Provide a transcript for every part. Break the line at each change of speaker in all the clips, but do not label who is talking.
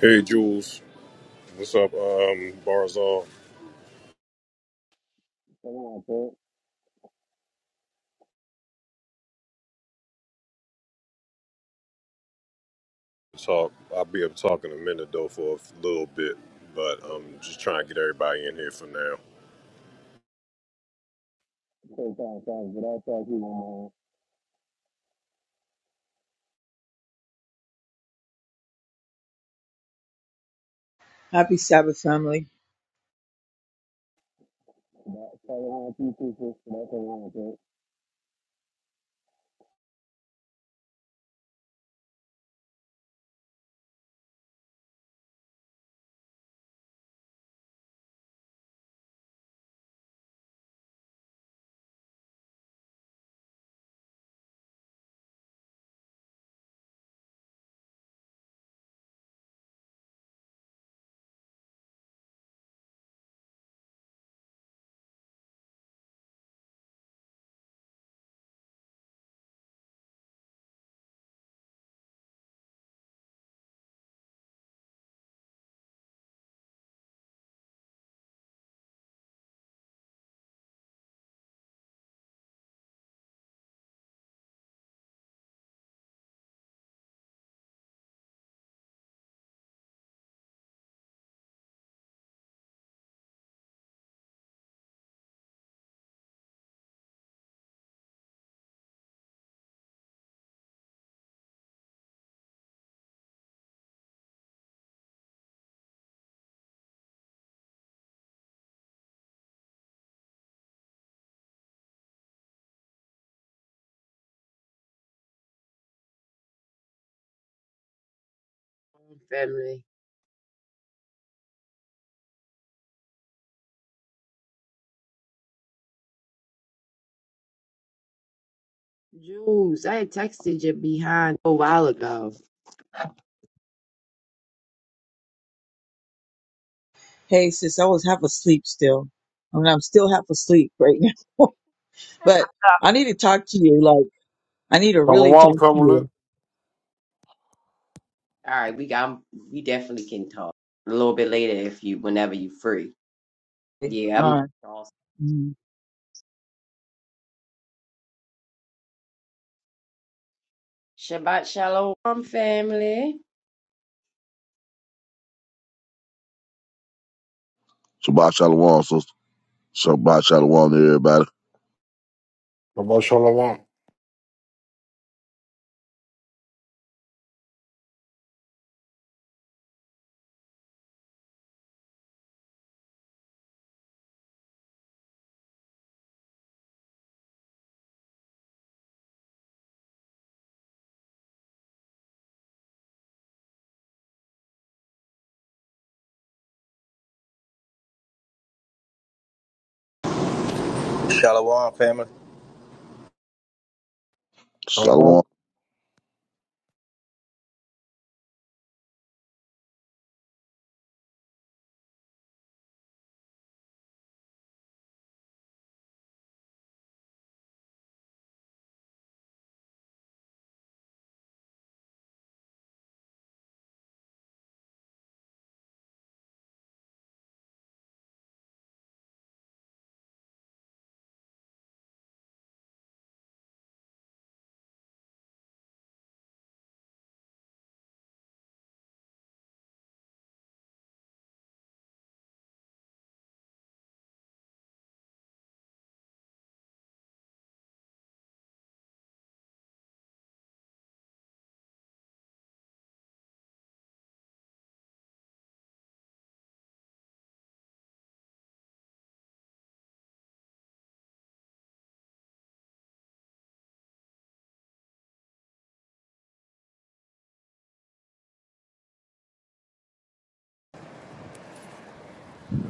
Hey Jules, what's up? Um, Barzal.
Come on, Pete.
Talk. I'll be up talking a minute though for a little bit, but I'm just trying to get everybody in here for now.
Take that, guys. But I thought you were man.
Happy Sabbath, family.
That Taylor Hunt, you people. That's a
own family. Jules, I had texted you behind a while ago.
Hey, sis, I was half asleep still. I mean, I'm still half asleep right now. but I need to talk to you. Like, I need to really talk
Shalom,
to
family.
you.
All right, we got we definitely can talk a little bit later if you whenever you free. Yeah, I'm
Uh,
exhausted.
mm.
Shabbat shalom, family.
Shabbat Shalom, sister. Shabbat Shalom to everybody.
Shabbat shalom.
Shalom, family.
Shalom.
Shalom.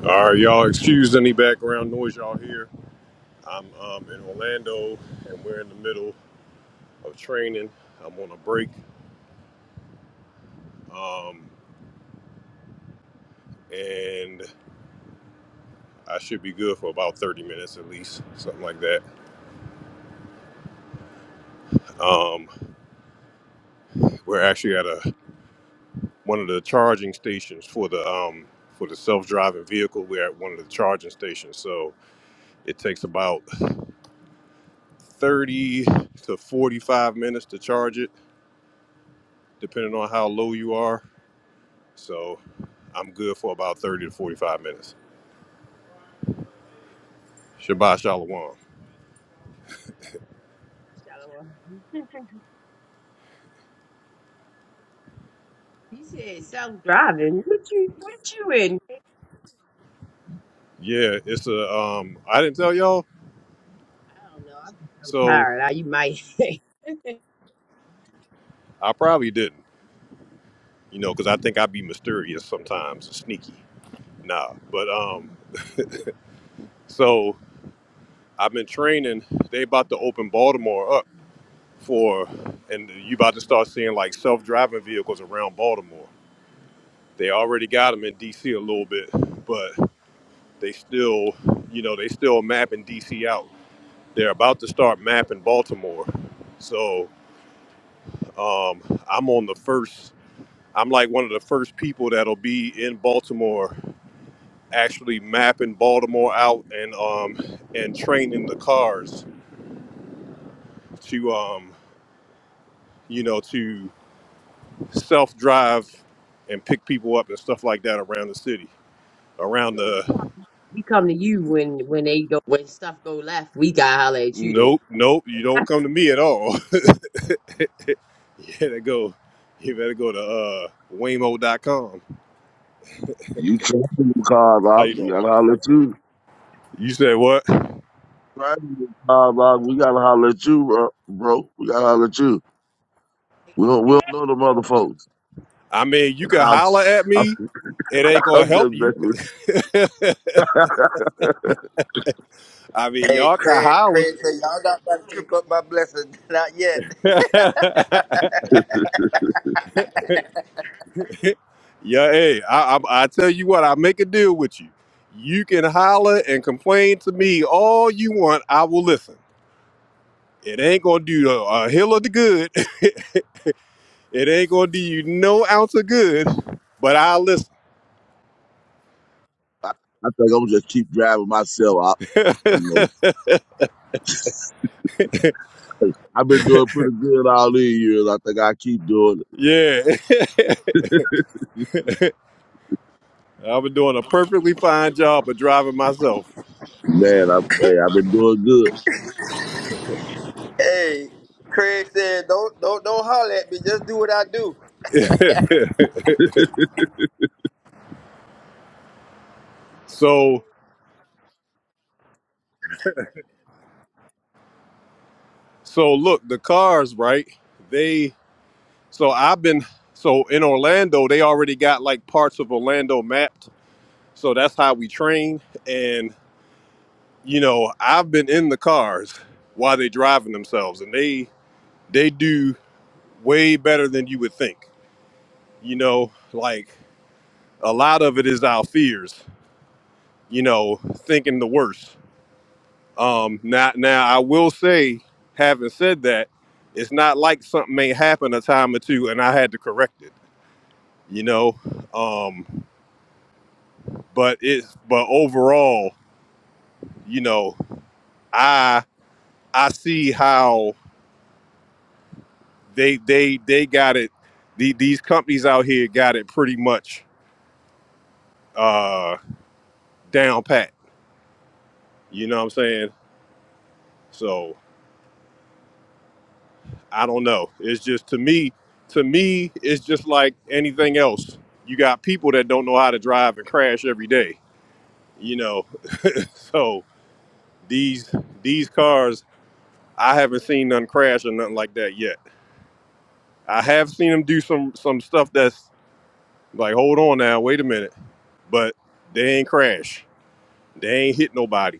All right, y'all. Excuse any background noise y'all hear. I'm um, in Orlando and we're in the middle of training. I'm on a break, um, and I should be good for about 30 minutes at least, something like that. Um, we're actually at a one of the charging stations for the um for the self-driving vehicle we're at one of the charging stations so it takes about 30 to 45 minutes to charge it depending on how low you are so i'm good for about 30 to 45 minutes shabbat shalom
Shalom. You said self driving. What you what you in?
yeah it's a um i didn't tell y'all
I don't know. I'm so
so
tired. I, you might.
i probably didn't you know because i think i'd be mysterious sometimes sneaky nah but um so i've been training they about to open baltimore up for, and you about to start seeing like self-driving vehicles around Baltimore. They already got them in DC a little bit, but they still, you know, they still mapping DC out. They're about to start mapping Baltimore. So um, I'm on the first. I'm like one of the first people that'll be in Baltimore, actually mapping Baltimore out and um, and training the cars to um, you know to self drive and pick people up and stuff like that around the city. Around
so we come,
the
we come to you when when they go when stuff go left. We got to holler at you
nope,
there.
nope, you don't come to me at all. you better go. You better go to uh, Waymo.com.
You trying to call
How
out.
you
We
doing, man?
gotta holler at you.
You said what?
Trying to call out. We gotta holler at you, bro. bro. We gotta holler at you. We don't, we don't know them other folks.
I mean, you
I'm,
can holler at
I'm,
me. It ain't gonna
just
help you.
messing with you. I,
I mean,
Hey,
y'all can
Craig.
holler.
Craig said y'all not about to trip up my blessing. Not yet.
yeah, hey, I, I, I tell you what, I make a deal with you. You can holler and complain to me all you want. I will listen. It ain't gonna do a, a hill of the good. it ain't gonna do you no ounce of good, but I'll listen.
I think I'm just keep driving myself out, you know. I've been doing pretty good all these years. I think I keep doing it.
yeah. I've been doing a perfectly fine job of driving myself.
Man, I, hey, I've been doing good.
Hey, Craig said don't don't don't holler at me. Just do what I do.
so so look, the cars, right? They so I've been so in Orlando, they already got like parts of Orlando mapped. So that's how we train. And you know, I've been in the cars while they driving themselves and they they do way better than you would think. You know, like a lot of it is our fears, you know, thinking the worst. Um, now, now I will say, having said that, it's not like something may happen a time or two and I had to correct it, you know. Um, but it's but overall, you know, I I see how they they they got it. The, these companies out here got it pretty much uh, down pat. You know what I'm saying? So I don't know. It's just to me, to me, it's just like anything else. You got people that don't know how to drive and crash every day, you know. so these these cars, I haven't seen none crash or nothing like that yet. I have seen them do some some stuff that's like, hold on now, wait a minute, but they ain't crash. They ain't hit nobody.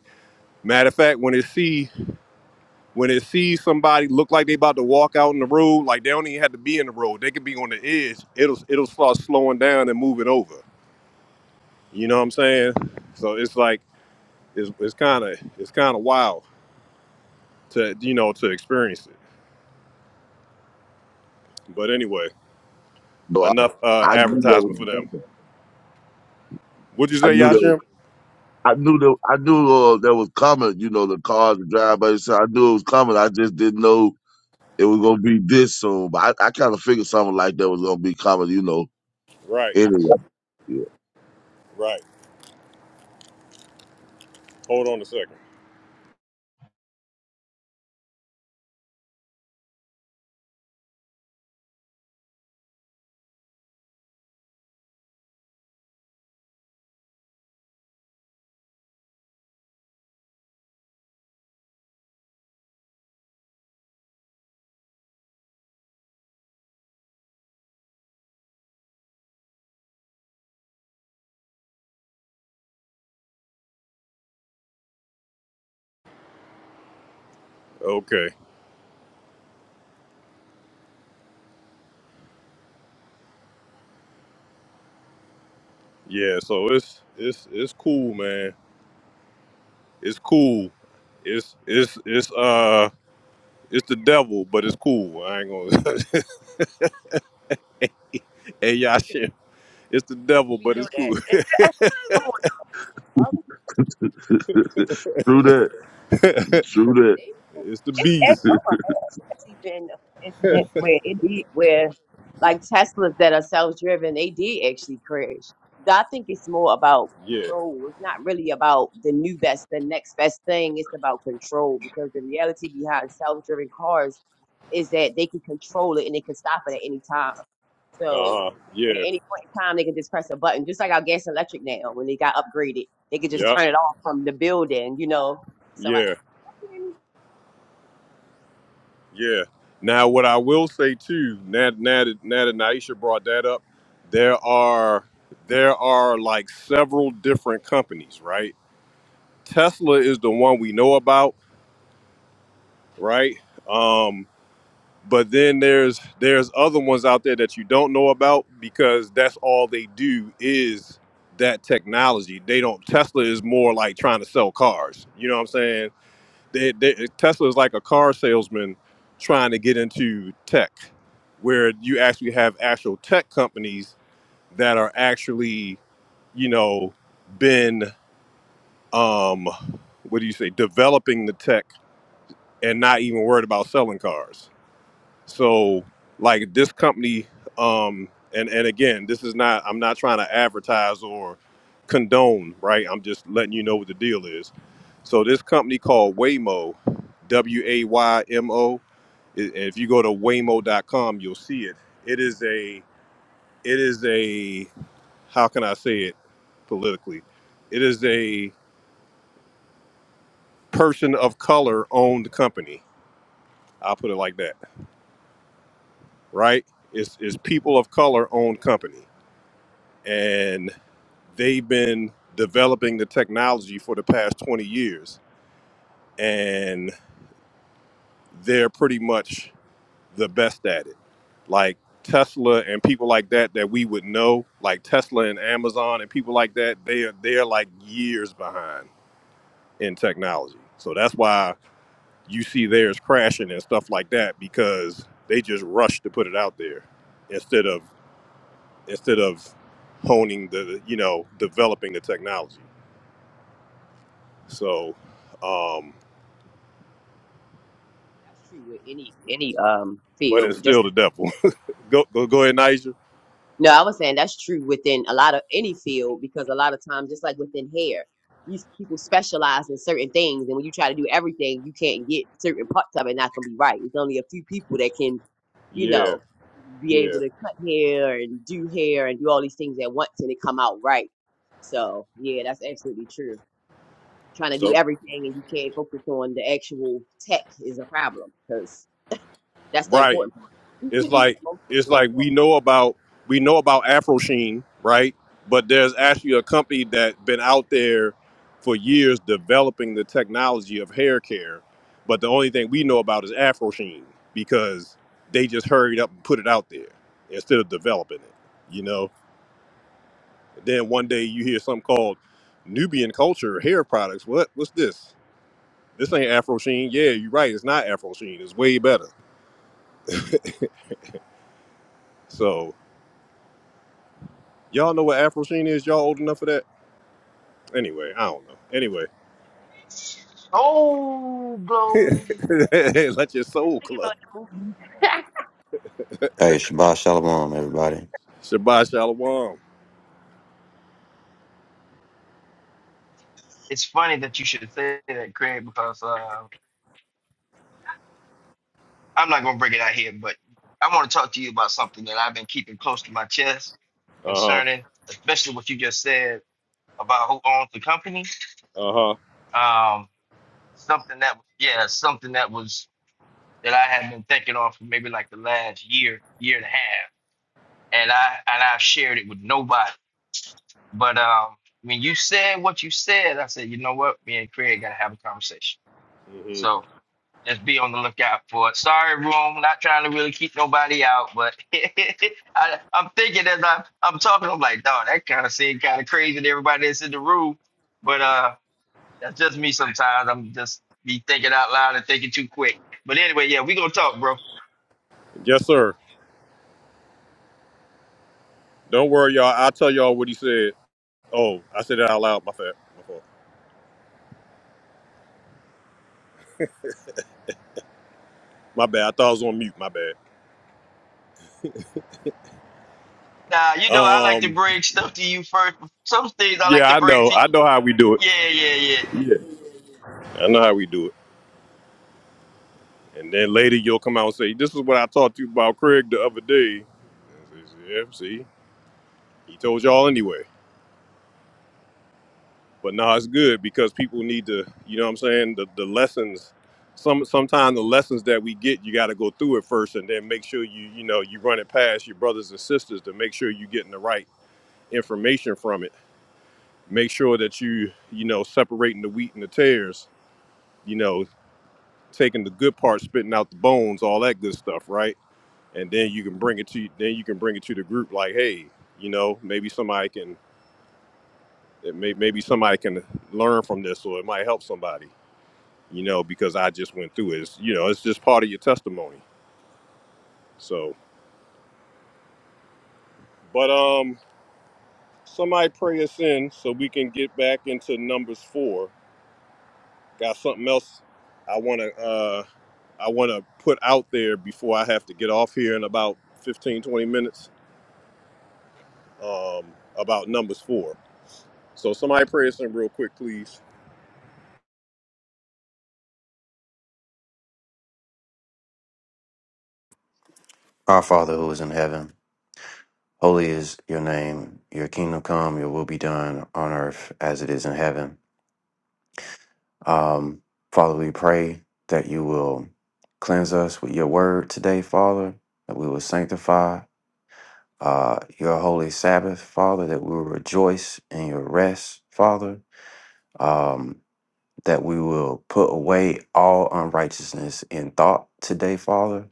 Matter of fact, when it see when it sees somebody look like they about to walk out in the road, like they don't even have to be in the road. They could be on the edge. It'll it'll start slowing down and moving over. You know what I'm saying? So it's like it's it's kind of it's kind of wild to you know to experience it. But anyway,
So I,
enough uh,
I knew that was
advertisement for them.
coming.
Would you
I
say,
knew that
Yashim?
I knew that I knew uh, that was coming. You know, the cars and drive by. So I knew it was coming. I just didn't know it was gonna be this soon. But I, I kind of figured something like that was gonna be coming. You know,
Right,
anyway. Yeah.
right. Hold on a second. Okay. Yeah. So it's it's it's cool, man. It's cool. It's it's it's uh it's the devil, but it's cool. I ain't gonna. Hey, y'all, shit. It's the devil,
We
but
know
it's cool.
that. Come on, y'all.
true that.
it's
True
They
the
It's, it's
beast.
that.
oh my god, it's been it where it did where like Teslas that are self driven, they did actually crash. So I think it's more about
Yeah.
control. It's not really about the new best, the next best thing. It's about control because the reality behind self driven cars is that they can control it and they can stop it at any time.
Uh
So
huh.
at
Yeah.
any point in time, they can just press a button, just like our gas and electric now when they got upgraded. They could just
Yep.
turn it off from the building, you know. So I,
Yeah. Yeah. Now, what I will say too, now, now that now that Naisha brought that up, there are there are like several different companies, right? Tesla is the one we know about, right? Um, But then there's there's other ones out there that you don't know about because that's all they do is that technology. They don't Tesla is more like trying to sell cars. You know what I'm saying? They, they, Tesla is like a car salesman trying to get into tech, where you actually have actual tech companies that are actually you know been um what do you say developing the tech and not even worried about selling cars so like this company, um, and and again, this is not I'm not trying to advertise or condone, right? I'm just letting you know what the deal is. So this company called Waymo, W A Y M O. i- and If you go to waymo.com, you'll see it. It is a it is a how can I say it politically? It is a person of color owned company. I'll put it like that, right? It's, it's people of color owned company and they've been developing the technology for the past 20 years and they're pretty much the best at it like tesla and people like that that we would know like tesla and amazon and people like that they are they're like years behind in technology so that's why you see theirs crashing and stuff like that because they just rush to put it out there instead of instead of honing the you know developing the technology So, um,
That's true with any any um
but it's
field. Just
still the devil. go, go, go ahead, Niger.
no, I was saying that's true within a lot of any field because a lot of times, just like within hair, you s- people specialize in certain things, and when you try to do everything, you can't get certain parts of it. Not gonna be right. It's only a few people that can, you
Yeah,
know, be
yeah.
able to cut hair and do hair and do all these things at once and it come out right. So yeah, that's absolutely true. Trying to do
So,
everything and you can't focus on the actual tech is a problem because That's the
right.
important part.
It's
the
like
most
it's like
important
we know about we know about Afrosheen, right? But there's actually a company that been out there for years developing the technology of hair care, but the only thing we know about is Afrosheen because they just hurried up and put it out there instead of developing it. You know, Then one day you hear something called Nubian culture hair products. What? What's this? This ain't Afro Sheen. Yeah, you're right. It's not Afro Sheen. It's way better. So y'all know what Afro Sheen is. Y'all old enough for that? Anyway, I don't know. Anyway,
Oh, blow.
let your soul club.
Hey, Shabbat Shalom, everybody.
Shabbat shalom.
It's funny that you should say that, Craig, because uh, I'm not going to bring it out here, but I want to talk to you about something that I've been keeping close to my chest
Uh huh.
concerning, especially what you just said about who owns the company.
Uh huh.
Um, something that, yeah, something that was that I have been thinking on for maybe like the last year, year and a half, and I and I've shared it with nobody. But um, when you said what you said, I said, you know what, me and Craig gotta have a conversation.
hmm
So just be on the lookout for it. Sorry, room, not trying to really keep nobody out, but I, I'm thinking as I'm I'm talking, I'm like, dog, that kind of seemed kind of crazy to everybody that's in the room. But uh, that's just me sometimes. I'm just be thinking out loud and thinking too quick. But anyway, yeah, we gonna talk, bro.
Yes, sir. Don't worry, y'all. I'll tell y'all what he said. Oh, I said it out loud. My bad. My fault. My bad. I thought I was on mute. My bad.
Nah, you know, I like to
Um.
bring stuff to you first. Some things I like
Yeah,
to
I
bring
know.
to
I know how we do it.
Yeah, yeah, yeah, yeah.
Yeah. I know how we do it. And then later you'll come out and say, This is what I talked to you about Craig the other day. And I says, Yeah, see, he told y'all anyway. But no, it's good because people need to, you know what I'm saying? The, the lessons, some sometimes the lessons that we get, you got to go through it first and then make sure you, you know, you run it past your brothers and sisters to make sure you're getting the right information from it. Make sure that you, you know, separating the wheat and the tares, you know, taking the good part, spitting out the bones, all that good stuff, right? and then you can bring it to then you can bring it to the group like hey you know maybe somebody can it may, maybe somebody can learn from this or it might help somebody you know because i just went through it it's, you know it's just part of your testimony so but um somebody pray us in so we can get back into numbers four got something else i want to uh i want to put out there before i have to get off here in about 15 20 minutes um about numbers four so somebody pray us in real quick please
Our Father who is in heaven, holy is your name. Your kingdom come, your will be done on earth as it is in heaven. Um, Father, we pray that you will cleanse us with your word today, Father, that we will sanctify uh, your holy Sabbath, Father, that we will rejoice in your rest, Father, um, that we will put away all unrighteousness in thought today, Father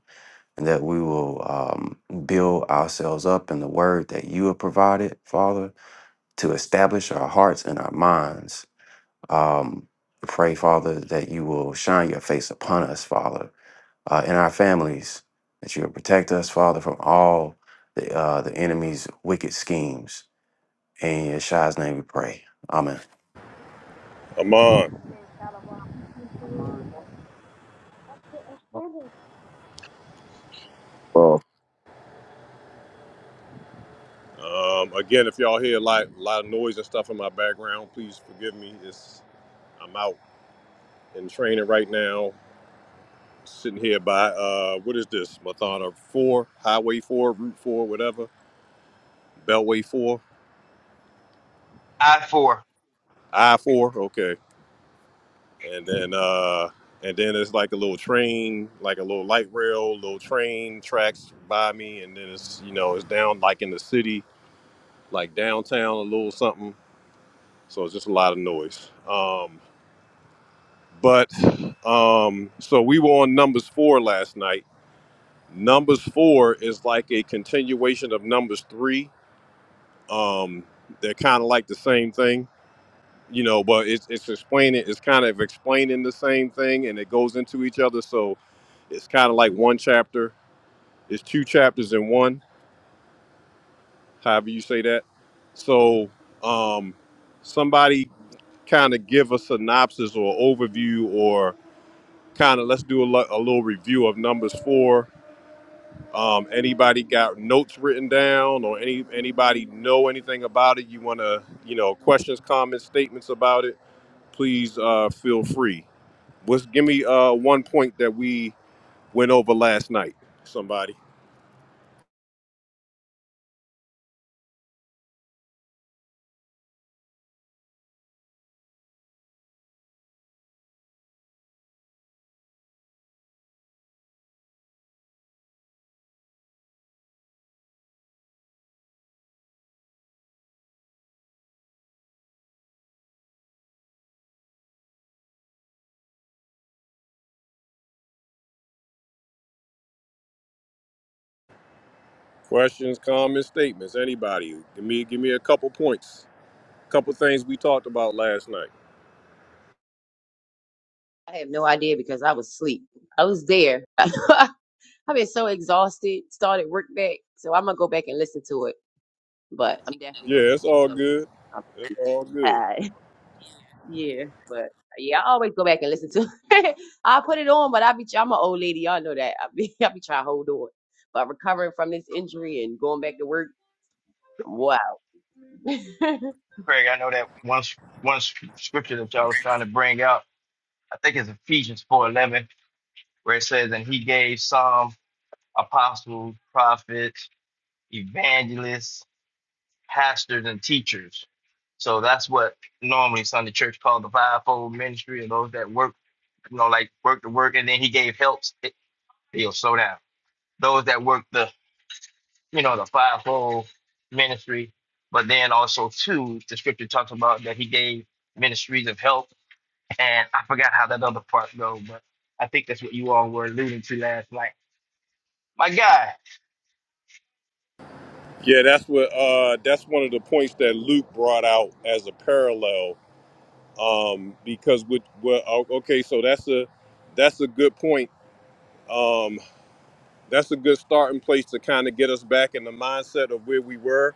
and that we will um, build ourselves up in the word that you have provided, Father, to establish our hearts and our minds. Um, we pray, Father, that you will shine your face upon us, Father, uh, and our families, that you will protect us, Father, from all the, uh, the enemy's wicked schemes. In Yeshua's name we pray. Amen.
Amon.
part.
Um, again, if y'all hear a lot, a lot of noise and stuff in my background, please forgive me. It's I'm out in training right now, sitting here by uh, what is this? Mathana Four, Highway Four, Route Four, whatever, Beltway Four,
I four.
I Four. Okay, and then uh, and then it's like a little train, like a little light rail, little train tracks by me, and then it's you know it's down like in the city, like downtown, a little something. So it's just a lot of noise. Um, But um, so we were on numbers four last night. Numbers four is like a continuation of numbers three. Um, they're kind of like the same thing, you know, but it's, it's explaining, it's kind of explaining the same thing and it goes into each other. So it's kind of like one chapter, it's two chapters in one, however you say that. So um, somebody kind of give a synopsis or overview or kind of let's do a, lo- a little review of numbers four Um, anybody got notes written down or any anybody know anything about it? You want to, you know, questions, comments, statements about it? Please uh, feel free. What's give me uh, one point that we went over last night? Somebody questions, comments, statements. Anybody? Give me give me a couple points. Couple things we talked about last night.
I have no idea because I was asleep. I was there. I've been so exhausted. Started work back, so I'm gonna go back and listen to it. But I'm definitely gonna
Yeah, it's
take
all
notes.
good.
I'm
It's all good.
tired. yeah, but yeah, I always go back and listen to. it. I put it on, but I be. I'm an old lady. Y'all know that. I be. I be trying to hold on. But recovering from this injury and going back to work, wow.
Craig, I know that one s- one s- scripture that y'all was trying to bring out. I think it's Ephesians four eleven, where it says, "And he gave some apostles, prophets, evangelists, pastors, and teachers." So that's what normally Sunday church called the fivefold ministry, and those that work, you know, like work the work, and then he gave helps. It, he'll slow down. Those that work the you know, the fivefold ministry. But then also too, the scripture talks about that he gave ministries of help, and I forgot how that other part goes, but I think that's what you all were alluding to last night. My guy,
Yeah, that's what uh, that's one of the points that Luke brought out as a parallel um, because with well, o- okay, so that's a that's a good point. Um, that's a good starting place to kind of get us back in the mindset of where we were.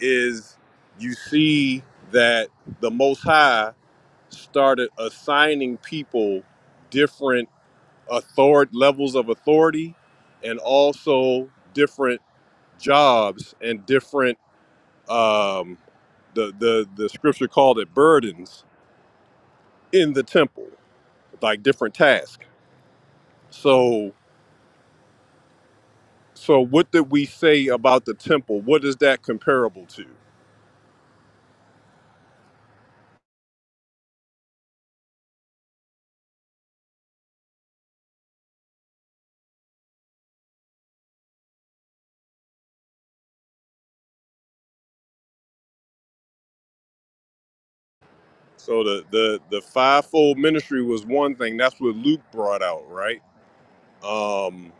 Is you see that the Most High started assigning people different author levels of authority, and also different jobs and different um, the the the scripture called it burdens in the temple, like different tasks So, so what did we say about the temple? What is that comparable to? So the the the fivefold ministry was one thing. That's what Luke brought out, right? Um,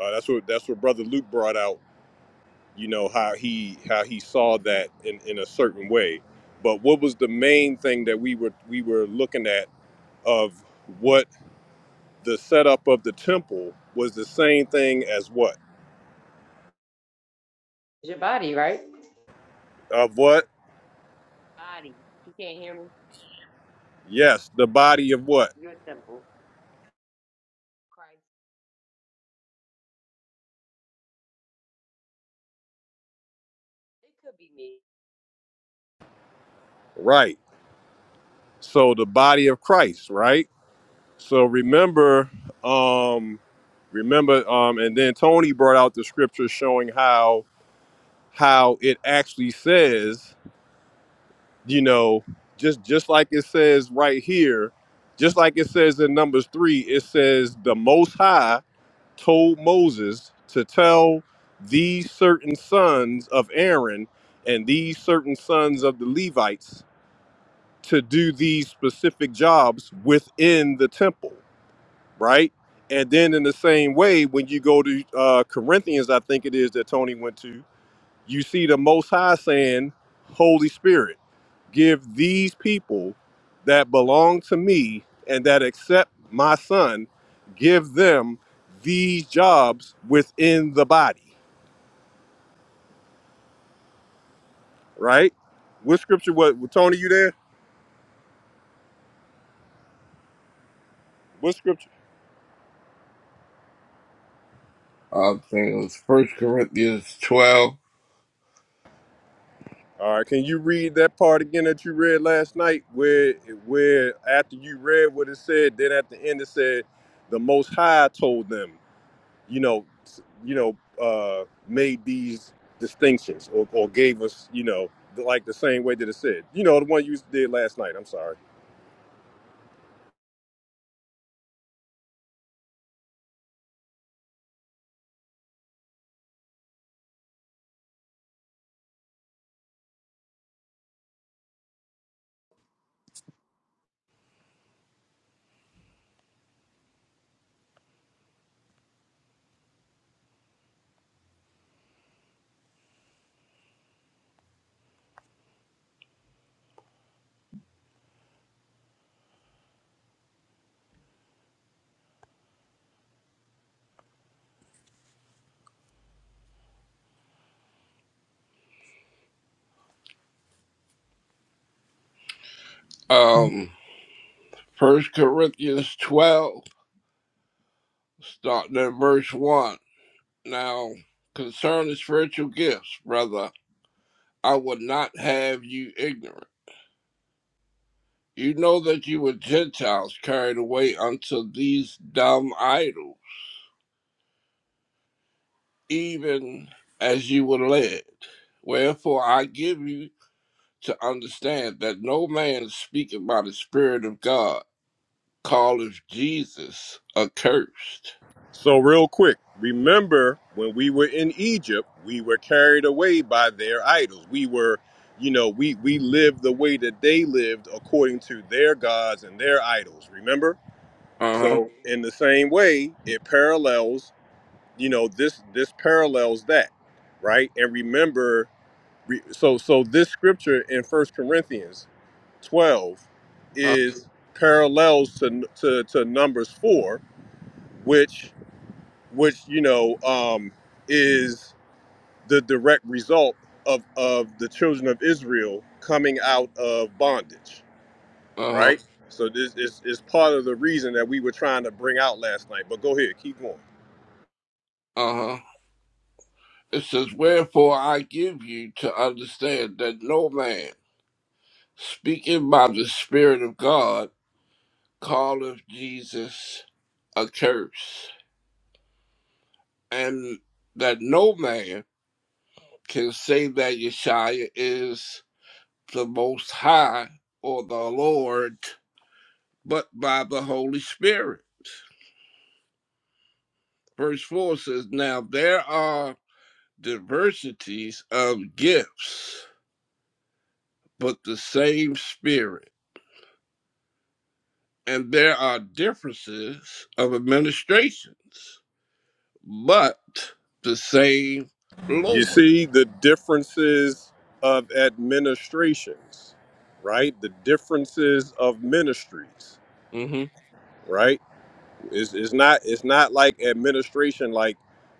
uh, that's what that's what brother Luke brought out. You know how he how he saw that in in a certain way. But what was the main thing that we were we were looking at of what the setup of the temple was the same thing as what
It's your body, right?
of what?
Body, you can't hear me.
Yes, the body of what?
You're a temple. Christ. It could be me.
Right So the body of Christ, right? So remember, um, remember, um, and then Tony brought out the scripture showing how how it actually says, you know, just just like it says right here, just like it says in Numbers three, it says the Most High told Moses to tell these certain sons of Aaron and these certain sons of the Levites to do these specific jobs within the temple right? And then in the same way, when you go to uh, Corinthians, I think it is that Tony went to, you see the Most High saying, Holy Spirit, give these people that belong to me and that accept my son, give them these jobs within the body, right? What scripture, what, Tony, you there? What scripture?
I think it was First Corinthians twelve.
All right, can you read that part again that you read last night where where after you read what it said, then at the end it said the most high told them, you know, s- you know, uh made these distinctions or, or gave us, you know, the- like the same way that it said. You know, the one you did last night. I'm sorry.
Um, First Corinthians twelve, starting at verse one. Now, concerning spiritual gifts, brother, I would not have you ignorant. You know that you were Gentiles carried away unto these dumb idols, even as you were led. Wherefore I give you to understand that no man speaking by the Spirit of God calleth Jesus accursed
So, real quick, remember when we were in Egypt, we were carried away by their idols. We were, you know, we, we lived the way that they lived according to their gods and their idols. Remember?
Uh
So, in the same way, it parallels, you know, this this parallels that, right? And remember, re, so so this scripture in First Corinthians twelve
huh.
is parallels to to, to Numbers four, which which you know um, is the direct result of of the children of Israel coming out of bondage,
Uh huh.
right? So this is, is part of the reason that we were trying to bring out last night. But go ahead, keep going.
Uh huh. It says, Wherefore I give you to understand that no man, speaking by the Spirit of God, calleth Jesus a curse, and that no man can say that Yeshua is the Most High or the Lord, but by the Holy Spirit. Verse 4 says, Now there are diversities of gifts but the same spirit. And there are differences of administrations, but the same
You
Lord.
see the differences of administrations, right? The differences of ministries,
Mm-hmm.
right? It's, it's not it's not like administration like,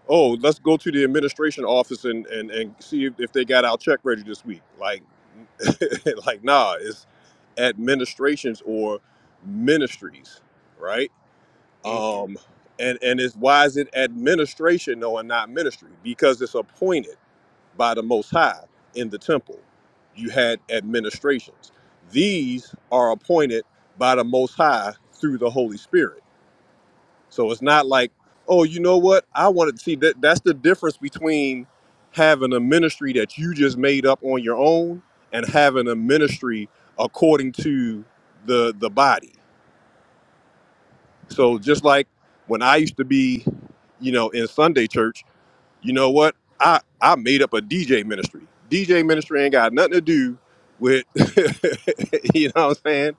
oh, let's go to the administration office and, and, and see if, if they got our check ready this week. Like like nah, it's administrations or ministries, right? Um and and it's why is it administration though and not ministry? Because it's appointed by the most high in the temple. You had administrations. These are appointed by the most high through the Holy Spirit so it's not like, oh, you know what? I wanted to see that. That's the difference between having a ministry that you just made up on your own and having a ministry according to the the body. So just like when I used to be, you know, in Sunday church you know what? I I made up a DJ ministry. DJ ministry ain't got nothing to do with you know what I'm saying,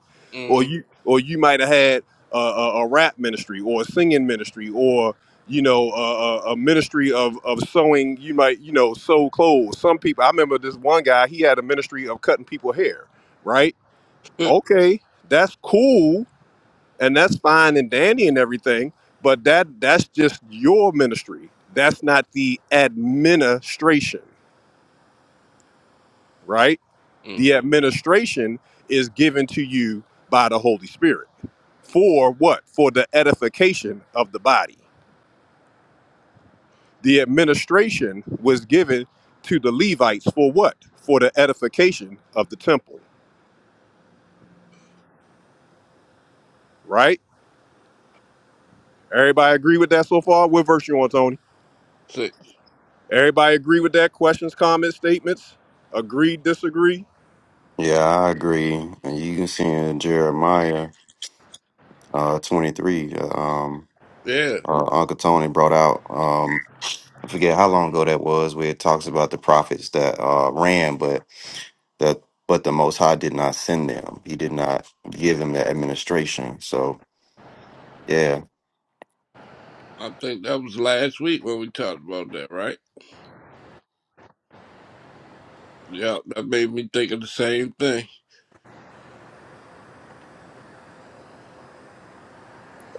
or
mm
you or you might have had a, a, a rap ministry or a singing ministry or you know a, a, a ministry of of sewing. You might you know sew clothes. Some people. I remember this one guy. He had a ministry of cutting people hair. Right?
mm
Okay, that's cool and that's fine and dandy and everything but that that's just your ministry that's not the administration right the
mm
administration is given to you by the holy spirit for what for the edification of the body the administration was given to the levites for what for the edification of the temple right everybody agree with that so far what verse you on tony
Six.
everybody agree with that questions comments statements agree disagree
Yeah, I agree. And you can see in Jeremiah uh, 23, uh, um,
Yeah,
uh, Uncle Tony brought out. Um, I forget how long ago that was, where it talks about the prophets that uh, ran, but that but the Most High did not send them. He did not give them that administration. So yeah,
I think that was last week when we talked about that, right? Yeah, that made me think of the same thing.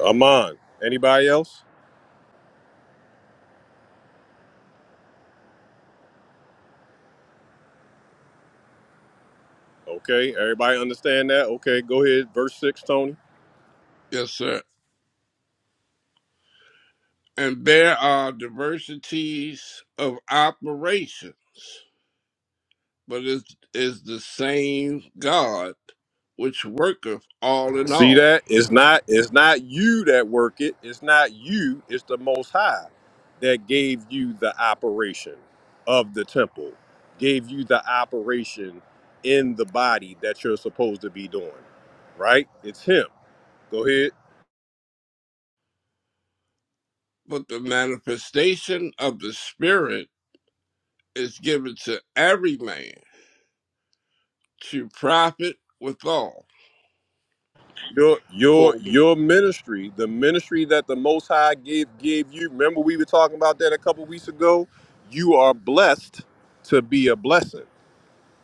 Amon. Anybody else? Okay, everybody understand that? Okay, go ahead. Verse six, Tony.
Yes, sir. And there are diversities of operations, but it's, it's the same God which worketh all in
See
all.
that? It's not it's not you that work it. It's not you. It's the most high that gave you the operation of the temple, gave you the operation in the body that you're supposed to be doing. Right? It's him. Go ahead.
but the manifestation of the Spirit is given to every man to profit withal.
Your your
For
your ministry, the ministry that the Most High gave gave you. Remember, we were talking about that a couple weeks ago. You are blessed to be a blessing.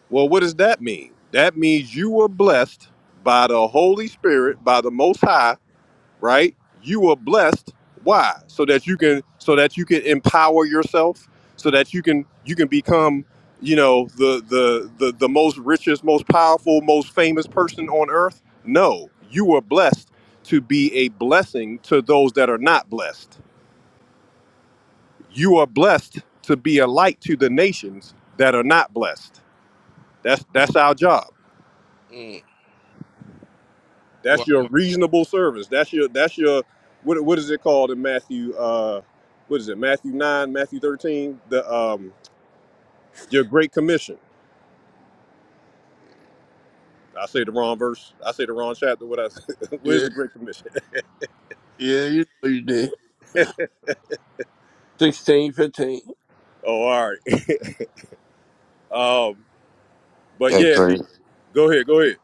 Well, what does that mean? That means you were blessed by the Holy Spirit, by the Most High, right? You were blessed. Why? So that you can so that you can empower yourself, so that you can you can become, you know, the the the, the most richest, most powerful, most famous person on earth? No. You were blessed to be a blessing to those that are not blessed. You are blessed to be a light to the nations that are not blessed. That's that's our job.
mm,
That's
well,
your reasonable service. That's your that's your what what is it called in Matthew uh what is it, Matthew nine, Matthew thirteen? The um your great commission. I say the wrong verse. I say the wrong chapter. What I where's
yeah,
the great commission?
yeah, you know you did. Sixteen, fifteen.
Oh, all right. Um but
hey
yeah, the,
great.
go ahead, go ahead.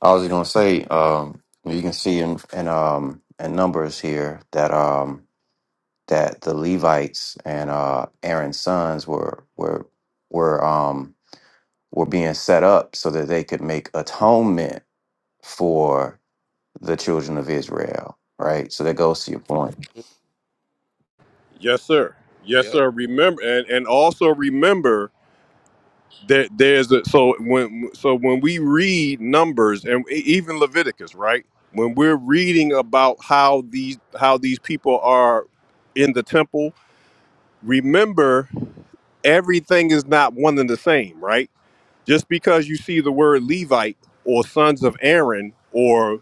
I was gonna say, um, you can see in in, um, in numbers here that um, that the Levites and uh, Aaron's sons were were were um, were being set up so that they could make atonement for the children of Israel. Right. So that goes to your point.
Yes, sir. Yes,
Yeah.
sir. Remember and, and also remember there there's a, so when so when we read numbers and e- even leviticus right when we're reading about how these how these people are in the temple remember everything is not one and the same right just because you see the word levite or sons of aaron or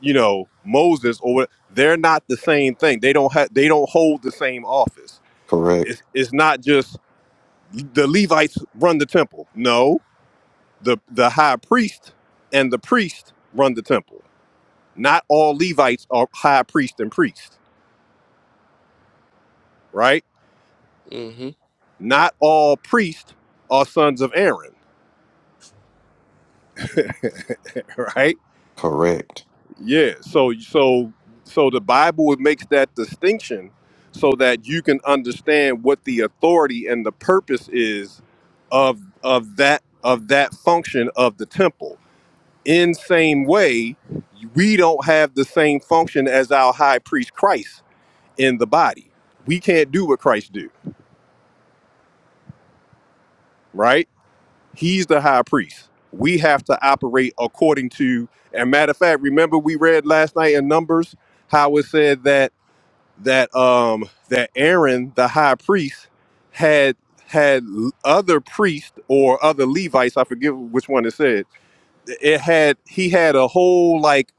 you know moses or what they're not the same thing they don't have they don't hold the same office
Correct.
it's, it's not just the levites run the temple no the the high priest and the priest run the temple. Not all Levites are high priest and priest, right?
Mm-hmm.
Not all priests are sons of Aaron, right?
Correct.
Yeah. So so so the Bible makes that distinction so that you can understand what the authority and the purpose is of of that of that function of the temple. In same way, we don't have the same function as our high priest Christ in the body. We can't do what Christ do, right? He's the high priest. We have to operate according to. And matter of fact, remember we read last night in Numbers how it said that that um that Aaron, the high priest, had had other priests or other Levites. I forget which one it said. It had he had a whole like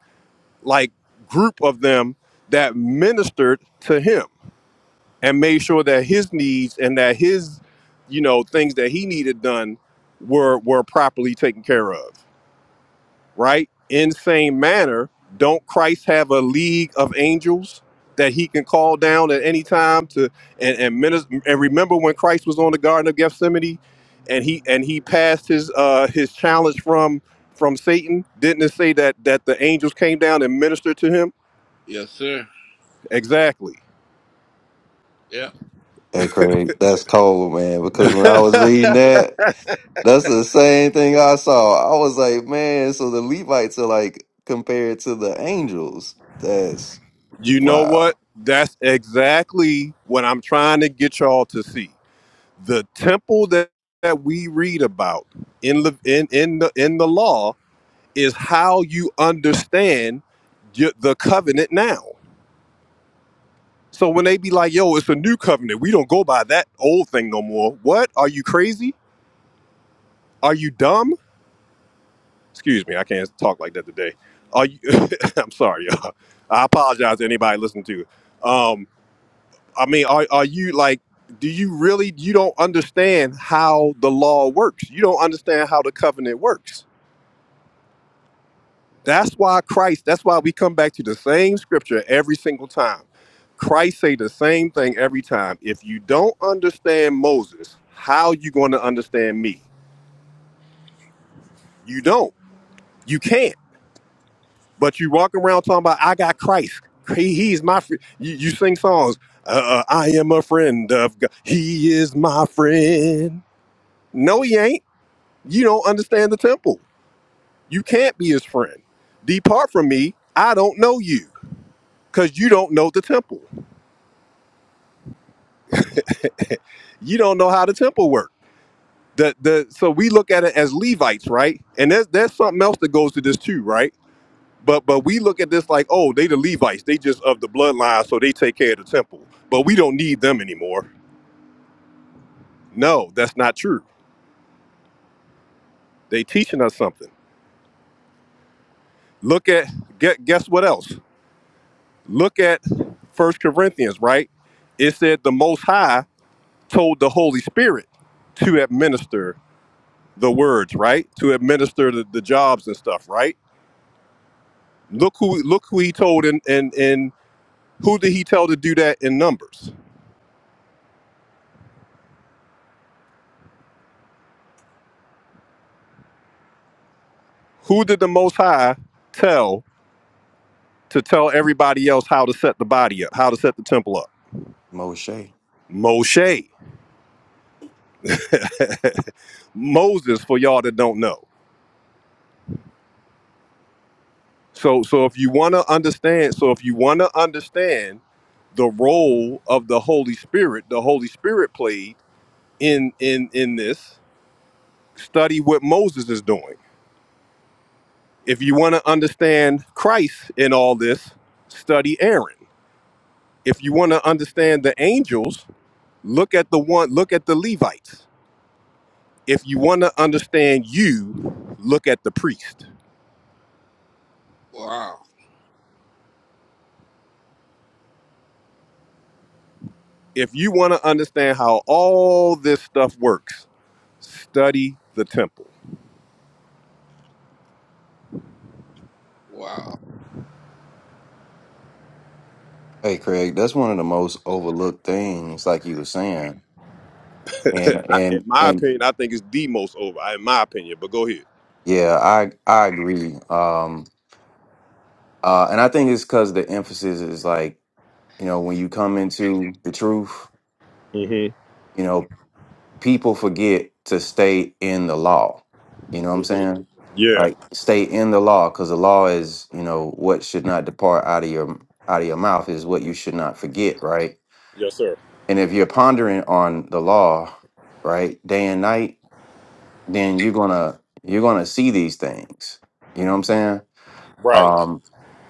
like group of them that ministered to him and made sure that his needs and that his you know things that he needed done were were properly taken care of right in same manner don't christ have a league of angels that he can call down at any time to and and, minister, and remember when christ was on the garden of gethsemane and he and he passed his uh his challenge from from satan didn't it say that that the angels came down and ministered to him
Yes, sir.
exactly
Yep.
Hey, Craig, that's cold, man. Because when I was reading that, that's the same thing I saw. I was like, man, so the Levites are like compared to the angels. That's
You know
wow.
what? That's exactly what I'm trying to get y'all to see. The temple that, that we read about in, Lev- in, in, the, in the law is how you understand y- the covenant now. So when they be like, yo, it's a new covenant, we don't go by that old thing no more. What? Are you crazy? Are you dumb? Excuse me, I can't talk like that today. Are you, I'm sorry, y'all. I apologize to anybody listening to. I mean, are, are you like, do you really, you don't understand how the law works? You don't understand how the covenant works. That's why Christ, that's why we come back to the same scripture every single time. Christ say the same thing every time. If you don't understand Moses, how you going to understand me? You don't. You can't. But you walk around talking about, I got Christ. He, he is my friend. You, you sing songs. Uh, uh, I am a friend of God. He is my friend. No, he ain't. You don't understand the temple. You can't be his friend. Depart from me. I don't know you because you don't know the temple. You don't know how the temple works. The, the, so we look at it as Levites, right? And there's, there's something else that goes to this too, right? But but we look at this like, oh, they the Levites. They just of the bloodline, so they take care of the temple. But we don't need them anymore. No, that's not true. They teaching us something. Look at get guess what else? Look at First Corinthians, right? It said the Most High told the Holy Spirit to administer the words, right? To administer the, the jobs and stuff, right? Look who look who he told in in in who did he tell to do that in numbers? Who did the most high tell to tell everybody else how to set the body up, how to set the temple up?
Moshe.
Moshe. Moses for y'all that don't know. So so if you want to understand, so if you want to understand the role of the Holy Spirit, the Holy Spirit played in in in this study what moses is doing if you want to understand christ in all this study aaron if you want to understand the angels look at the one look at the levites if you want to understand you look at the priest
Wow.
if you want to understand how all this stuff works study the temple
Wow.
Hey, Craig, that's one of the most overlooked things, like you were saying. And
I, in
and
my
and
opinion i think it's the most over I- in my opinion but go ahead
yeah, I I agree. Um, uh, and I think it's because the emphasis is like, you know, when you come into the truth,
hmm
you know, people forget to stay in the law. You know what I'm
hmm
saying?
yeah
Like stay in the law because the law is, you know, what should not depart out of your out of your mouth is what you should not forget, right?
yes sir
And if you're pondering on the law, right, day and night, then you're gonna you're gonna see these things. You know what I'm saying?
right
Um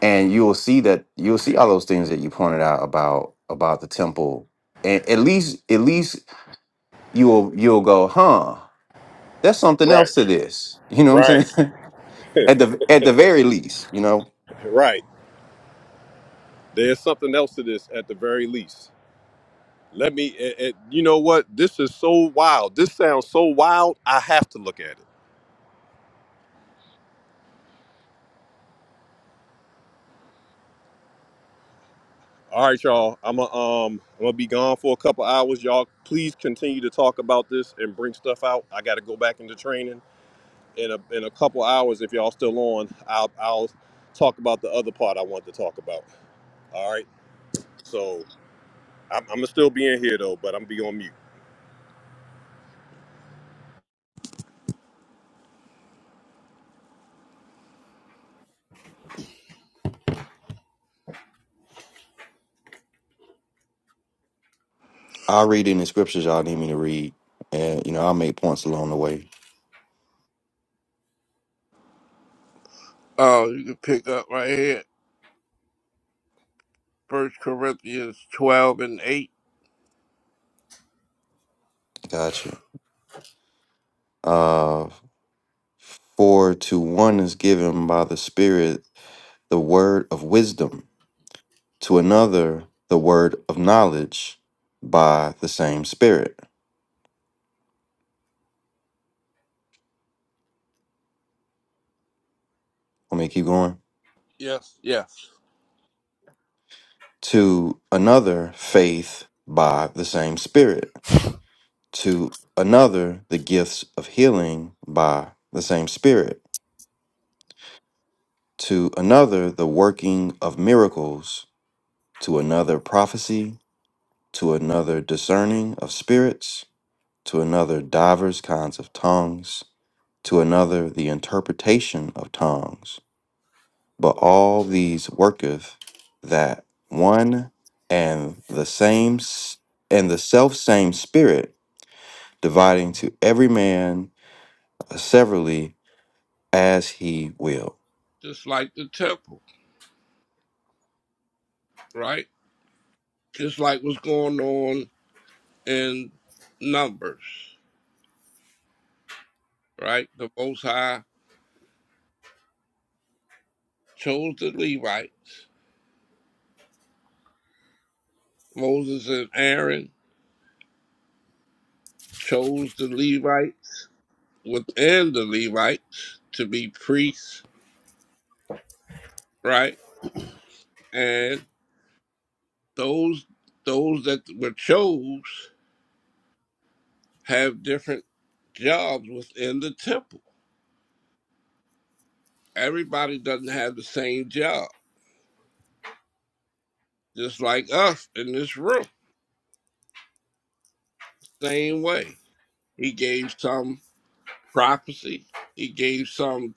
and you'll see that you'll see all those things that you pointed out about about the temple. And at least at least you'll you'll go, huh? That's something
right
else to this. You know what I'm
right
saying? at the at the very least, you know.
Right. There's something else to this at the very least. Let me, it, it- you know what? This is so wild. This sounds so wild. I have to look at it. All right, y'all. I'm gonna um, I'm gonna be gone for a couple hours. Y'all, please continue to talk about this and bring stuff out. I got to go back into training in a in a couple hours. If y'all still on, I'll I'll talk about the other part I wanted to talk about. All right. So I'm, I'm gonna still be in here though, but I'm gonna be on mute.
I'll read in the scriptures y'all need me to read. And you know, I'll make points along the way.
Oh, you can pick up right here. First Corinthians twelve and eight.
Gotcha. Uh for to one is given by the Spirit the word of wisdom, to another the word of knowledge by the same Spirit. Let me keep going.
Yes, yes.
To another faith by the same Spirit to another the gifts of healing by the same Spirit, to another the working of miracles, to another prophecy, to another discerning of spirits, to another divers kinds of tongues, to another the interpretation of tongues. But all these worketh that one and the same s- and the self same Spirit, dividing to every man severally as he will.
Just like the temple, right? Just like what's going on in numbers, right? The most high chose the Levites. Moses and Aaron chose the Levites within the Levites to be priests, right? And those those that were chose have different jobs within the temple. Everybody doesn't have the same job, just like us in this room. Same way. He gave some prophecy, he gave some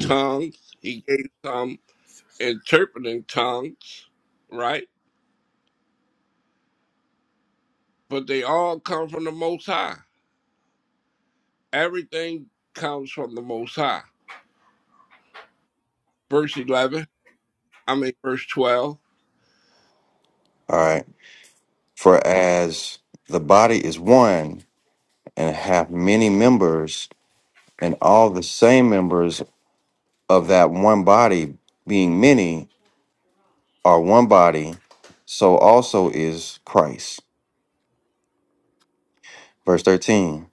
tongues, he gave some. interpreting tongues, right? But they all come from the Most High. Everything comes from the Most High. Verse 11, I mean, verse 12.
All right. For as the body is one and hath many members, and all the same members of that one body, being many, are one body, so also is Christ. Verse 13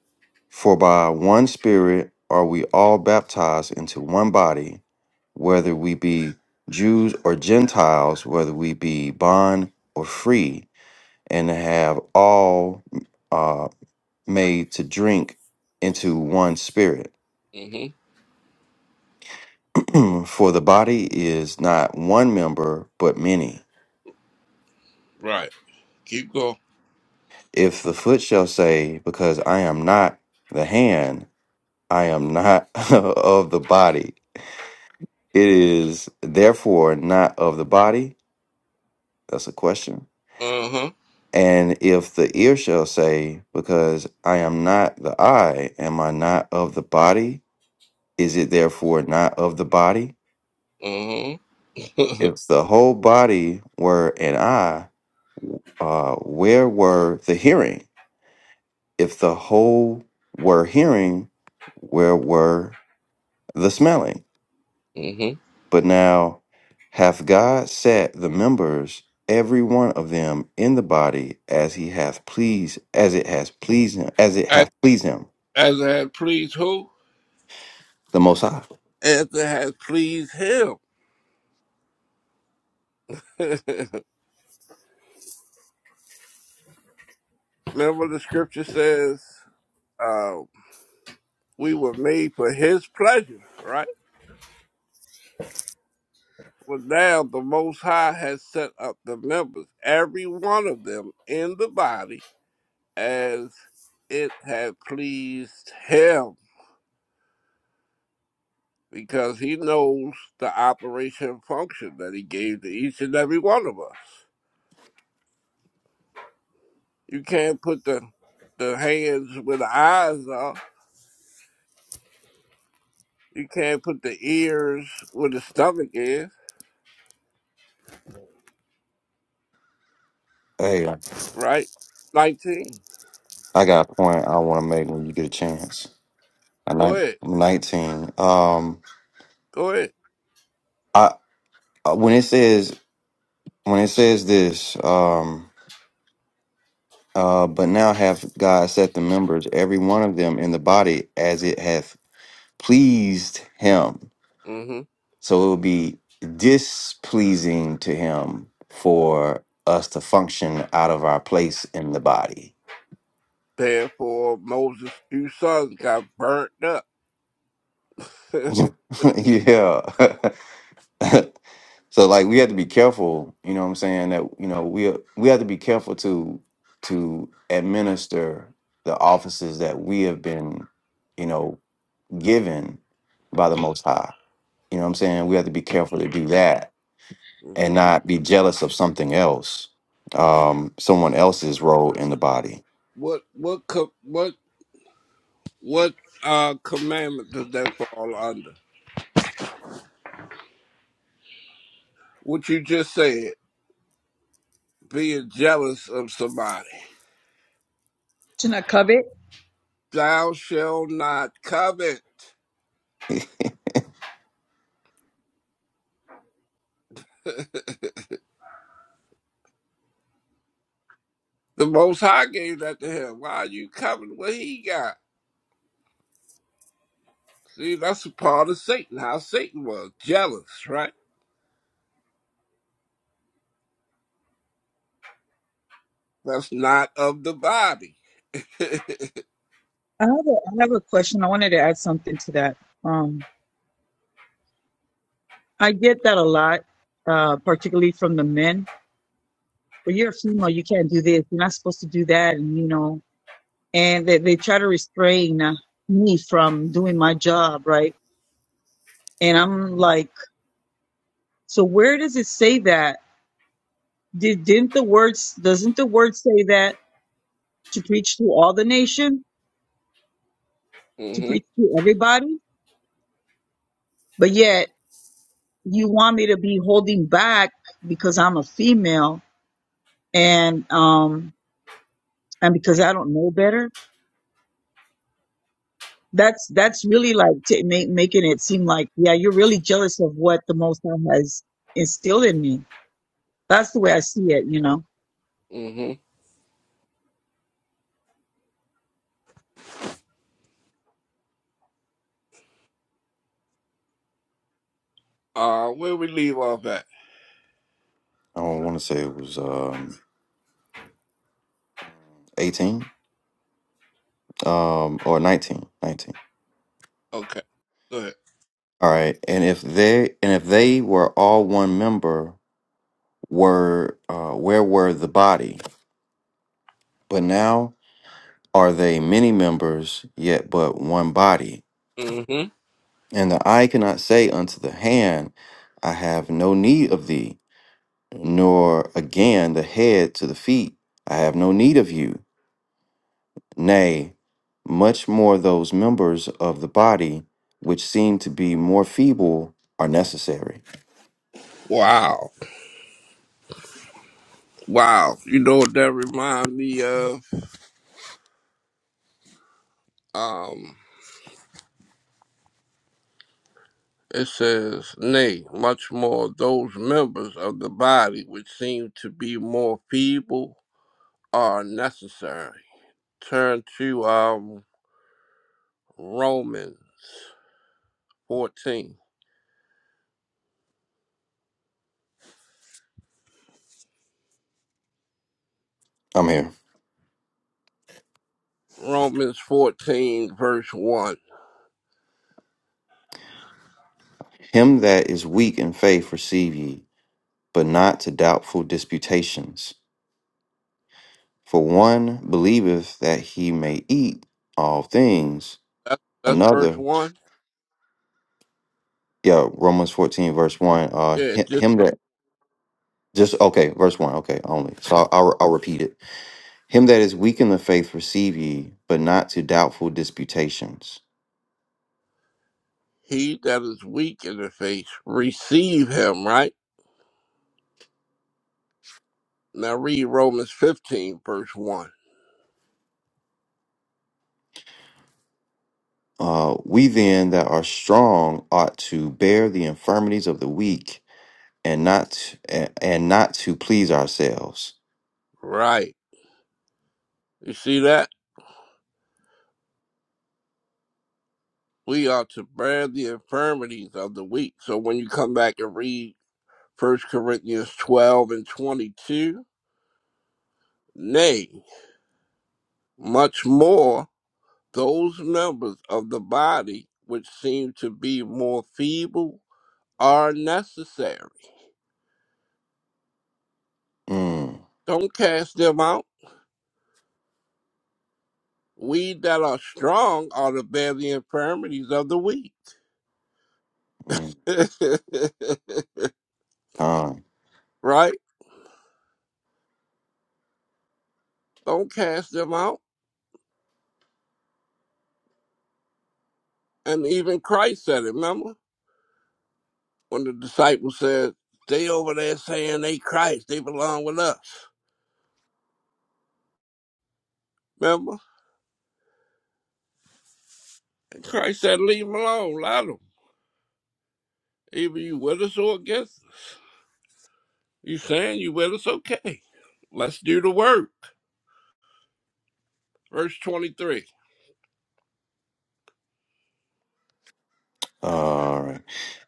For by one Spirit are we all baptized into one body, whether we be Jews or Gentiles, whether we be bond or free, and have all. uh, made to drink into one spirit.
hmm
For the body is not one member, but many.
Right. Keep going.
If the foot shall say, Because I am not the hand, I am not of the body, it is therefore not of the body. That's a question.
Uh huh.
And if the ear shall say, Because I am not the eye, am I not of the body? Is it therefore not of the body?
Uh huh.
If the whole body were an eye, uh, where were the hearing? If the whole were hearing, where were the smelling?
hmm
But now hath God set the members, every one of them, in the body as he hath pleased, as it has pleased him, as it
As,
hath pleased him,
as it has pleased who?
the Most High.
As it has pleased him. Remember the scripture says, uh, we were made for his pleasure, right? For now the Most High has set up the members, every one of them, in the body as it had pleased him, because he knows the operation and function that he gave to each and every one of us. You can't put the, the hands where the eyes are, you can't put the ears where the stomach is,
Hey,
right? 19.
I got a point I want to make when you get a chance. I
Go
nine-
ahead.
nineteen. Um,
Go ahead.
I uh, when it says when it says this. Um, Uh, but now hath God set the members, every one of them, in the body as it hath pleased him.
hmm
So it would be displeasing to him for us to function out of our place in the body.
Therefore, Moses' two sons got burnt up.
yeah. so like we have to be careful, you know what I'm saying, that you know, we we have to be careful to to administer the offices that we have been, you know, given by the most high You know what I'm saying? We have to be careful to do that and
hmm
not be jealous of something else, um, someone else's role in the body.
What what co- what what uh commandment does that fall under? What you just said, being jealous of somebody.
to not covet.
Thou shall not covet. The Most High gave that to him. Why are you coveting what he got? See, that's a part of Satan. How Satan was jealous, right? That's not of the body. mm-hmm.
I have a, I have a question. I wanted to add something to that. Um, I get that a lot, uh, particularly from the men. Well, you're a female. You can't do this. You're not supposed to do that. And, you know, and they, they try to restrain uh, me from doing my job, right? And I'm like, so where does it say that? Did didn't the words doesn't the word say that to preach to all the nation, to preach to everybody? But yet you want me to be holding back because I'm a female and um and because I don't know better. That's that's really like t- ma- making it seem like yeah you're really jealous of what the Most High has instilled in me. That's the way I see it, you know.
Mm-hmm. Uh, where we leave off at?
I don't want to say it was um, 18 um, or 19, 19.
Okay. Good.
All right. And if they and if they were all one member, were uh, where were the body? But now are they many members, yet but one body?
Mm-hmm.
And the eye cannot say unto the hand, I have no need of thee, nor again the head to the feet. I have no need of you. Nay, much more those members of the body which seem to be more feeble are necessary.
Wow. Wow, you know what that reminds me of? Um, it says, nay, much more those members of the body which seem to be more feeble are necessary. Turn to um Romans fourteen.
I'm here.
Romans fourteen verse one.
Him that is weak in faith receive ye, but not to doubtful disputations. For one believeth that he may eat all things,
That, that's verse
another,
one.
yeah, Romans 14, verse 1, uh,
Yeah,
hi-
just
him
ver-
that just, okay, verse 1, okay, only. So I'll, I'll repeat it Him that is weak in the faith receive ye, but not to doubtful disputations.
he that is weak in the faith, receive him. Right now, read Romans fifteen verse one.
Uh, we then that are strong ought to bear the infirmities of the weak, and not and, not to please ourselves.
Right, you see that. we ought to bear the infirmities of the weak. So when you come back and read First Corinthians 12 and 22, nay, much more, those members of the body which seem to be more feeble are necessary.
Mm,
Don't cast them out. We that are strong are to bear the infirmities of the weak.
mm, con.
right? Don't cast them out. And even Christ said it, remember? when the disciples said, They over there saying they Christ, they belong with us. Remember? And Christ said, Leave them alone, let them. Either you with us or against us. You saying you with us? Okay. Let's do the work. Verse 23.
all right.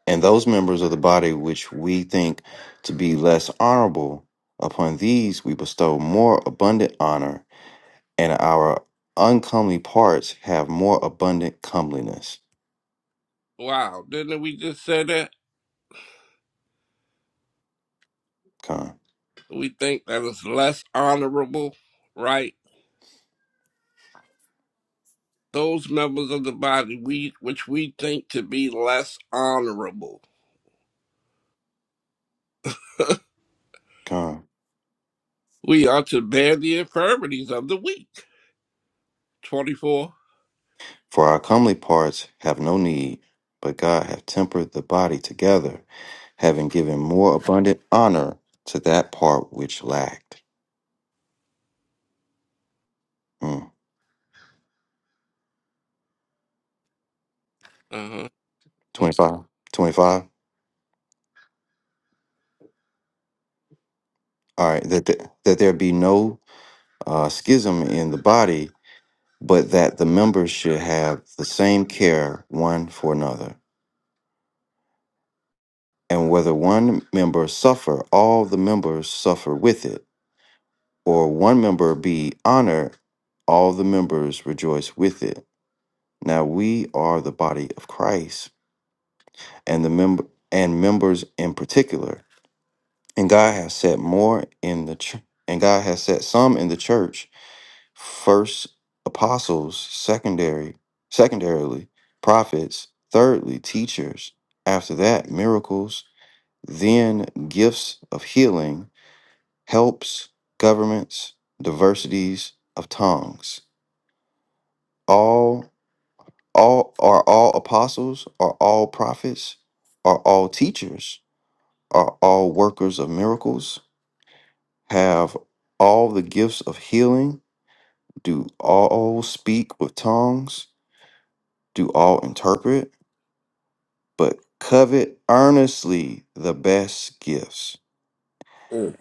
And those members of the body which we think to be less honorable, upon these we bestow more abundant honor, and our uncomely parts have more abundant comeliness.
Wow, didn't we just say that?
Con,
We think that it's less honorable, right? Those members of the body we which we think to be less honorable.
con.
We ought to bear the infirmities of the weak. 24.
For our comely parts have no need, but God hath tempered the body together, having given more abundant honor to that part which lacked. Mm.
Uh-huh.
25. 25. All right. That, th- that there be no uh, schism in the body, but that the members should have the same care one for another. And whether one member suffer, all the members suffer with it, or one member be honored, all the members rejoice with it Now we are the body of Christ and the member and members in particular. And God has set more in the ch- and God has set some in the church first apostles, secondary secondarily prophets, thirdly teachers, after that miracles, then gifts of healing, helps, governments, diversities of tongues. All. All are all apostles, are all prophets, are all teachers, are all workers of miracles, have all the gifts of healing, do all speak with tongues, do all interpret, but covet earnestly the best gifts.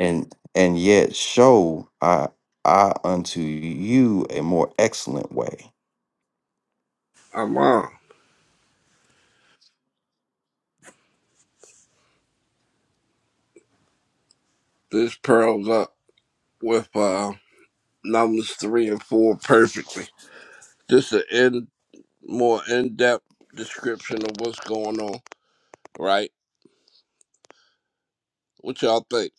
And and yet show I I unto you a more excellent way.
I'm on. This pearls up with uh, numbers three and four perfectly. Just an in more in depth description of what's going on, right? What y'all think?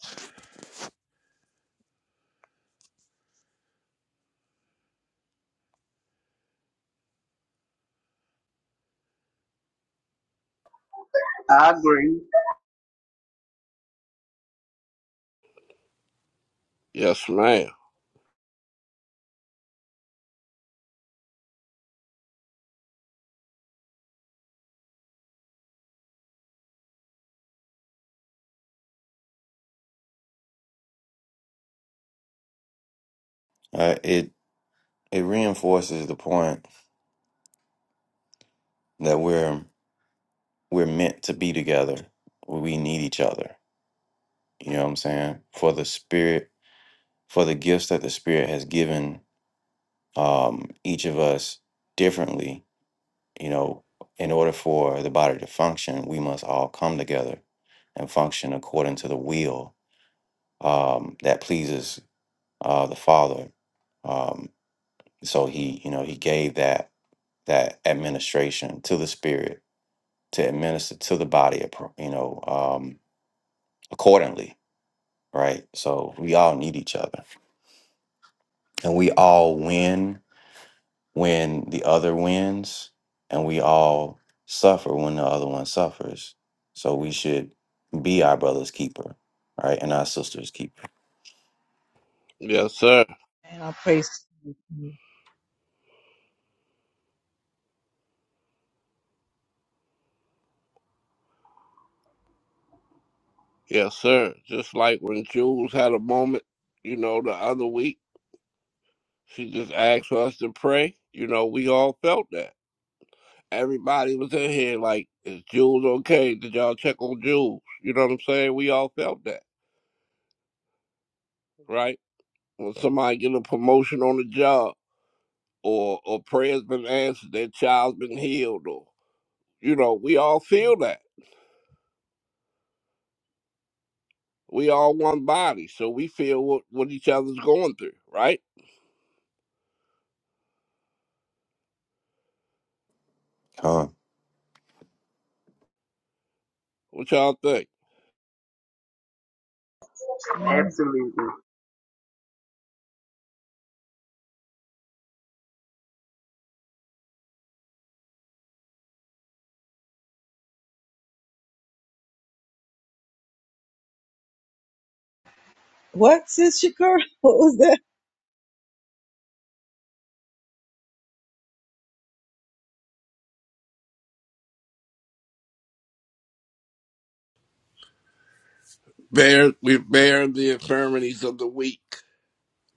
I agree.
Yes, ma'am.
Uh, it it reinforces the point that we're we're meant to be together. We need each other. You know what I'm saying? For the spirit, for the gifts that the spirit has given um, each of us differently. You know, in order for the body to function, we must all come together and function according to the will um, that pleases uh, the Father. Um, so he, you know, he gave that that administration to the spirit to administer to the body, appro- you know, um, accordingly right? So we all need each other. And we all win when the other wins, and we all suffer when the other one suffers. So we should be our brother's keeper, right? And our sister's keeper.
Yes, sir.
And I praise you.
Yes, sir. Just like when Jules had a moment, you know, the other week, she just asked for us to pray. You know, we all felt that. Everybody was in here like, is Jules okay? Did y'all check on Jules? You know what I'm saying? We all felt that, right? when somebody get a promotion on the job or or prayer's been answered, their child's been healed, or you know, we all feel that. We all one body, so we feel what, what each other's going through, right?
Huh.
What y'all think?
Amen.
Absolutely.
What, Sis Shakur? What was that?
Bear we bear the infirmities of the weak.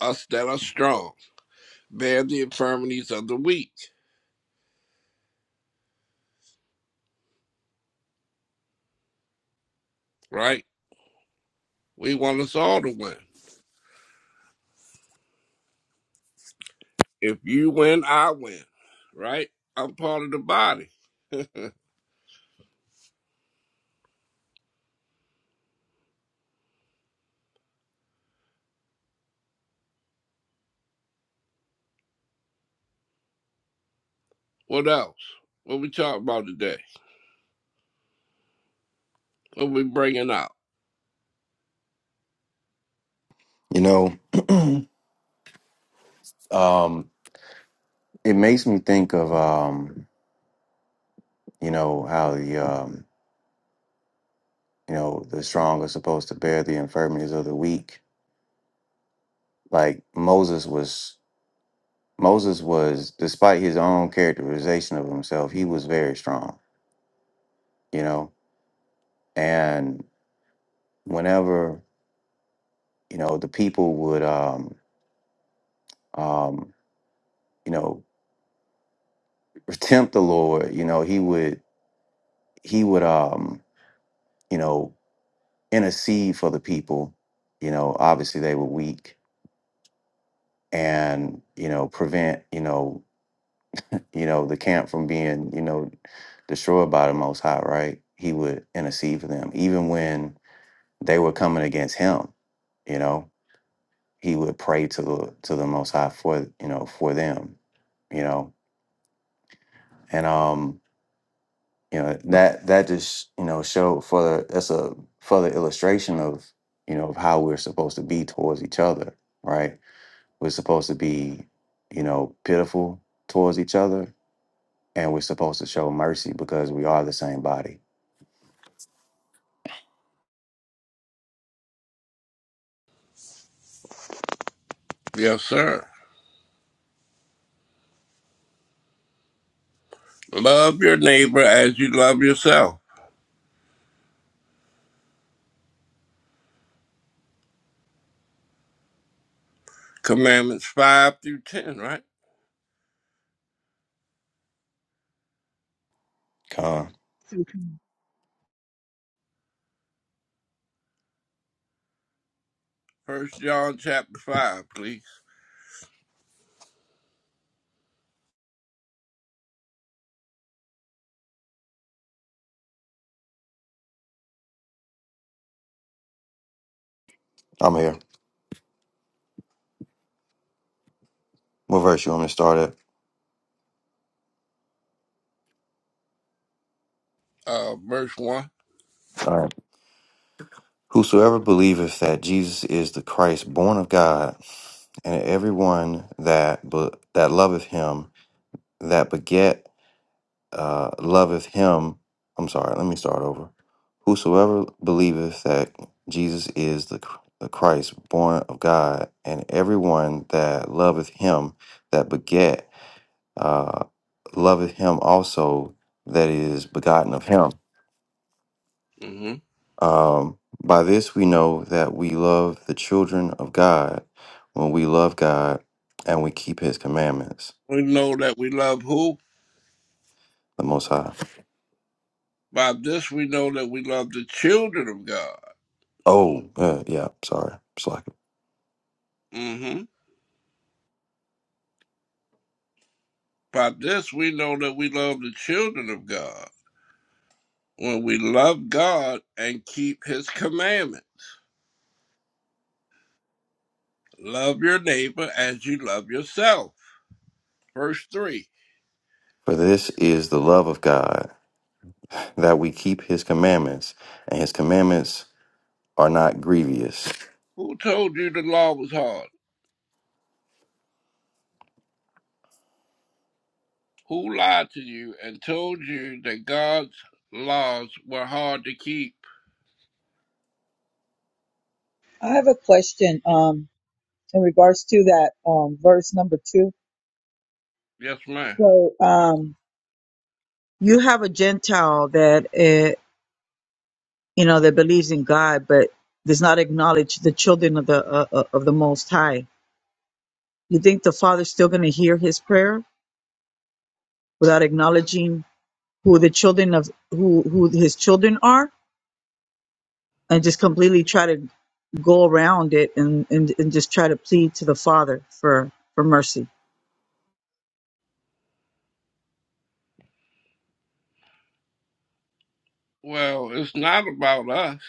Us that are strong. Bear the infirmities of the weak, right? We want us all to win. If you win, I win, right? I'm part of the body. What else? What we talking about today? What we bringing out?
You know, um, it makes me think of um, you know, how the um, you know, the strong are supposed to bear the infirmities of the weak. Like Moses was Moses was, despite his own characterization of himself, he was very strong, you know. And whenever, you know, the people would um um, you know, tempt the Lord, you know, he would he would um, you know, intercede for the people, you know, obviously they were weak and, you know, prevent, you know, you know, the camp from being, you know, destroyed by the most high, right? He would intercede for them. Even when they were coming against him. You know, he would pray to the to the Most High for you know for them. You know, and um, you know that that just you know showed further that's a further illustration of you know of how we're supposed to be towards each other, right? We're supposed to be you know pitiful towards each other, and we're supposed to show mercy because we are the same body.
Yes, sir. Love your neighbor as you love yourself. Commandments 5 through 10, right?
Con,
First John chapter 5, please.
I'm here. What verse you want me to start at?
Uh, verse one
All right. Whosoever believeth that Jesus is the Christ, born of God, and everyone that be, that loveth him, that beget, uh, loveth him. I'm sorry. Let me start over. Whosoever believeth that Jesus is the, Chr- the Christ, born of God, and everyone that loveth him, that beget, uh, loveth him also that is begotten of him.
hmm
Um, by this we know that we love the children of God when we love God and we keep his commandments,
We know that we love who?
the Most High.
By this we know that we love the children of God.
Oh, uh, yeah, sorry, slacking.
hmm By this we know that we love the children of God. When we love God and keep his commandment. Love your neighbor as you love yourself. Verse 3.
For this is the love of God, that we keep his commandments, and his commandments are not grievous.
Who told you the law was hard? Who lied to you and told you that God's laws were hard to keep?
I have a question. Um, in regards to that um, verse number two.
Yes, ma'am.
So um, you have a Gentile that uh, you know that believes in God, but does not acknowledge the children of the uh, uh, of the Most High. You think the Father's still going to hear his prayer without acknowledging who the children of who who his children are, and just completely try to go around it and, and, and just try to plead to the Father for, for mercy.
Well, it's not about us,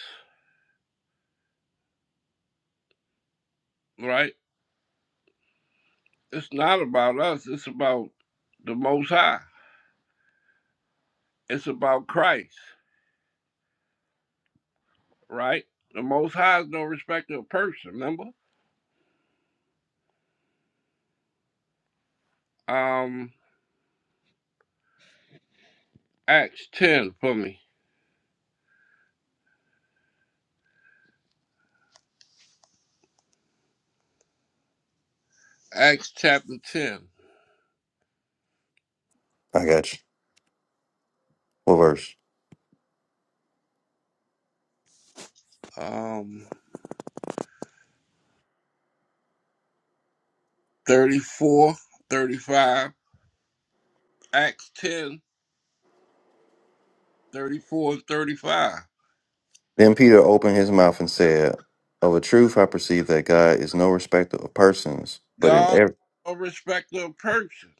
right? It's not about us. It's about the Most High. It's about Christ, right? The Most High is no respecter of person. Remember, um, Acts ten for me. Acts chapter ten,
I got you. What verse?
um, 34, 35. Acts 10, 34 and 35.
Then Peter opened his mouth and said, Of a truth I perceive that God is no respecter of persons, but in
God is
every
no respecter of person,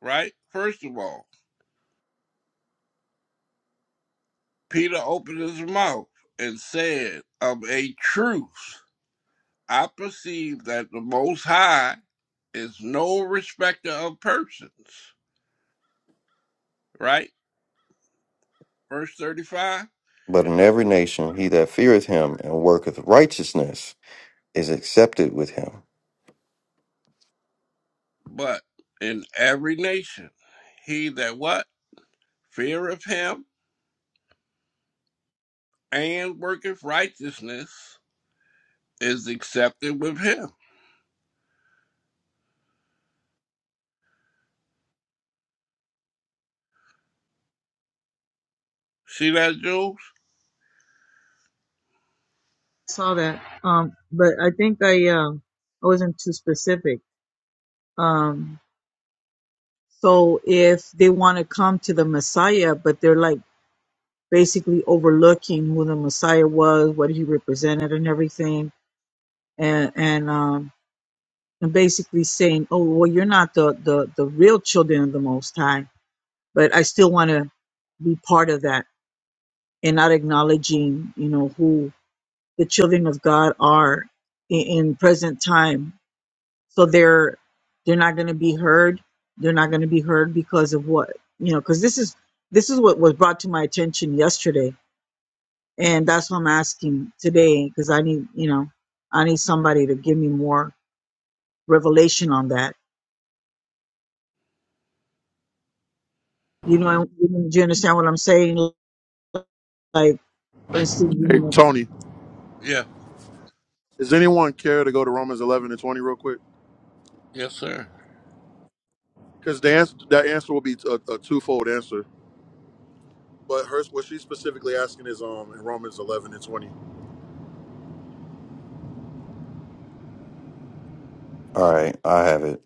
right? First of all, Peter opened his mouth and said, Of a truth, I perceive that the Most High is no respecter of persons, right? Verse 35,
but in every nation he that feareth him and worketh righteousness is accepted with him.
but in every nation, he that what? Feareth him and worketh righteousness is accepted with him. See that, Jules?
Saw that. Um, but I think I, um, I wasn't too specific. Um, so if they want to come to the Messiah, but they're like basically overlooking who the Messiah was, what he represented, and everything, and and um, and basically saying, "Oh, well, you're not the the the real children of the Most High," but I still want to be part of that, and not acknowledging, you know, who the children of God are in, in present time so they're they're not going to be heard they're not going to be heard because of what you know because this is this is what was brought to my attention yesterday and that's what i'm asking today because i need you know i need somebody to give me more revelation on that you know do you understand what i'm saying like for instance
Pete.
you
Hey,
know
Tony,
Yeah.
does anyone care to go to Romans 11 and 20 real quick?
Yes, sir.
Because the answer, that answer will be a, a twofold answer. But her, what she's specifically asking is um in Romans 11 and 20.
All right, I have it.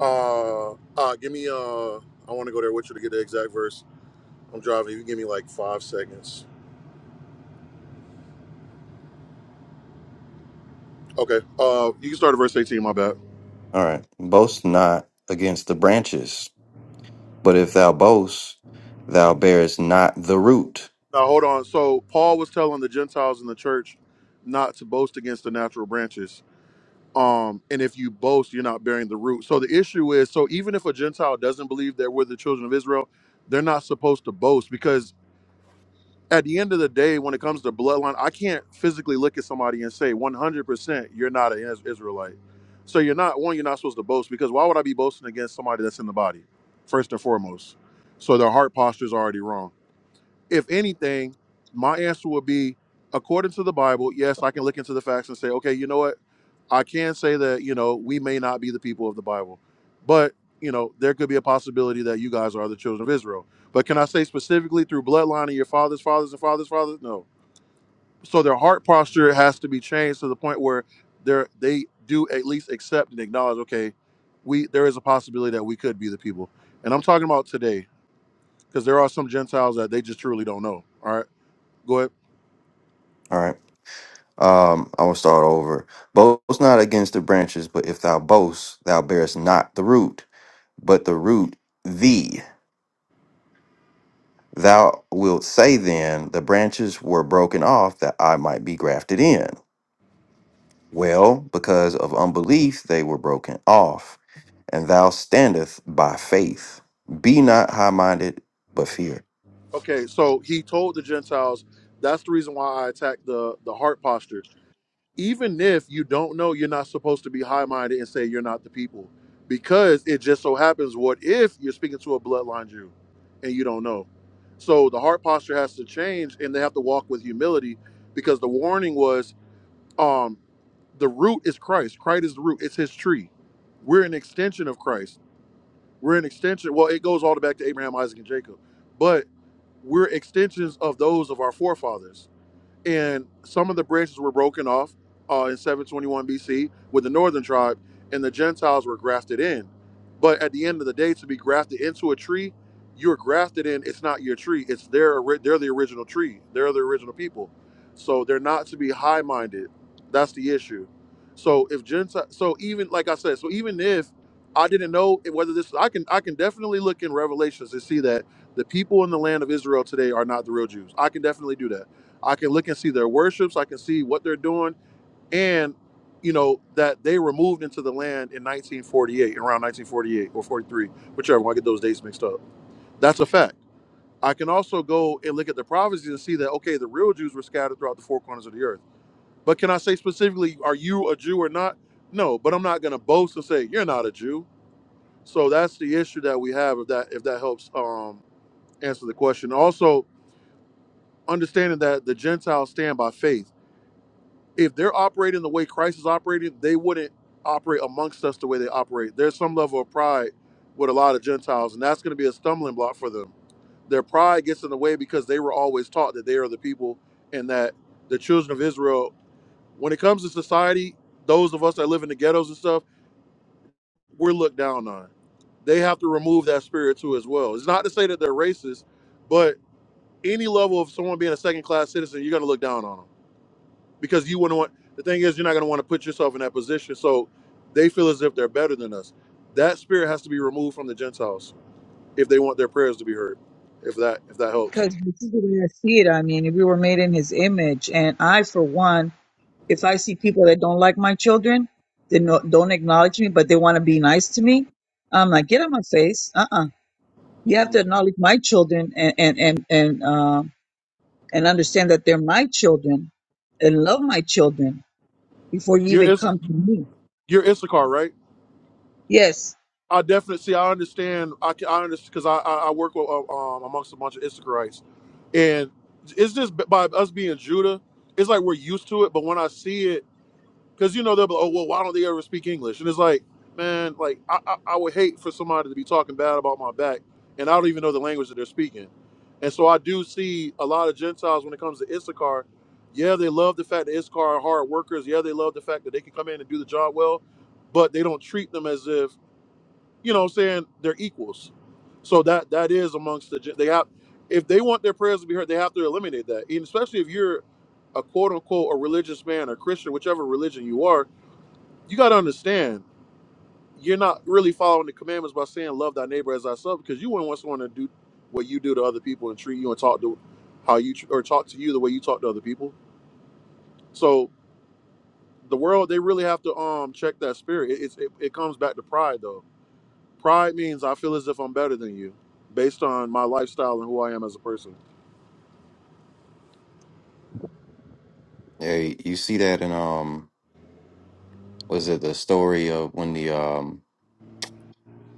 Uh, uh give me, uh, I want to go there with you to get the exact verse. I'm driving. You give me like five seconds. Okay. Uh, you can start at verse 18, my bad.
All right. Boast not against the branches, but if thou boast, thou bearest not the root.
Now, hold on. So, Paul was telling the Gentiles in the church not to boast against the natural branches. um and if you boast you're not bearing the root so the issue is so even if a gentile doesn't believe that we're the children of israel they're not supposed to boast because at the end of the day when it comes to bloodline i can't physically look at somebody and say 100% you're not an Is- israelite so you're not one you're not supposed to boast because why would i be boasting against somebody that's in the body first and foremost so their heart postures is already wrong if anything, my answer would be according to the Bible, yes, I can look into the facts and say, okay, you know what? I can say that, you know, we may not be the people of the Bible, but, you know, there could be a possibility that you guys are the children of Israel. But can I say specifically through bloodline of your father's fathers and fathers' fathers? No. So their heart posture has to be changed to the point where they're, they do at least accept and acknowledge, okay, we there is a possibility that we could be the people. And I'm talking about today, because there are some Gentiles that they just truly don't know. All right Go ahead.
All right. Um, I will start over. Boast not against the branches, but if thou boast, thou bearest not the root, but the root thee. Thou wilt say then, the branches were broken off that I might be grafted in. Well, because of unbelief, they were broken off and thou standeth by faith. Be not high minded, but fear.
Okay, so he told the Gentiles, that's the reason why I attacked the, the heart posture. Even if you don't know, you're not supposed to be high minded and say you're not the people. Because it just so happens, what if you're speaking to a bloodline Jew and you don't know? So the heart posture has to change and they have to walk with humility because the warning was um, the root is Christ. Christ is the root. It's his tree. We're an extension of Christ. We're an extension. Well, it goes all the way back to Abraham, Isaac, and Jacob. But We're extensions of those of our forefathers and some of the branches were broken off uh, in 721 BC with the northern tribe, and the Gentiles were grafted in. But at the end of the day, to be grafted into a tree, you're grafted in. It's not your tree. It's their. ori- They're the original tree. They're the original people. So they're not to be high-minded. That's the issue. So if Gentile, so even like I said, so even if I didn't know it- whether this, I can I can definitely look in Revelations to see that the people in the land of Israel today are not the real Jews. I can definitely do that I can look and see their worships. I can see what they're doing, and you know that they were moved into the land in 1948, around 1948 or 43, whichever. When I get those dates mixed up. That's a fact. I can also go and look at the prophecies and see that okay, the real Jews were scattered throughout the four corners of the earth. But can I say specifically, are you a Jew or not? No, but I'm not going to boast and say you're not a Jew. So that's the issue that we have. If that if that helps um, answer the question. Also, understanding that the Gentiles stand by faith if they're operating the way Christ is operating, they wouldn't operate amongst us the way they operate. There's some level of pride with a lot of Gentiles, and that's going to be a stumbling block for them. Their pride gets in the way because they were always taught that they are the people and that the children of Israel, when it comes to society, those of us that live in the ghettos and stuff, we're looked down on. They have to remove that spirit too as well. It's not to say that they're racist, but any level of someone being a second class citizen, you're going to look down on them because you wouldn't want the thing is you're not going to want to put yourself in that position so they feel as if they're better than us that spirit has to be removed from the gentiles if they want their prayers to be heard if that if that helps
because this is the way i see it i mean we were made in his image and i for one If I see people that don't like my children, they no, don't acknowledge me, but they want to be nice to me, I'm like, get out my face. Uh-uh. You have to
Mm.
acknowledge my children and and and and um and understand that they're my children and love my children before you
you're
even
Is-
come to me.
you're issachar right
Yes,
i definitely see i understand i can i understand because I, I i work with uh, um amongst a bunch of issacharites and it's just b- by us being judah it's like we're used to it but when i see it because you know they'll be like, oh well why don't they ever speak English and it's like man like I, I I would hate for somebody to be talking bad about my back and I don't even know the language that they're speaking and so I do see a lot of Gentiles when it comes to Issachar yeah they love the fact that Issachar are hard workers yeah they love the fact that they can come in and do the job well but they don't treat them as if you know what I'm saying they're equals so that that is amongst the Gen- they have if they want their prayers to be heard they have to eliminate that and especially if you're a quote unquote a religious man a Christian whichever religion you are you got to understand, you're not really following the commandments by saying love thy neighbor as thyself because you wouldn't want someone to do what you do to other people and treat you and talk to how you tr- or talk to you the way you talk to other people. So the world, they really have to um check that spirit. It, it's, it, it comes back to pride though. Pride means I feel as if I'm better than you based on my lifestyle and who I am as a person.
Yeah, you see that in um, was it the story of when the um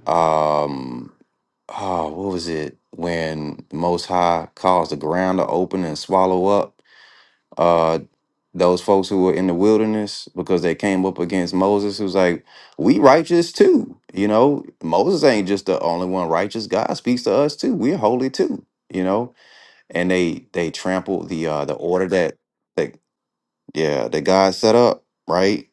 um oh what was it when the Most High caused the ground to open and swallow up uh those folks who were in the wilderness because they came up against Moses who's like we righteous too you know Moses ain't just the only one righteous God speaks to us too we're holy too you know and they they trampled the uh the order that that yeah that God set up right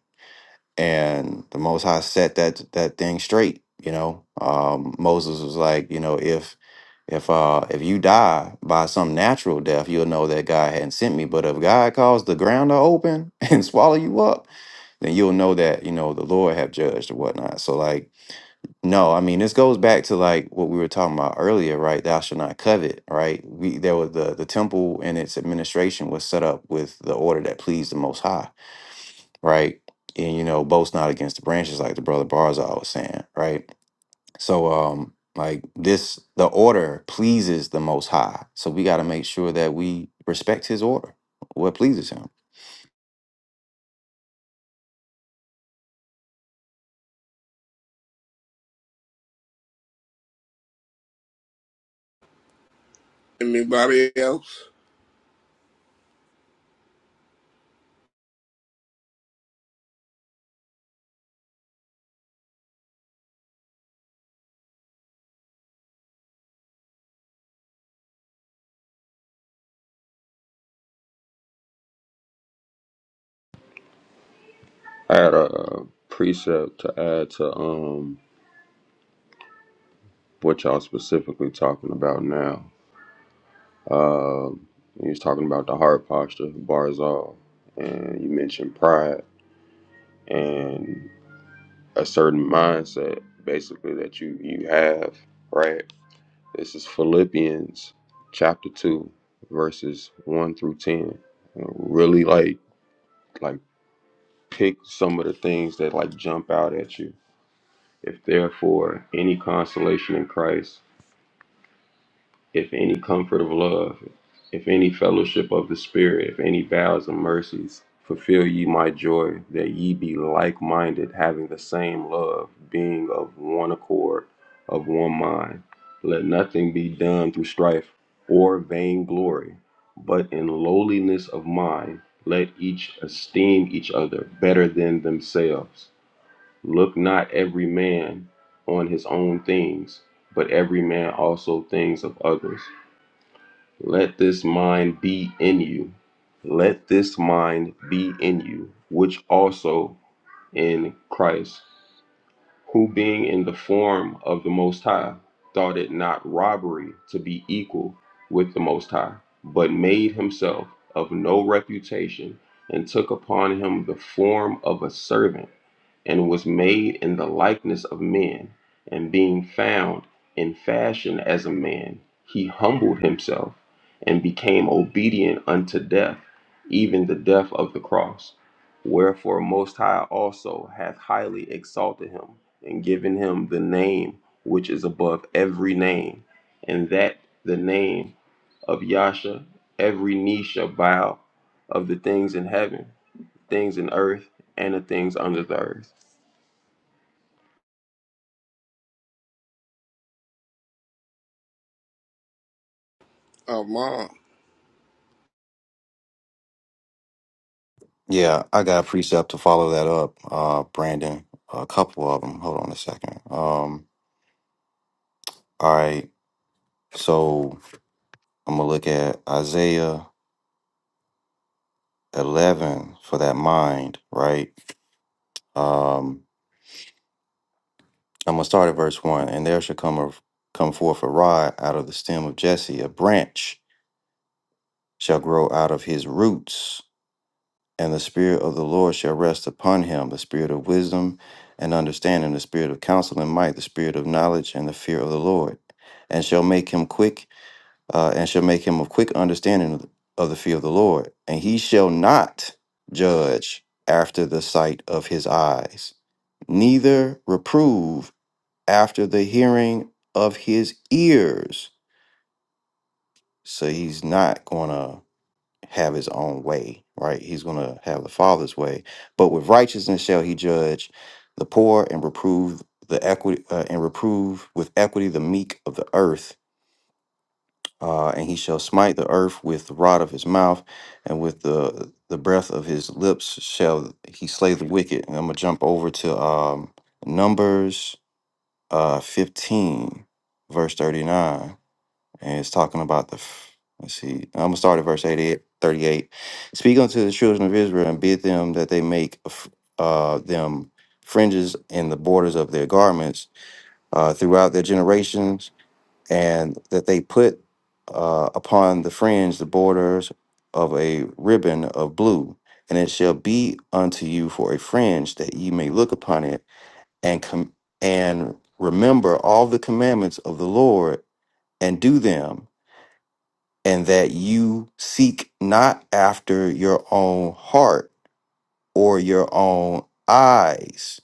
and the Most High set that that thing straight you know um Moses was like you know if if uh if you die by some natural death you'll know that God hadn't sent me but if God caused the ground to open and swallow you up then you'll know that you know the Lord have judged or whatnot so like no, I mean this goes back to like what we were talking about earlier, right? Thou shall not covet, right? We there was the the temple and its administration was set up with the order that pleased the Most High, right? And you know, boast not against the branches, like the brother Barzal was saying, right? So, um, like this, the order pleases the Most High, so we got to make sure that we respect His order, what pleases Him.
Anybody else?
I had a uh precept to add to um what y'all specifically talking about now. Um, you was talking about the heart posture, bars off, and you mentioned pride and a certain mindset, basically that you you have, right? This is Philippians chapter two, verses one through ten. And Really like like pick some of the things that like jump out at you. If therefore any consolation in Christ if any comfort of love, if any fellowship of the Spirit, if any vows and mercies, fulfill ye my joy, that ye be like minded, having the same love, being of one accord, of one mind. Let nothing be done through strife or vainglory, but in lowliness of mind, let each esteem each other better than themselves. Look not every man on his own things, but every man also things of others. Let this mind be in you. Let this mind be in you, which also in Christ who being in the form of the Most High thought it not robbery to be equal with the Most High, but made himself of no reputation, and took upon him the form of a servant, and was made in the likeness of men, and being found in fashion as a man, he humbled himself, and became obedient unto death, even the death of the cross. Wherefore Most High also hath highly exalted him and given him the name which is above every name, and that the name of Yasha, every knee shall bow of the things in heaven, things in earth, and the things under the earth.
Oh, Mom,
Yeah, I got a precept to follow that up, uh, Brandon. A couple of them. Hold on a second. Um, all right. So I'm gonna look at Isaiah 11 for that mind, right? Um, I'm gonna start at verse one, and there shall come a, come forth a rod out of the stem of Jesse, a branch shall grow out of his roots, and the spirit of the Lord shall rest upon him, the spirit of wisdom and understanding, the spirit of counsel and might, the spirit of knowledge and the fear of the Lord, and shall make him quick. uh, and shall make him of quick understanding of the of the fear of the Lord. And he shall not judge after the sight of his eyes, neither reprove after the hearing of his ears. So he's not going to have his own way, right? He's going to have the Father's way. But with righteousness shall he judge the poor and reprove the equity uh, and reprove with equity the meek of the earth uh, and he shall smite the earth with the rod of his mouth, and with the the breath of his lips shall he slay the wicked. And I'm gonna jump over to um, Numbers uh, 15, verse 39, and it's talking about the. f- Let's see. I'm gonna start at verse 88, 38. Speak unto the children of Israel and bid them that they make f- uh, them fringes in the borders of their garments uh, throughout their generations and that they put uh, upon the fringe the borders of a ribbon of blue, and it shall be unto you for a fringe that ye may look upon it and com- and remember all the commandments of the Lord and do them, and that you seek not after your own heart or your own eyes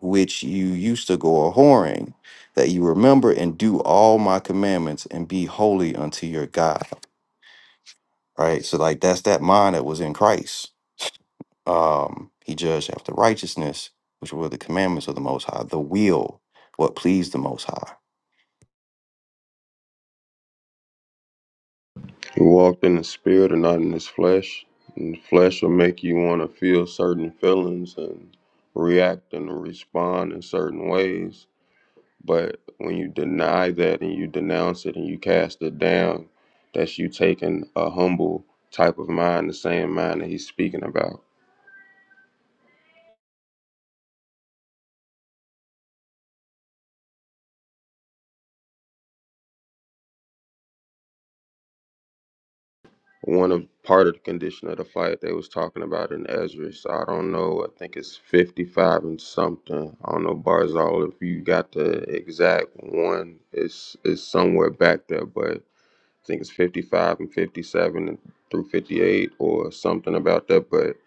which you used to go a whoring, that you remember and do all my commandments and be holy unto your God. Right? So, like, that's that mind that was in Christ. Um, he judged after righteousness, which were the commandments of the Most High, the will, what pleased the Most High.
He walked in the spirit and not in his flesh. And the flesh will make you want to feel certain feelings and react and respond in certain ways. But when you deny that and you denounce it and you cast it down, that's you taking a humble type of mind, the same mind that he's speaking about. One of part of the condition of the fight they was talking about in Ezra. So I don't know. I think it's fifty five and something. I don't know Barzal if you got the exact one. It's it's somewhere back there, but I think it's fifty five and fifty seven and through fifty eight or something about that. But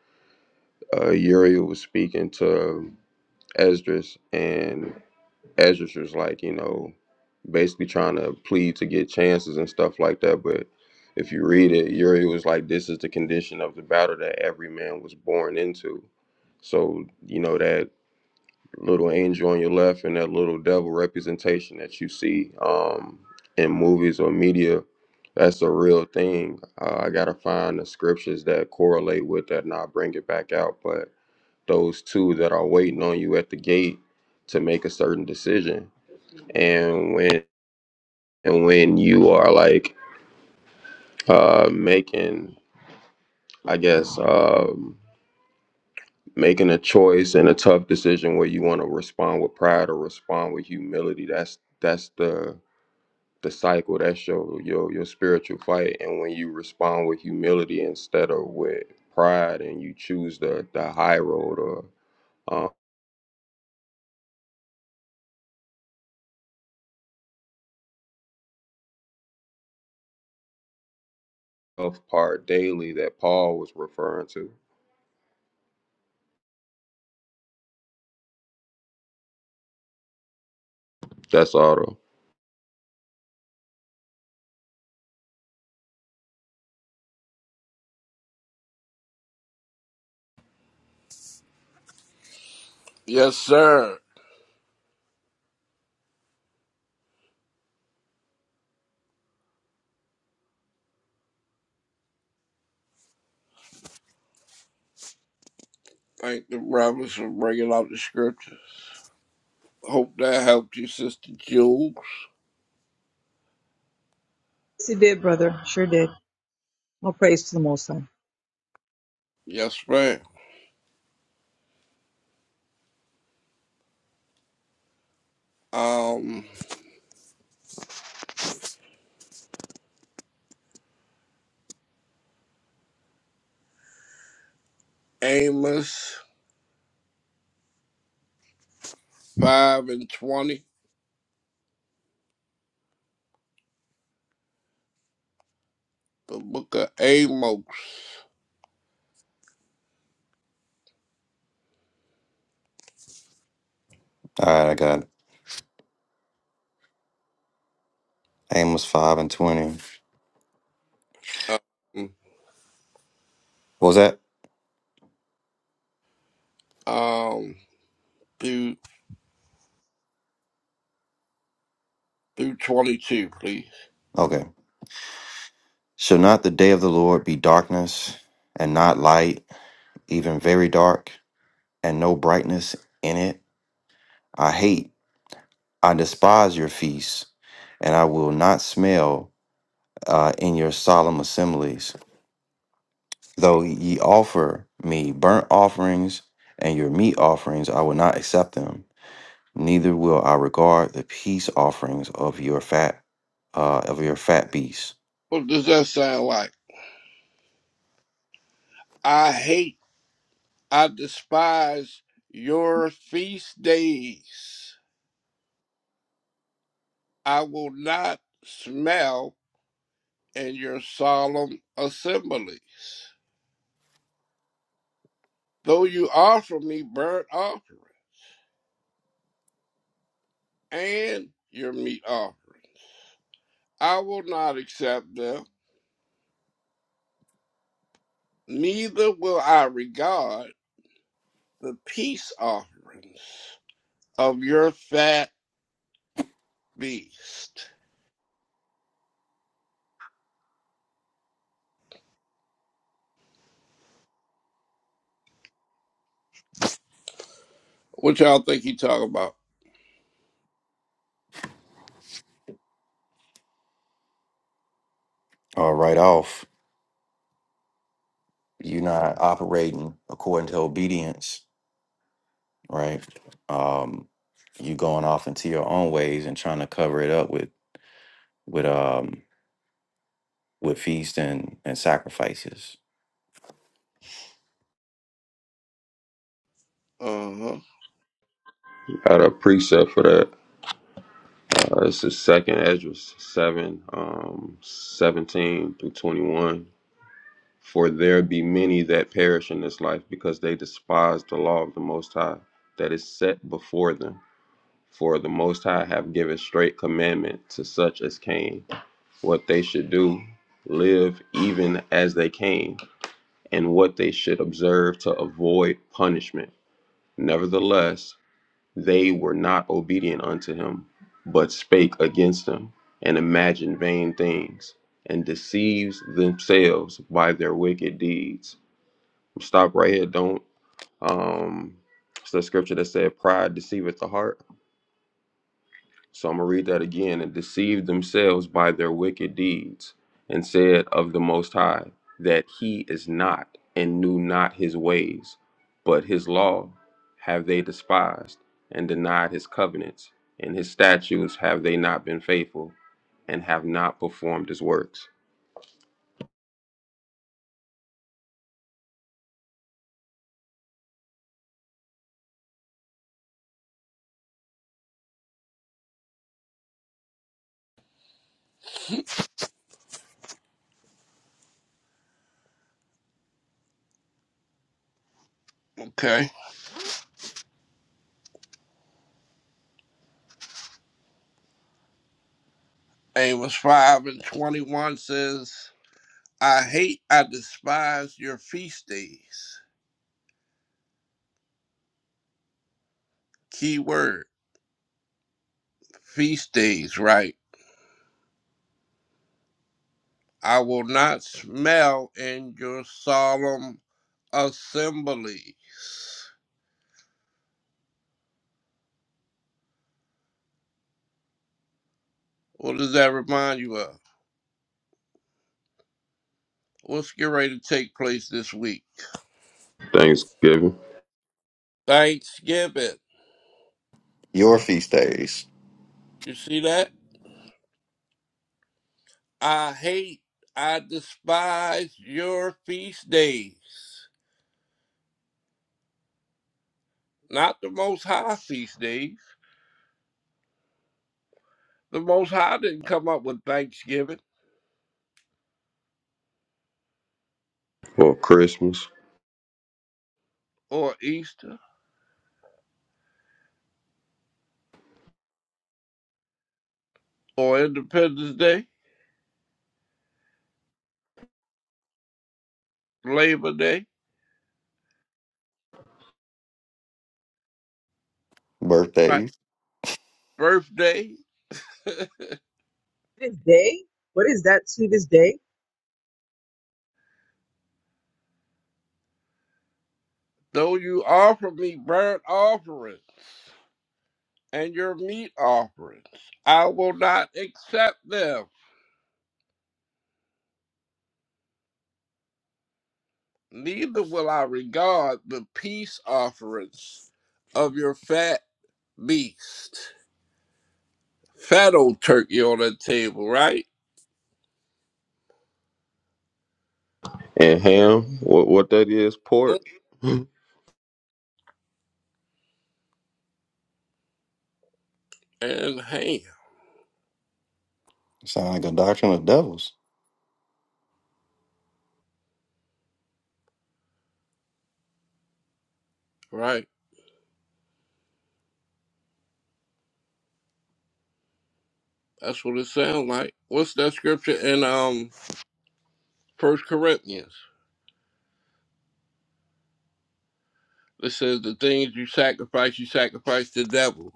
uh, Uriel was speaking to Esdras, and Esdras was like, you know, basically trying to plead to get chances and stuff like that. But if you read it, Uri was like, this is the condition of the battle that every man was born into. So, you know, that little angel on your left and that little devil representation that you see um, in movies or media, that's a real thing. Uh, I got to find the scriptures that correlate with that and I'll bring it back out. But those two that are waiting on you at the gate to make a certain decision. And when and when you are like uh, making, I guess, um, making a choice and a tough decision where you want to respond with pride or respond with humility, that's that's the the cycle. That's your your your spiritual fight. And when you respond with humility instead of with pride, and you choose the the high road or uh, tough part daily that Paul was referring to That's auto.
Yes, sir. thank the brothers for bringing out the scripture. Hope that helped you, Sister Jules.
yes, it did, brother. Sure did. More praise to the Most High.
Yes, ma'am. Um, Amos 5 and 20, the book of Amos,
All right, I got Amos 5 and 20. What
um,
was that?
um, through, through 22, please.
Okay. Shall not the day of the Lord be darkness and not light, even very dark, and no brightness in it? I hate I despise your feasts, and I will not smell uh, in your solemn assemblies. Though ye offer me burnt offerings and your meat offerings, I will not accept them. Neither will I regard the peace offerings of your fat uh, of your fat beasts.
What does that sound like? I hate, I despise your feast days. I will not smell in your solemn assembly. though you offer me burnt offering and your meat offering. I will not accept them, neither will I regard the peace offerings of your fat beast. What y'all think he talking about?
Uh, right off, you're not operating according to obedience, right? Um, you going off into your own ways and trying to cover it up with with um with feasts and, and sacrifices.
Uh-huh.
Got a preset for that. Uh, this is second Ezra seven, um, seventeen through twenty one. For there be many that perish in this life because they despise the law of the Most High that is set before them. For the Most High have given straight commandment to such as came, what they should do, live even as they came, and what they should observe to avoid punishment. Nevertheless, They were not obedient unto him, but spake against him, and imagined vain things, and deceives themselves by their wicked deeds. Stop right here. Don't um it's the scripture that said pride deceiveth the heart. So I'm going to read that again. And deceived themselves by their wicked deeds, and said of the Most High that he is not, and knew not his ways, but his law have they despised, and denied his covenants, and his statutes have they not been faithful, and have not performed his works.
Okay. Amos 5 and 21 says, I hate, I despise your feast days. Key word, feast days, right? I will not smell in your solemn assembly. What does that remind you of? What's getting ready to take place this week?
Thanksgiving
Thanksgiving.
Your feast days,
You see that? I hate, I despise your feast days. Not the most high feast days. The most high didn't come up with Thanksgiving
or Christmas.
or Easter or Independence Day, Labor Day, right?
birthdays.
Birthday.
This day, what is that to this day?
Though you offer me burnt offerings. and your meat offerings. I will not accept them, neither will I regard the peace offerings of your fat beast. Fat old turkey on the table, right?
And ham, what, what that is,
Mm,
pork.
And ham,
Sound like a doctrine of devils.
right? That's what it sounds like. What's that scripture in um First Corinthians? It says the things you sacrifice, you sacrifice to devils.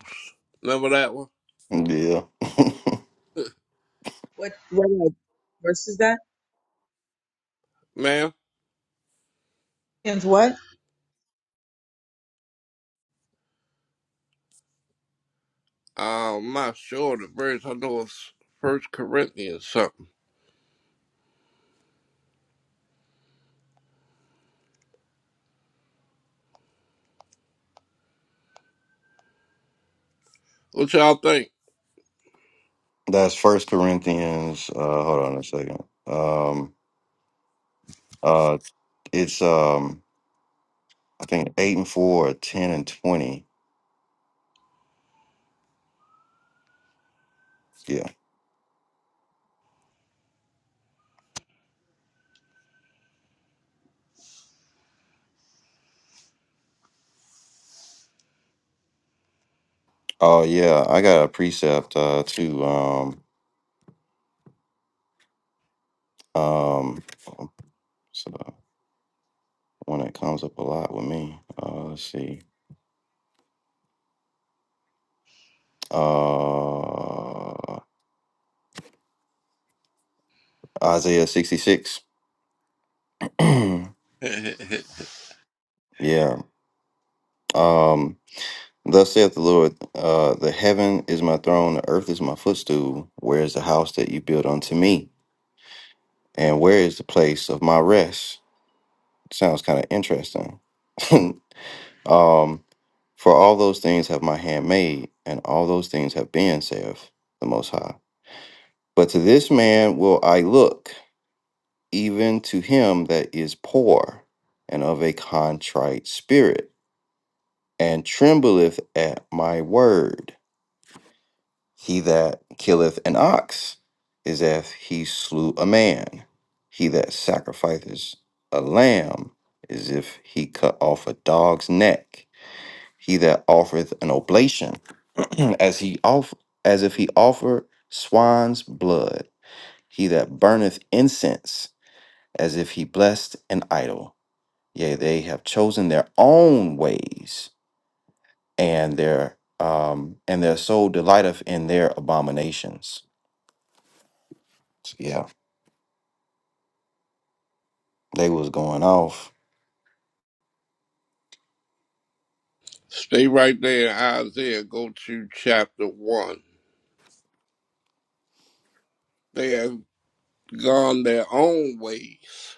Remember that one?
Yeah.
What what uh, verse is that?
ma'am.
And what?
Um, I'm not sure the verse. I know it's First Corinthians something. What y'all think?
That's First Corinthians. Uh, hold on a second. Um, uh, it's um, I think eight and four, or ten and twenty. Yeah. Oh yeah, I got a precept uh, too. Um, um, so one that comes up a lot with me. Uh, let's see. Uh, Isaiah sixty six. yeah. Um, thus saith the Lord, uh, the heaven is my throne, the earth is my footstool. Where is the house that you built unto me? And where is the place of my rest? Sounds kind of interesting. um, for all those things have my hand made, and all those things have been, saith the Most High. But to this man will I look, even to him that is poor and of a contrite spirit, and trembleth at my word. He that killeth an ox is as he slew a man. He that sacrificeth a lamb is if he cut off a dog's neck. He that offereth an oblation as he off as if he offered swine's blood. He that burneth incense as if he blessed an idol. Yea, they have chosen their own ways, and their um and their soul delighteth in their abominations. So, yeah. They was going off.
Stay right there in Isaiah. Go to chapter 1. They have gone their own ways.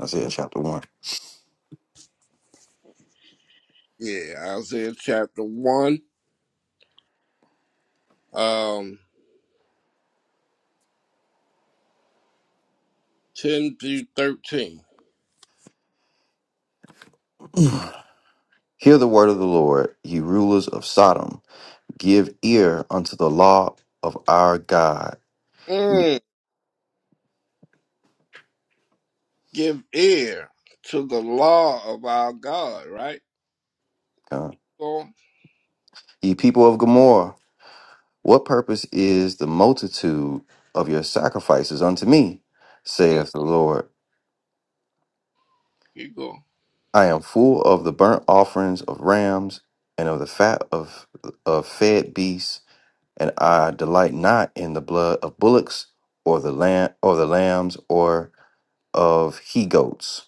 Isaiah chapter 1.
Yeah, Isaiah chapter 1, um, 10 through 13.
Hear the word of the Lord, ye rulers of Sodom. Give ear unto the law of our God.
Mm, give ear to the law of our God, right?
Uh,
Go on.
Ye people of Gomorrah, what purpose is the multitude of your sacrifices unto me?
Mm,
saith the Lord.
keep going.
I am full of the burnt offerings of rams and of the fat of, of fed beasts, and I delight not in the blood of bullocks or the lamb or the lambs or of he goats.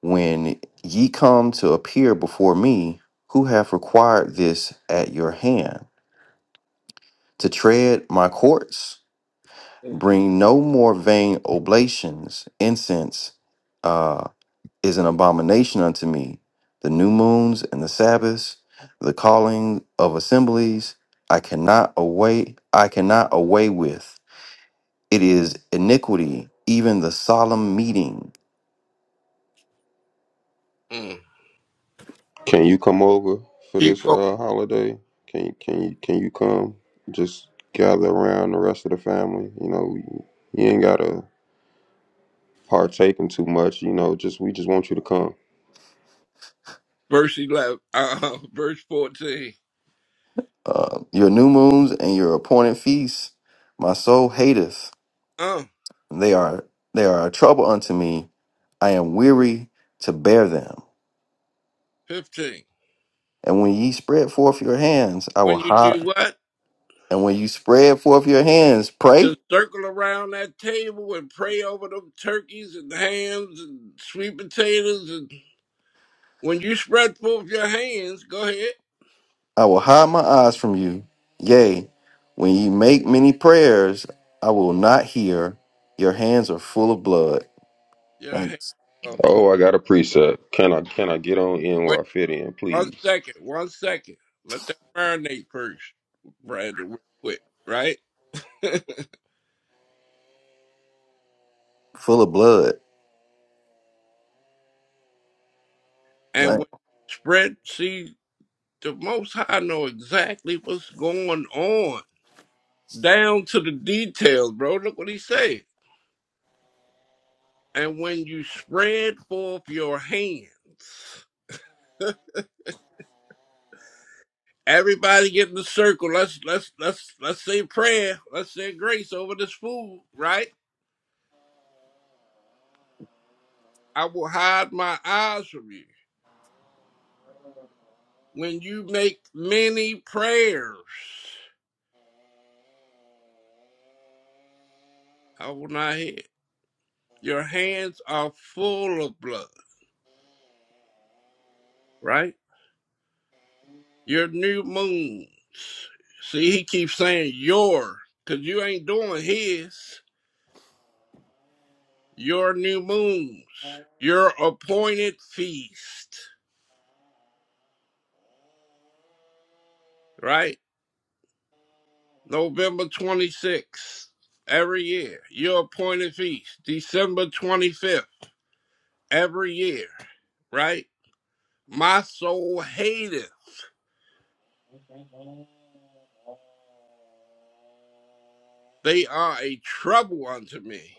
When ye come to appear before me, who have required this at your hand? To tread my courts?
Mm,
Bring no more vain oblations. Incense uh, is an abomination unto me. The new moons and the Sabbaths, the calling of assemblies, I cannot away, I cannot away with. It is iniquity, even the solemn meeting.
mm.
Can you come over for this
Keep going.
uh, holiday? Can can you can you come? Just gather around the rest of the family. You know, you ain't gotta partake in too much. You know, just we just want you to come.
Verse 11, uh, verse 14,
Uh, your new moons and your appointed feasts, my soul hateth.
uh,
They are they are a trouble unto me. I am weary to bear them.
15.
And when ye spread forth your hands, I will
When you
hide.
do what?
And when you spread forth your hands,
to
pray.
circle around that table and pray over them turkeys and hams and sweet potatoes. And when you spread forth your hands, go ahead.
I will hide my eyes from you. Yea, when ye make many prayers, I will not hear. Your hands are full of blood.
Your hands
Thanks.
are full.
Oh, I got a preset. Can I can I get on in where
Wait
I fit in,
one
please?
second. One second. Let that marinate first, Brandon, real quick, right?
Full of blood.
and when you spread, see, the Most High know exactly what's going on down to the details, bro. Look what he said. And when you spread forth your hands. Everybody get in the circle. Let's let's let's let's say prayer. Let's say grace over this food, right? I will hide my eyes from you. When you make many prayers, I will not hear. Your hands are full of blood, right? Your new moons. See, he keeps saying your, because you ain't doing his. Your new moons. Your appointed feast, right? November 26th, every year. Your appointed feast, December 25th, every year, right? My soul hateth. They are a trouble unto me.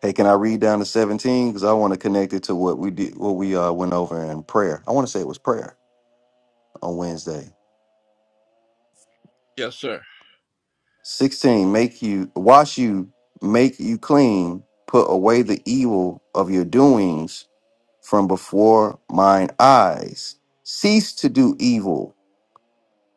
Hey, can I read down to 17? Because I want to connect it to what we did, what we uh, went over in prayer. I want to say it was prayer on Wednesday.
Yes, sir.
16, make you wash you, make you clean, put away the evil of your doings from before mine eyes. Cease to do evil.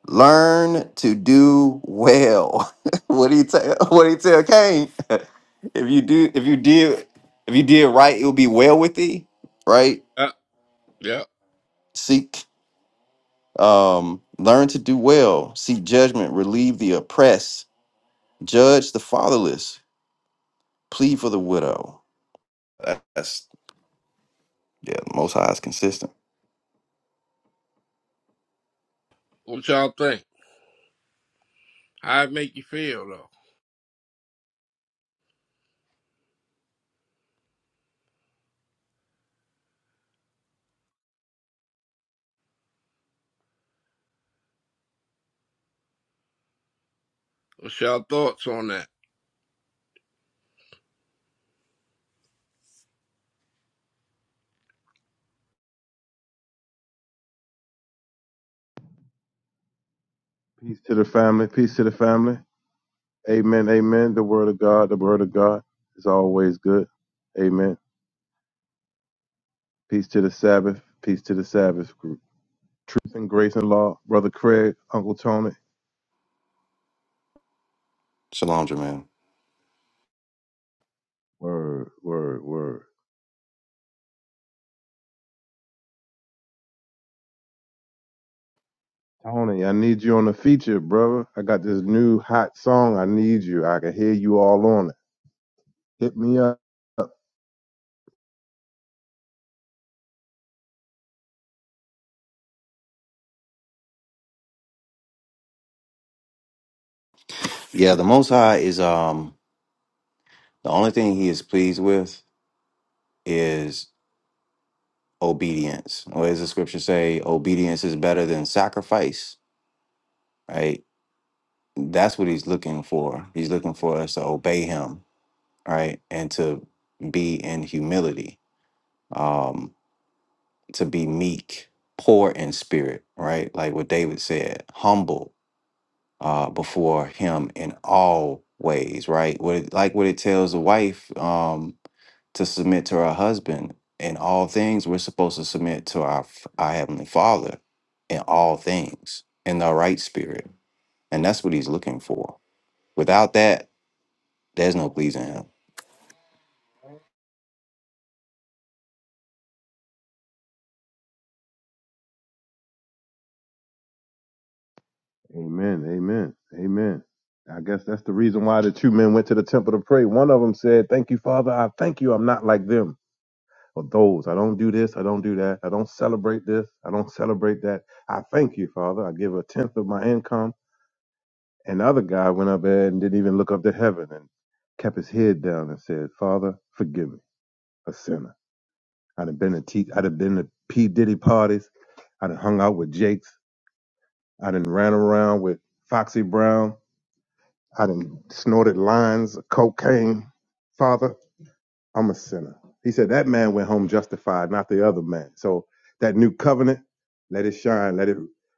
Learn to do well. what do you tell what do you tell Cain? if you do if you did if you did right, it will be well with thee, right?
Yep, yep.
Seek Um, learn to do well, seek judgment, relieve the oppressed, judge the fatherless, plead for the widow. That- That's yeah, the most high is consistent.
What y'all think? How it make you feel, though? What's y'all thoughts on that?
Peace to the family. Peace to the family. Amen. Amen. The word of God. The word of God is always good. Amen. Peace to the Sabbath. Peace to the Sabbath group. Truth and grace and law. Brother Craig, Uncle Tony.
Shalom, Jermaine.
Word, word, word. Tony, I need you on the feature, brother. I got this new hot song. I need you. I can hear you all on it. Hit me up.
Yeah, the Most High is um the only thing He is pleased with is obedience. Or as the scripture say, obedience is better than sacrifice. Right? That's what He's looking for. He's looking for us to obey Him, right, and to be in humility. Um, to be meek, poor in spirit, right? Like what David said, humble uh, before him in all ways, right? What it, like what it tells a wife um, to submit to her husband in all things. We're supposed to submit to our f- our heavenly Father in all things in the right spirit, and that's what He's looking for. Without that, there's no pleasing Him.
Amen. Amen. Amen. I guess that's the reason why the two men went to the temple to pray. One of them said, Thank you, Father. I thank you. I'm not like them. for those. I don't do this. I don't do that. I don't celebrate this. I don't celebrate that. I thank you, Father. I give a tenth of my income. And the other guy went up there and didn't even look up to heaven and kept his head down and said, Father, forgive me, a sinner. I'd have been to T I'd have been to P. Diddy parties. I done hung out with Jakes. I done ran around with Foxy Brown. I done snorted lines of cocaine. Father, I'm a sinner. He said that man went home justified, not the other man. So that new covenant, let it shine, let it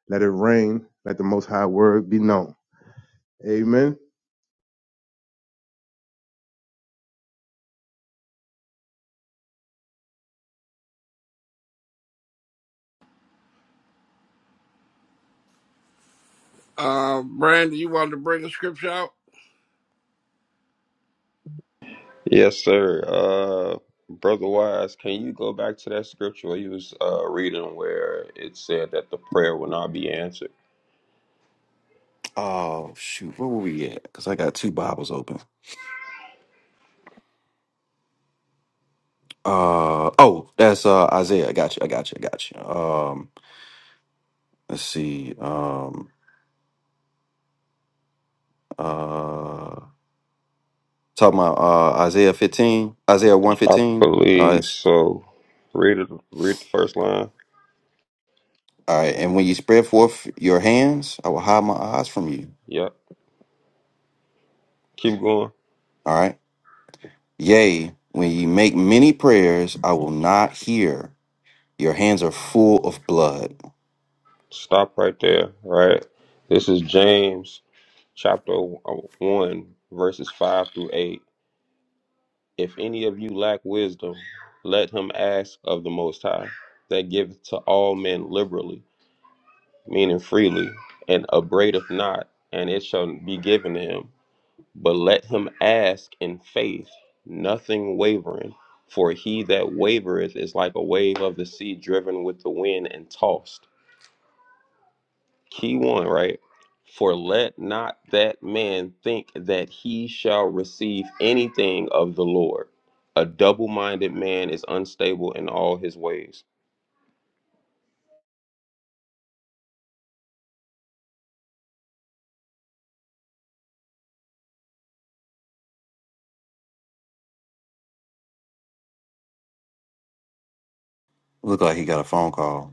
let it rain, let the most high word be known. Amen.
Um, Brandon, you wanted to bring a scripture out?
Yes, sir. Uh, brother Wise, can you go back to that scripture you was uh, reading where it said that the prayer will not be answered?
Oh shoot, where were we at? Because I got two Bibles open. Uh oh, that's uh Isaiah. I got you. I got you. I got you. Um, let's see. Um, uh, talking about uh Isaiah fifteen, Isaiah one
I
fifteen. Uh,
believe
it's
so. Read it. Read the first line.
all right. And when you spread forth your hands, I will hide my eyes from you.
Yep. Keep going.
All right. Yea, when ye make many prayers, I will not hear. Your hands are full of blood.
Stop right there, right? This is James chapter 1, verses 5 through 8. If any of you lack wisdom, let him ask of the Most High, that giveth to all men liberally, meaning freely, and upbraideth not, and it shall be given him. But let him ask in faith, nothing wavering. For he that wavereth is like a wave of the sea driven with the wind and tossed. Key one, right? For let not that man think that he shall receive anything of the Lord. A double minded man is unstable in all his ways.
Look like he got a phone call.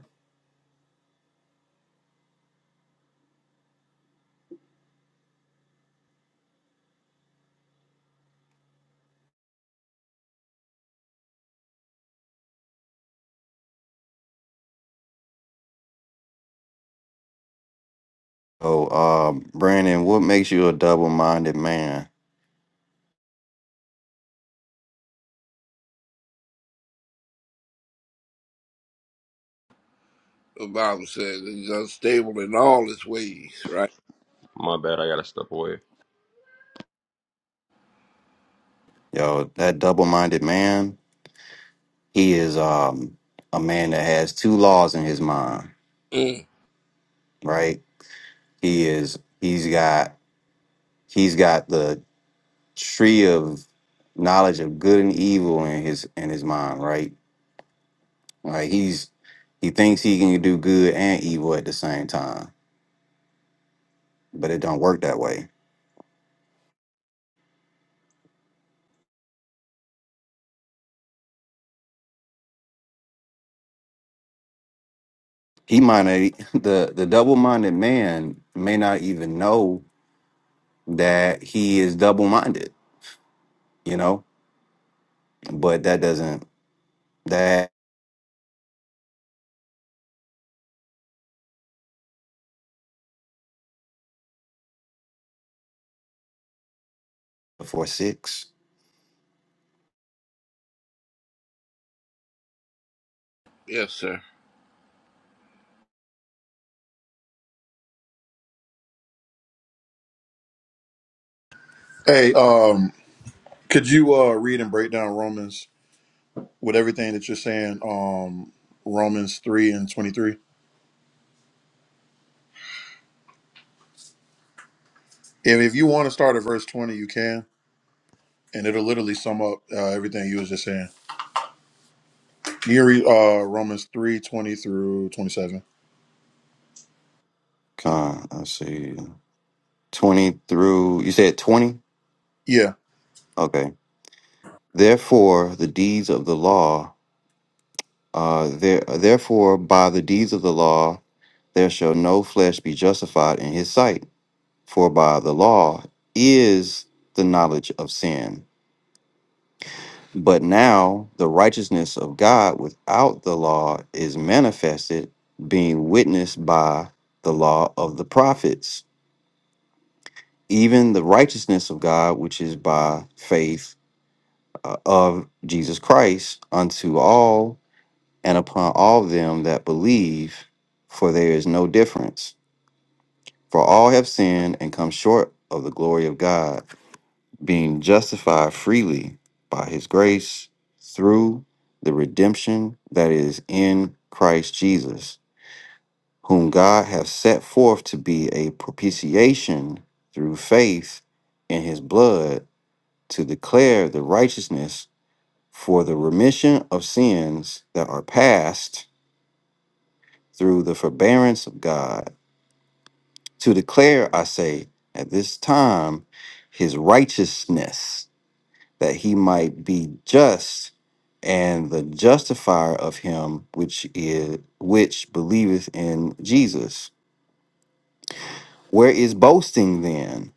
Oh, um, Brandon, what makes you a double-minded man?
The Bible says he's unstable in all his ways, right?
My bad, I gotta step away.
Yo, that double-minded man he is um a man that has two laws in his mind,
Mm.
right? He is he's got he's got the tree of knowledge of good and evil in his in his mind, right? Like he's he thinks he can do good and evil at the same time, but it don't work that way. He might not, the the double-minded man may not even know that he is double-minded, you know? But that doesn't that for six.
Yes, sir.
Hey, um, could you uh, read and break down Romans with everything that you're saying? Um, Romans three and twenty three. If, if you want to start at verse twenty, you can. and it'll literally sum up uh, everything you was just saying. You read uh, Romans three twenty through twenty seven.
Con, I see. 20 through, you said 20?
Yeah,
Okay. Therefore, the deeds of the law, uh, there, therefore, by the deeds of the law, there shall no flesh be justified in his sight. For by the law is the knowledge of sin. But now the righteousness of God without the law is manifested, being witnessed by the law of the prophets, even the righteousness of God, which is by faith uh, of Jesus Christ unto all and upon all them that believe, for there is no difference. For all have sinned and come short of the glory of God, being justified freely by his grace through the redemption that is in Christ Jesus, whom God hath set forth to be a propitiation through faith in his blood to declare the righteousness for the remission of sins that are past through the forbearance of God, to declare, I say, at this time, his righteousness, that he might be just and the justifier of him which is which believeth in Jesus. Where is boasting then?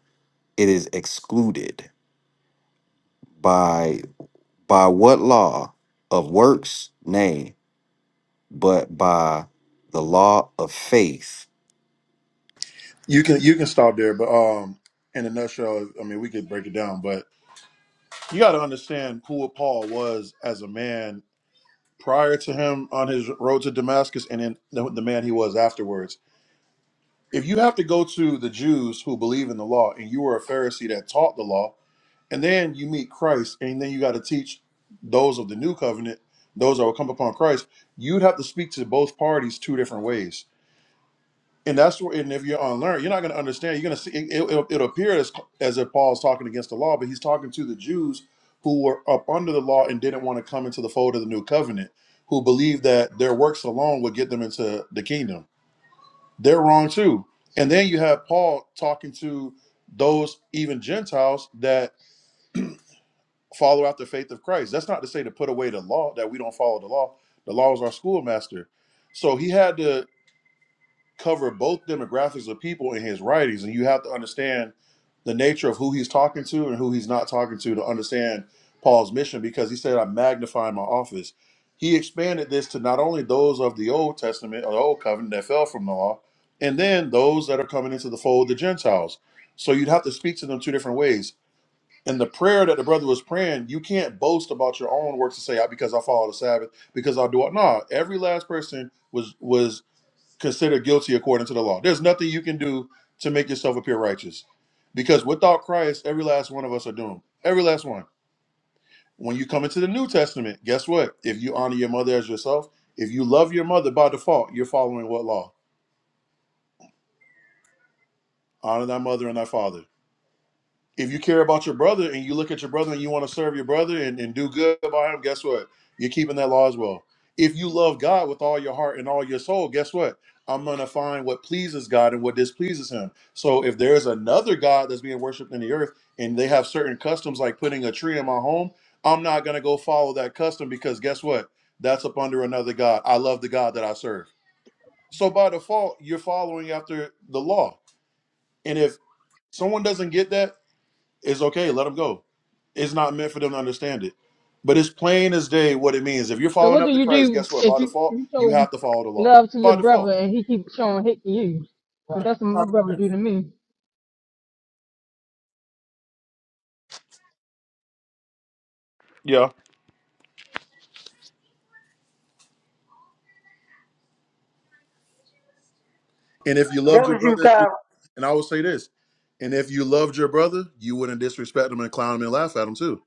It is excluded by by what law of works? Nay, but by the law of faith
you can you can stop there, but um, in a nutshell, I mean, we could break it down, but you got to understand who Paul was as a man prior to him on his road to Damascus, and then the, the man he was afterwards. If you have to go to the Jews who believe in the law, and you were a Pharisee that taught the law, And then you meet Christ, and then you got to teach those of the new covenant, those that will come upon Christ. You'd have to speak to both parties two different ways. And that's where, and if you're unlearned, you're not going to understand. You're going to see, it, it, it'll, it'll appear as, as if Paul's talking against the law, but he's talking to the Jews who were up under the law and didn't want to come into the fold of the new covenant, who believed that their works alone would get them into the kingdom. They're wrong too. And then you have Paul talking to those, even Gentiles, that follow out the faith of Christ. That's not to say to put away the law that we don't follow the law. The law is our schoolmaster. So he had to cover both demographics of people in his writings, and you have to understand the nature of who he's talking to and who he's not talking to to understand Paul's mission because he said, I am magnifying my office. He expanded this to not only those of the Old Testament or the Old Covenant that fell from the law, and then those that are coming into the fold, the Gentiles. So you'd have to speak to them two different ways and the prayer that the brother was praying, you can't boast about your own works and say, "I because I follow the Sabbath, because I do it. No, every last person was was considered guilty according to the law. There's nothing you can do to make yourself appear righteous. Because without Christ, every last one of us are doomed. Every last one. When you come into the New Testament, guess what? If you honor your mother as yourself, if you love your mother by default, you're following what law? Honor thy mother and thy father. if you care about your brother and you look at your brother and you want to serve your brother and, and do good by him, guess what? You're keeping that law as well. If you love God with all your heart and all your soul, guess what? I'm going to find what pleases God and what displeases him. So if there's another God that's being worshiped in the earth and they have certain customs like putting a tree in my home, I'm not going to go follow that custom because guess what? That's up under another God. I love the God that I serve. So by default, you're following after the law. And if someone doesn't get that, it's okay. Let them go. It's not meant for them to understand it. But it's plain as day what it means. If you're
So
following
what do
up to
you
Christ,
do
guess what?
if
By
you,
default,
you
you
show
have to follow the law.
love to your
By
brother
default.
and he keeps showing hate to you? But that's what my
Common
brother
sense.
do to me.
Yeah. And if you loved
That
your
was you,
brother,
Kyle.
and I will say this, and if you loved your brother, you wouldn't disrespect him and clown him and laugh at him too.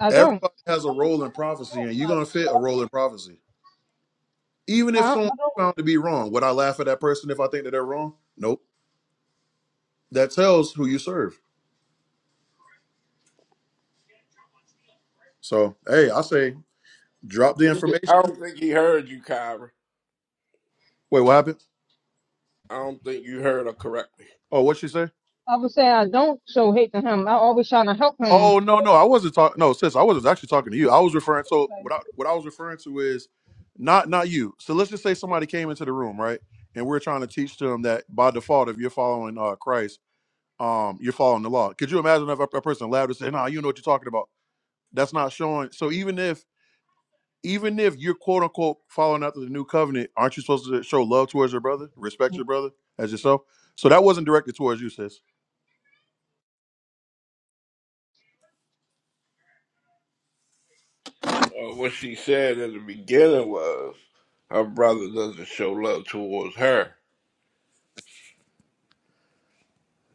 I don't.
Everybody has a role in prophecy, and you're gonna fit a role in prophecy. Even if
I,
someone's found to be wrong, would I laugh at that person if I think that they're wrong? Nope. That tells who you serve. So hey, I say drop the
I
information.
don't think he heard you, Kyra.
Wait, what happened?
I don't think you heard her correctly.
Oh, what she say?
I would say I don't show hate to him. I always try to help him.
Oh no, no, I wasn't talking. No, sis, I wasn't actually talking to you. I was referring. So what I what I was referring to is not not you. So let's just say somebody came into the room, right? And we're trying to teach them that by default, if you're following uh, Christ, um, you're following the law. Could you imagine if a, a person allowed to say, "Nah, you know what you're talking about"? That's not showing. So even if even if you're quote unquote following after the new covenant, aren't you supposed to show love towards your brother, respect your brother as yourself? So that wasn't directed towards you, sis.
Uh, what she said in the beginning was her brother doesn't show love towards her.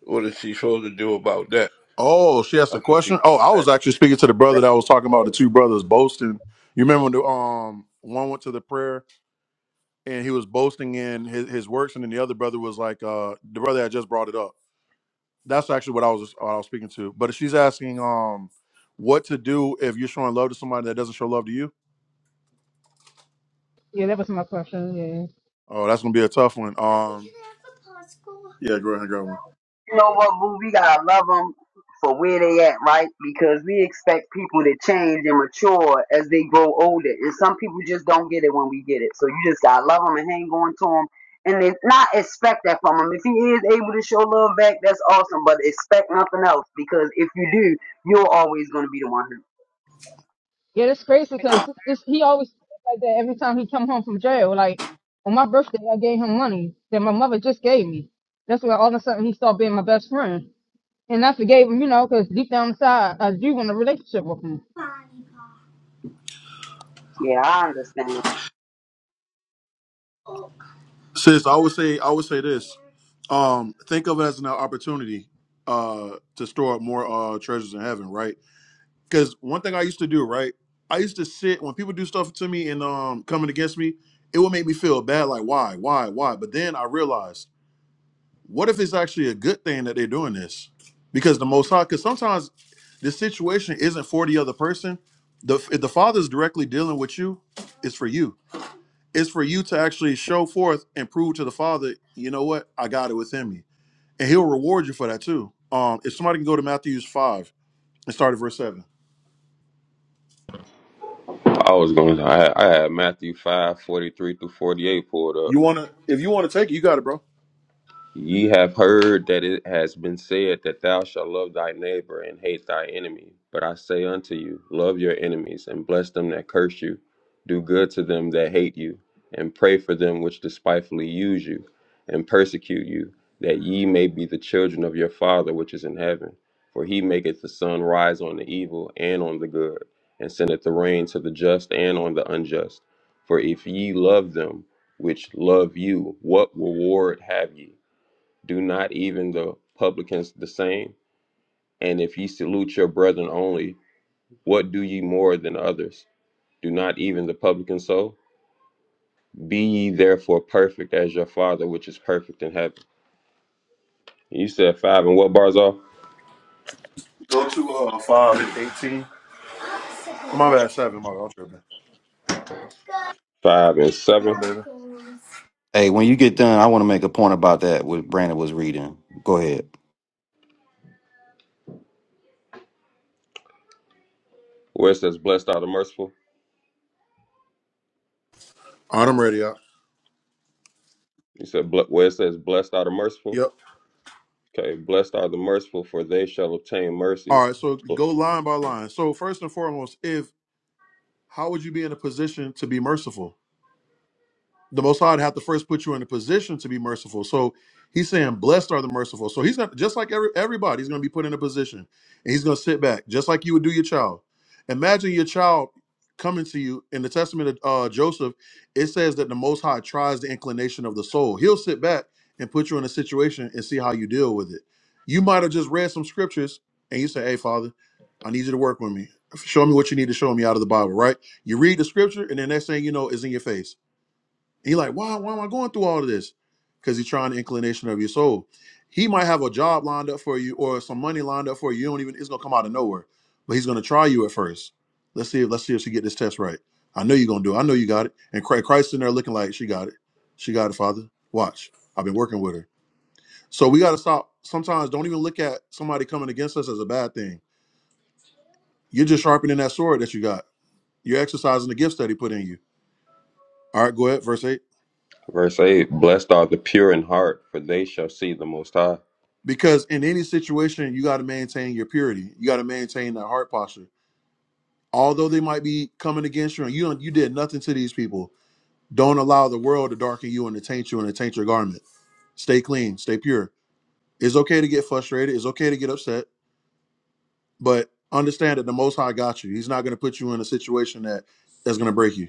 What is she supposed to do about that?
Oh, she asked a
That's what she
question. Oh, I
said.
was actually speaking to the
Right.
brother that was talking about the two brothers boasting. You remember when the um one went to the prayer and he was boasting in his, his works, and then the other brother was like, uh, the brother that just brought it up. That's actually what I was what I was speaking to. But she's asking um what to do if you're showing love to somebody that doesn't show love to you.
Yeah, that was my question. Yeah.
Oh, that's gonna be a tough one. Um, yeah, go ahead and grab one,
You know what, boo? We gotta love them for where they at, right? Because we expect people to change and mature as they grow older, and some people just don't get it when we get it. So you just gotta love them and hang on to them, and then not expect that from him. If he is able to show love back, that's awesome. But expect nothing else, because if you do, you're always gonna be the one. Who,
Yeah, that's crazy
Pretty
because this, this, he always like that every time he come home from jail. Like on my birthday, I gave him money that my mother just gave me. That's why all of a sudden he started being my best friend, and I forgave him, you know, because deep down inside I do want a relationship with him.
yeah, I understand.
sis. I would say I would say this. Um, think of it as an opportunity uh to store up more uh treasures in heaven, right? because one thing I used to do, right? I used to sit when people do stuff to me and um coming against me, it would make me feel bad, like why, why, why. But then I realized, what if it's actually a good thing that they're doing this? Because the Most High, because sometimes the situation isn't for the other person. The if the Father's directly dealing with you, it's for you. It's for you to actually show forth and prove to the Father, you know what, I got it within me, and He'll reward you for that too. Um, if somebody can go to Matthew five and start at verse seven.
I was going to, I, I had Matthew 5 43 through 48 pulled up.
You wanna if you wanna take it, you got it, bro.
Ye have heard that it has been said that thou shalt love thy neighbor and hate thy enemy. But I say unto you, love your enemies and bless them that curse you. Do good to them that hate you, and pray for them which despitefully use you and persecute you, that ye may be the children of your Father which is in heaven. For he maketh the sun rise on the evil and on the good, and sendeth the rain to the just and on the unjust. For if ye love them which love you, what reward have ye? Do not even the publicans the same? And if ye salute your brethren only, what do ye more than others? Do not even the publicans so? Be ye therefore perfect as your Father which is perfect in heaven. And You said five and what bars off?
Go to uh five and eighteen. My bad, seven. My bad, I'm tripping.
Five and seven.
Yeah, baby. All
Hey, when you get done, I want to make a point about that what Brandon was reading. Go ahead.
Where it says blessed are the merciful.
right, I'm ready. Up.
You said "Ble- where it says blessed are the merciful.
Yep.
Okay, blessed are the merciful, for they shall obtain mercy.
All right. So go line by line. So first and foremost, if how would you be in a position to be merciful? the Most High would have to first put you in a position to be merciful. So he's saying, "Blessed are the merciful." So he's not just like every, everybody. He's going to be put in a position, and he's going to sit back, just like you would do your child. Imagine your child coming to you in the Testament of uh, Joseph. It says that the Most High tries the inclination of the soul. He'll sit back and put you in a situation and see how you deal with it. You might have just read some scriptures, and you say, "Hey, Father, I need you to work with me. Show me what you need to show me out of the Bible." Right? You read the scripture, and the next thing you know, is in your face he like, why, why am I going through all of this? Because he's trying the inclination of your soul. He might have a job lined up for you or some money lined up for you. You don't even it's gonna come out of nowhere. But he's gonna try you at first. Let's see if let's see if she get this test right. I know you're gonna do it. I know you got it. And Christ Christ in there looking like she got it. She got it, Father. Watch. I've been working with her. So we gotta stop. Sometimes don't even look at somebody coming against us as a bad thing. You're just sharpening that sword that you got. You're exercising the gifts that he put in you. All right, go ahead, verse 8.
Verse 8 Blessed are the pure in heart, for they shall see the Most High.
because in any situation you got to maintain your purity you got to maintain that heart posture although they might be coming against you and you don't, you did nothing to these people don't allow the world to darken you and to taint you and to taint your garment stay clean stay pure it's okay to get frustrated it's okay to get upset but understand that the most high got you he's not going to put you in a situation that that's going to break you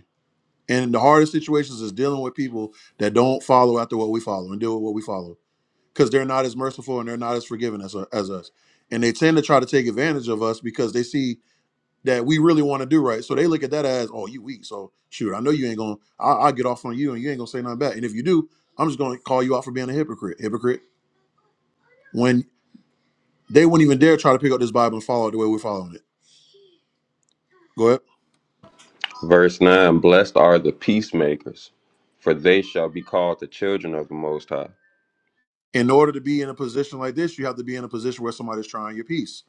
and the hardest situations is dealing with people that don't follow after what we follow and deal with what we follow because they're not as merciful and they're not as forgiving as, uh, as us. And they tend to try to take advantage of us because they see that we really want to do right. So they look at that as, oh, you weak. So shoot, I know you ain't going to, I'll get off on you and you ain't going to say nothing back. And if you do, I'm just going to call you out for being a hypocrite. Hypocrite. When they wouldn't even dare try to pick up this Bible and follow it the way we're following it. Go ahead.
Verse 9 Blessed are the peacemakers, for they shall be called the children of the Most High.
In order to be in a position like this, you have to be in a position where somebody's trying your peace.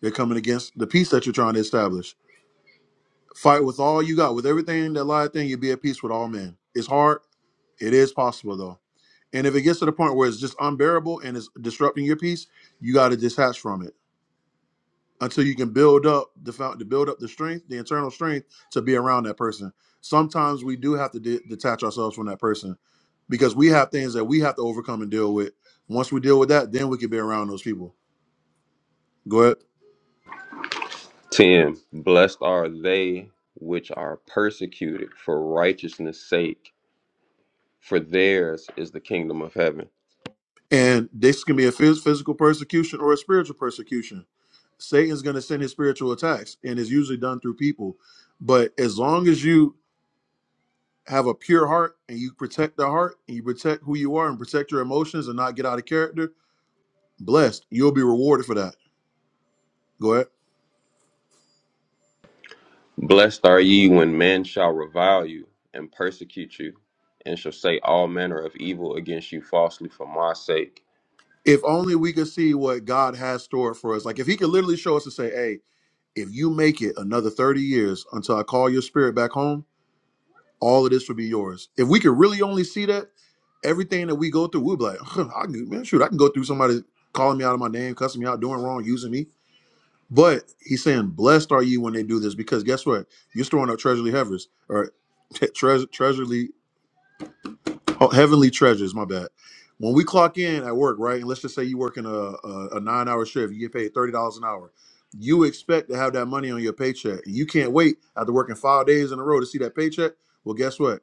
They're coming against the peace that you're trying to establish. Fight with all you got, with everything that lieth in you, be at peace with all men. It's hard It is possible though. And if it gets to the point where it's just unbearable and it's disrupting your peace, you got to detach from it until you can build up the fount- to build up the strength, the internal strength to be around that person. Sometimes we do have to de- detach ourselves from that person because we have things that we have to overcome and deal with. Once we deal with that, then we can be around those people. Go ahead.
10 Blessed are they which are persecuted for righteousness' sake, for theirs is the kingdom of heaven.
And this can be a phys- physical persecution or a spiritual persecution. Satan's going to send his spiritual attacks, and it's usually done through people. But as long as you have a pure heart and you protect the heart and you protect who you are and protect your emotions and not get out of character, blessed. You'll be rewarded for that. Go ahead.
Blessed are ye when men shall revile you and persecute you, and shall say all manner of evil against you falsely for my sake.
If only we could see what God has stored for us. Like if he could literally show us and say, Hey, if you make it another 30 years until I call your spirit back home, all of this will be yours. If we could really only see that, everything that we go through, we'll be like, I can, man, shoot, I can go through somebody calling me out of my name, cussing me out, doing wrong, using me. But he's saying, "Blessed are you when they do this," because guess what? You're storing up treasury heavers or treasure, treasury, oh, heavenly treasures. My bad. When we clock in at work, right, and let's just say you work in a, a, a nine-hour shift, you get paid thirty dollars an hour. You expect to have that money on your paycheck. And You can't wait after working five days in a row to see that paycheck. Well, guess what?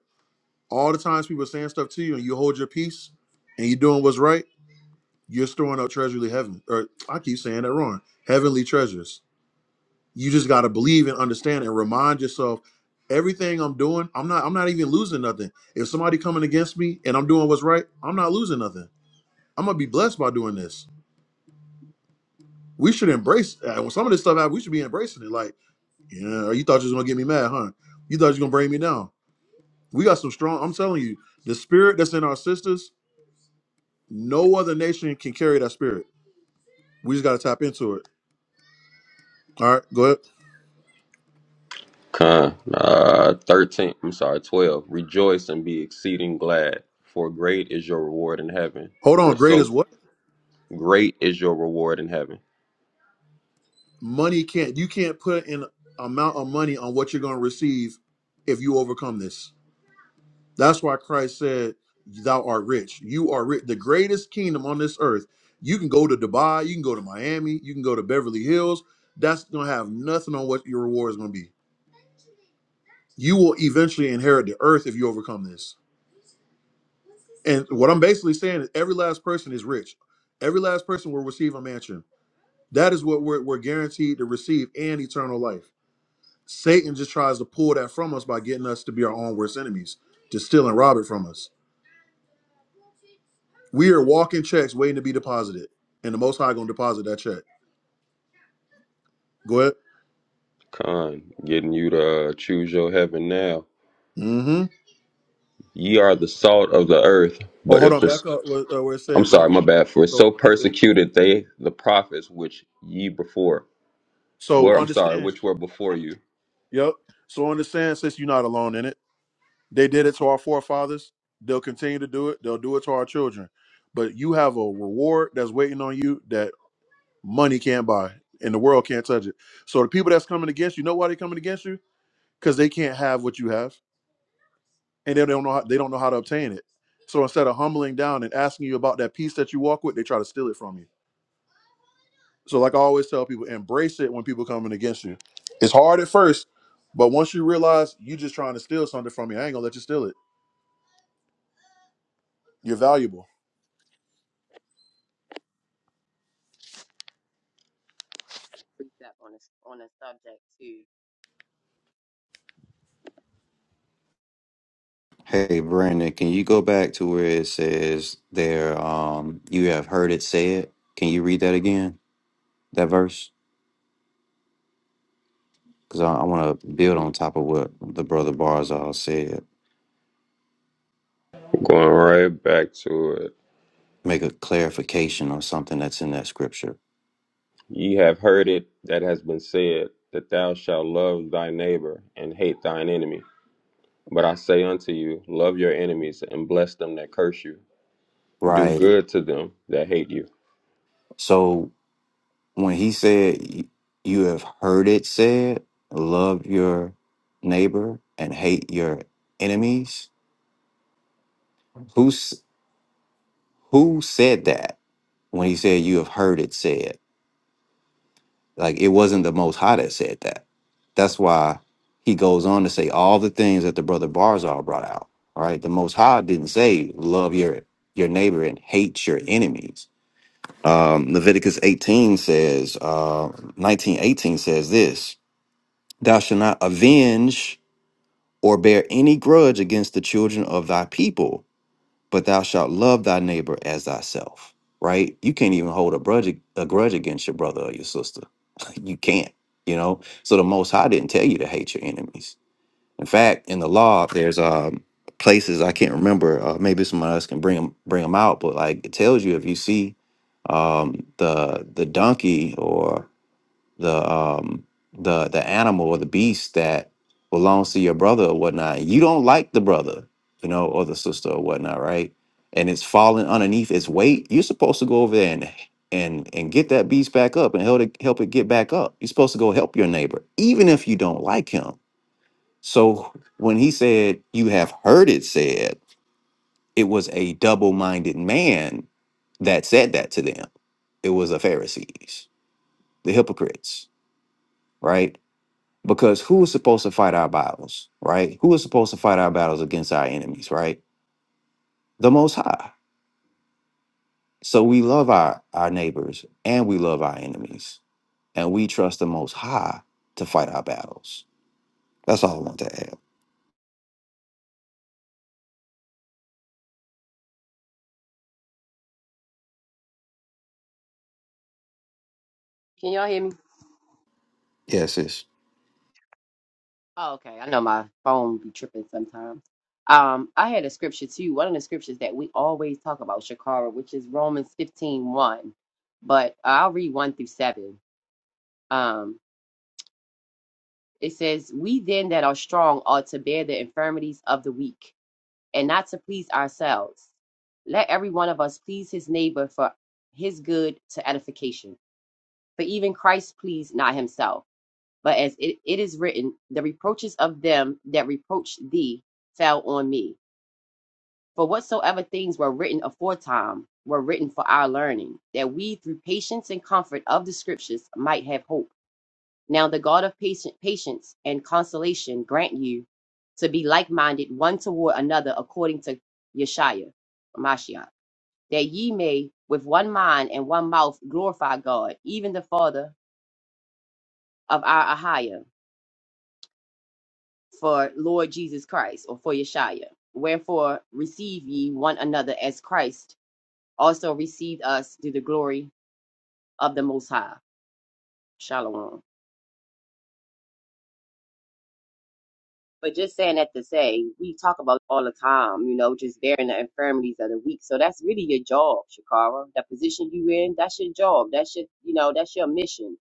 All the times people are saying stuff to you, and you hold your peace, and you're doing what's right, you're storing up treasury heaven. Or I keep saying that wrong. Heavenly treasures you just got to believe and understand and remind yourself everything i'm doing i'm not i'm not even losing nothing if somebody coming against me and i'm doing what's right i'm not losing nothing i'm gonna be blessed by doing this we should embrace uh, when some of this stuff happens we should be embracing it like yeah you thought you was gonna get me mad huh you thought you was gonna bring me down we got some strong i'm telling you the spirit that's in our sisters no other nation can carry that spirit we just gotta tap into it all right go ahead
Con, uh, 13, I'm sorry, 12. Rejoice and be exceeding glad, for great is your reward in heaven.
hold on
For
great
so
is what
Great is your reward in heaven.
Money can't you can't put an amount of money on what you're going to receive if you overcome this. That's why Christ said, "Thou art rich. You are rich. The greatest kingdom on this earth. You can go to Dubai. You can go to Miami. You can go to Beverly Hills. That's going to have nothing on what your reward is going to be. You will eventually inherit the earth if you overcome this." And what I'm basically saying is every last person is rich. Every last person will receive a mansion. That is what we're, we're guaranteed to receive and eternal life. Satan just tries to pull that from us by getting us to be our own worst enemies, to steal and rob it from us. We are walking checks waiting to be deposited, and the Most High gonna deposit that check. Go ahead.
Con, getting you to uh, choose your heaven now.
Mm-hmm.
Ye are the salt of the earth,
Oh,
but
hold
if
on.
this,
Back up where, uh, where it
I'm
says
sorry,
um.
my bad. For
So no,
so
you good.
persecuted they the prophets which ye before
so
were. I'm sorry,
understand.
which were before you.
Yep. So understand since you're not alone in it. They did it to our forefathers. They'll continue to do it. They'll do it to our children. But you have a reward that's waiting on you that money can't buy, and the world can't touch it. So the people that's coming against you, know why they're coming against you? because they can't have what you have, and they don't know how, they don't know how to obtain it. So instead of humbling down and asking you about that peace that you walk with, they try to steal it from you. So like I always tell people, embrace it when people coming against you. It's hard at first, but once you realize you just trying to steal something from me, I ain't gonna let you steal it. You're valuable.
precept on a on a subject too.
Hey, Brandon, can you go back to where it says there, um, you have heard it said? Can you read that again, that verse? Because I, I want to build on top of what the brother Barzal said,
Going right back to it.
make a clarification on something that's in that scripture.
Ye have heard it that has been said that thou shalt love thy neighbor and hate thine enemy. But I say unto you, love your enemies and bless them that curse you. Do
Right.
good to them that hate you
So when he said, y- you have heard it said, love your neighbor and hate your enemies, Who's Who said that when he said, You have heard it said? Like, it wasn't the Most High that said that. That's why he goes on to say all the things that the brother Barzal brought out. All right. The Most High didn't say, Love your, your neighbor and hate your enemies. Um, Leviticus 18 says, uh, 19, eighteen says this Thou shalt not avenge or bear any grudge against the children of thy people but thou shalt love thy neighbor as thyself. Right? You can't even hold a grudge a grudge against your brother or your sister. you can't. You know. So the Most High didn't tell you to hate your enemies. In fact, in the law, there's um places I can't remember. Uh, maybe someone else can bring them bring them out. But like it tells you if you see um the the donkey or the um the the animal or the beast that belongs to your brother or whatnot. You don't like the brother, you know, or the sister or whatnot, right? And it's falling underneath its weight. You're supposed to go over there and and and get that beast back up and help it help it get back up. You're supposed to go help your neighbor, even if you don't like him. So when he said, "You have heard it said," it was a double-minded man that said that to them. It was the Pharisees, the hypocrites, right? Because who is supposed to fight our battles, right? Who is supposed to fight our battles against our enemies, right? The Most High. So we love our, our neighbors and we love our enemies. And we trust the Most High to fight our battles. That's all I want to add.
Can y'all hear me?
Yes, sis.
Oh, okay. I know my phone be tripping sometimes. Um, I had a scripture too. One of the scriptures that we always talk about, Shakara, which is Romans fifteen one. But I'll read one through seven. Um, it says, "We then that are strong ought to bear the infirmities of the weak, and not to please ourselves. Let every one of us please his neighbor for his good to edification." For even Christ pleased not himself, but as it, it is written, the reproaches of them that reproached thee fell on me. For whatsoever things were written aforetime were written for our learning, that we through patience and comfort of the scriptures might have hope. Now the God of patient, patience and consolation grant you to be like minded one toward another according to Yeshua, Mashiach, that ye may with one mind and one mouth glorify God, even the Father of our Ahiah for Lord Jesus Christ or for Yeshua. Wherefore receive ye one another as Christ also received us through the glory of the Most High. Shalom. But just saying that to say, we talk about all the time, you know, just bearing the infirmities of the weak. So that's really your job, Shakara. The position you in, that's your job. That's your, you know, that's your mission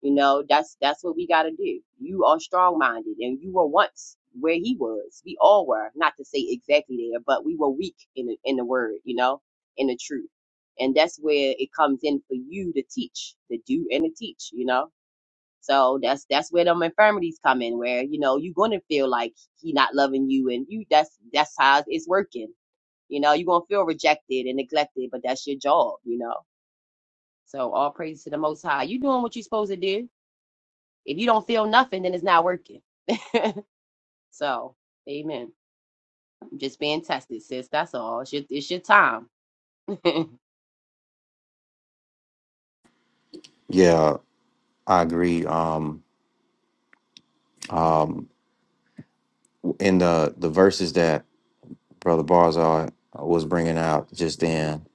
You know, that's that's what we gotta do. You are strong minded and you were once where he was. We all were, not to say exactly there, but we were weak in the in the word, you know, in the truth. And that's where it comes in for you to teach, to do and to teach, you know. So that's that's where them infirmities come in, where, you know, you're gonna feel like he not loving you and you that's that's how it's working. You know, you're gonna feel rejected and neglected, but that's your job, you know. So all praise to the most high. You doing what you're supposed to do if you don't feel nothing, then it's not working. so, amen. I'm just being tested, sis. That's all. It's your, it's your time. Perpetual,
Yeah, I agree. Um, um, in the, the verses that Brother Barzal was bringing out just then,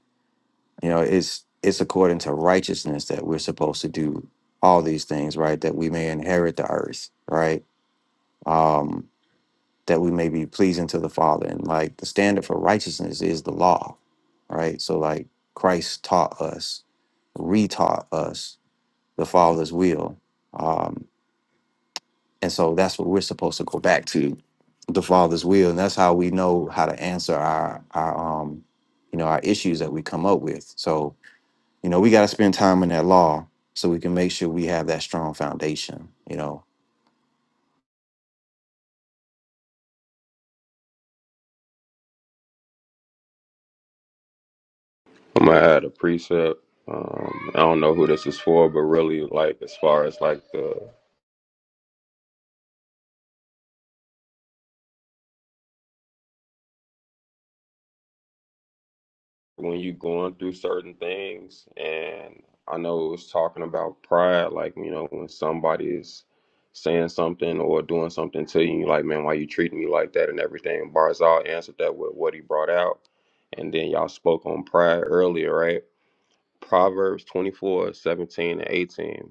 you know, it's it's according to righteousness that we're supposed to do all these things, right? That we may inherit the earth, right? um, that we may be pleasing to the Father. And like the standard for righteousness is the law, right? So like Christ taught us, retaught us the Father's will, um, and so that's what we're supposed to go back to, the Father's will, and that's how we know how to answer our our um, you know our issues that we come up with. So you know we got to spend time in that law so we can make sure we have that strong foundation. You know,
I'm gonna add a precept. Um, I don't know who this is for, but really, like as far as like the when you going through certain things, and I know it was talking about pride, like you know when somebody is saying something or doing something to you, you like man, why you treating me like that and everything. Barzal answered that with what he brought out, and then y'all spoke on pride earlier, right? Proverbs 24:17 and 18.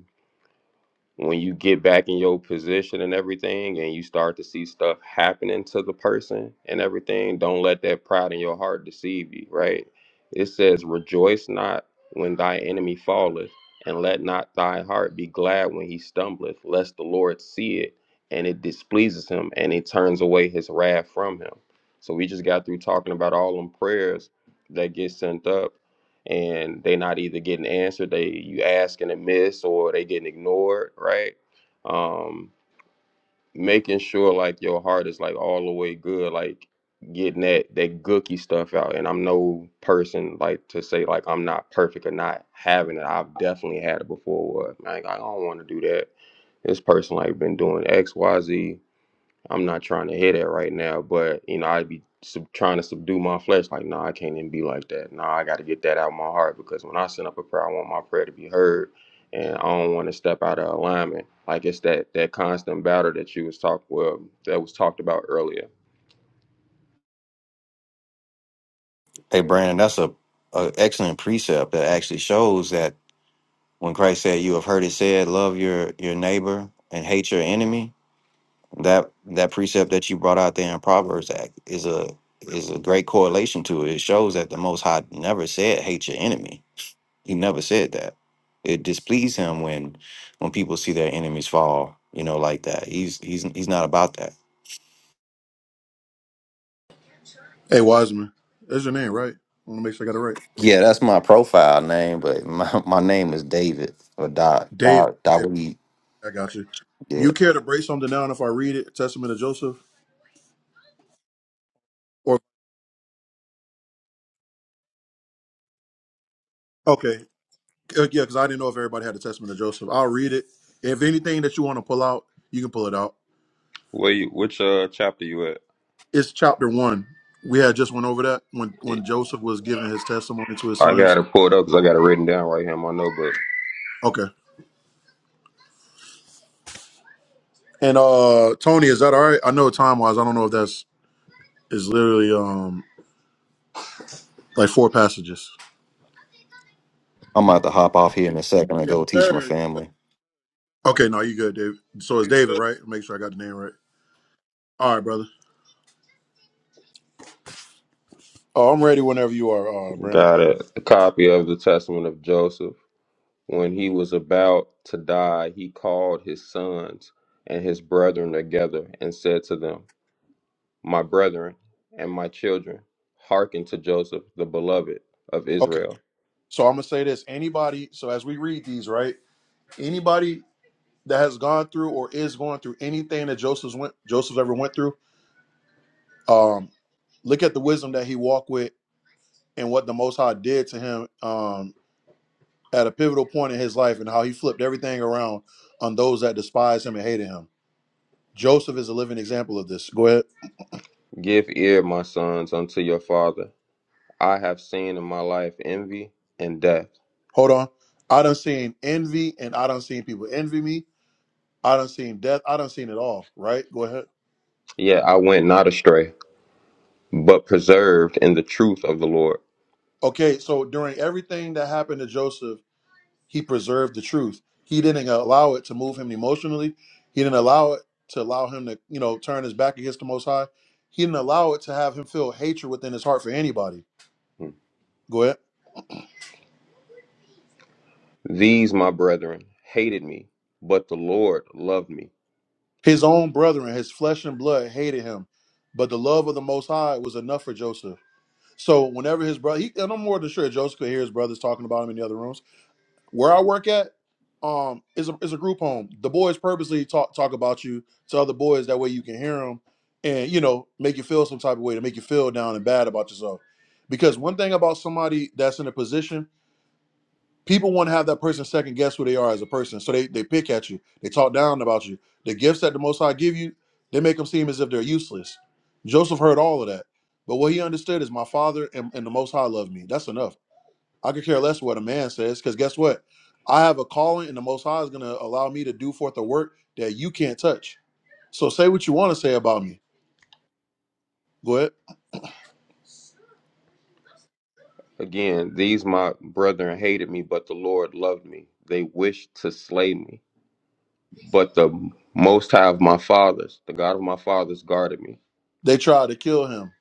when you get back in your position and everything and you start to see stuff happening to the person and everything don't let that pride in your heart deceive you right it says rejoice not when thy enemy falleth and let not thy heart be glad when he stumbleth lest the lord see it and it displeases him and he turns away his wrath from him so we just got through talking about all them prayers that get sent up and they not either getting answered they you ask and it miss or they getting ignored right um making sure like your heart is like all the way good like getting that that gooky stuff out and i'm no person like to say like i'm not perfect or not having it i've definitely had it before where, like i don't want to do that this person like been doing xyz I'm not trying to hear that right now, but you know, I'd be sub- trying to subdue my flesh. Like, nah, I can't even be like that. Nah, I got to get that out of my heart because when I send up a prayer, I want my prayer to be heard, and I don't want to step out of alignment. Like it's that that constant battle that you was talk well that was talked about earlier.
hey Brandon, that's a, a excellent precept that actually shows that When Christ said, "You have heard it said, love your your neighbor and hate your enemy," that that precept that you brought out there in Proverbs Act is a is a great correlation to it. It shows that the Most High never said, "Hate your enemy." He never said that. It displeased him when when people see their enemies fall, you know, like that. He's he's he's not about that.
Hey Wiseman, that's your name, right? I want to make sure I got it right.
Yeah, that's my profile name, but my, my name is David or Dot.
Dave,
Dot, Dot
okay, I got you.
yeah.
You care to break something down if I read it, Testament of Joseph, or okay? Uh, yeah, because I didn't know if everybody had the Testament of Joseph. I'll read it. If anything that you want to pull out, you can pull it out.
Where you, which uh chapter you at?
It's chapter one. We had just went over that when when Joseph was giving his testimony to his
I got
sons.
it pulled up because I got it written down right here in my notebook.
Okay. And uh Tony, is that all right? I know time wise, I don't know if that's is literally um like four passages.
I'm about to hop off here in a second and
Yes,
go teach my
sir.
family.
You-
Okay, no, you good, David. So it's
you
David,
could
right? Make sure I got the name right. All right, brother. Oh, I'm ready whenever you are, uh, Brandon.
Got a, a copy of the Testament of Joseph. When he was about to die, he called his sons and his brethren together and said to them, My brethren and my children, hearken to Joseph, the beloved of
Okay.
Israel.
So I'm gonna say this. Anybody, so as we read these, right? Anybody that has gone through or is going through anything that Joseph's went Joseph's ever went through, um, look at the wisdom that he walked with and what the Most High did to him um, at a pivotal point in his life and how he flipped everything around on those that despised him and hated him. Joseph is a living example of this. Go ahead.
Give ear, my sons, unto your father. I have seen in my life envy and death.
Hold on. I done seen envy and I done seen people envy me. I done seen death. I done seen it all, right? Go ahead.
Yet I went not astray, but preserved in the truth of the Lord.
Okay, so during everything that happened to Joseph, He preserved the truth. He didn't allow it to move him emotionally. He didn't allow it to allow him to, you know, turn his back against the Most High. He didn't allow it to have him feel hatred within his heart for anybody.
Hmm.
Go ahead.
These, my brethren, hated me, but the Lord loved me
His own brethren, his flesh and blood, hated him, but the love of the Most High was enough for Joseph. So whenever his brother, he, and I'm more than sure Joseph could hear his brothers talking about him in the other rooms where I work at um is a is a group home. The boys purposely talk talk about you to other boys that way you can hear them and you know make you feel some type of way to make you feel down and bad about yourself. Because one thing about somebody that's in a position, people want to have that person second guess who they are as a person. So they they pick at you, they talk down about you. The gifts that the Most High give you, they make them seem as if they're useless. Joseph heard all of that, but what he understood is my father and, and the Most High love me. That's enough I could care less what a man says, because guess what? I have a calling, and the Most High is going to allow me to do forth a work that you can't touch. So say what you want to say about me. Go ahead.
Again, these my brethren hated me, but the Lord loved me. They wished to slay me, but the Most High of my fathers, the God of my fathers, guarded me.
They tried to kill him.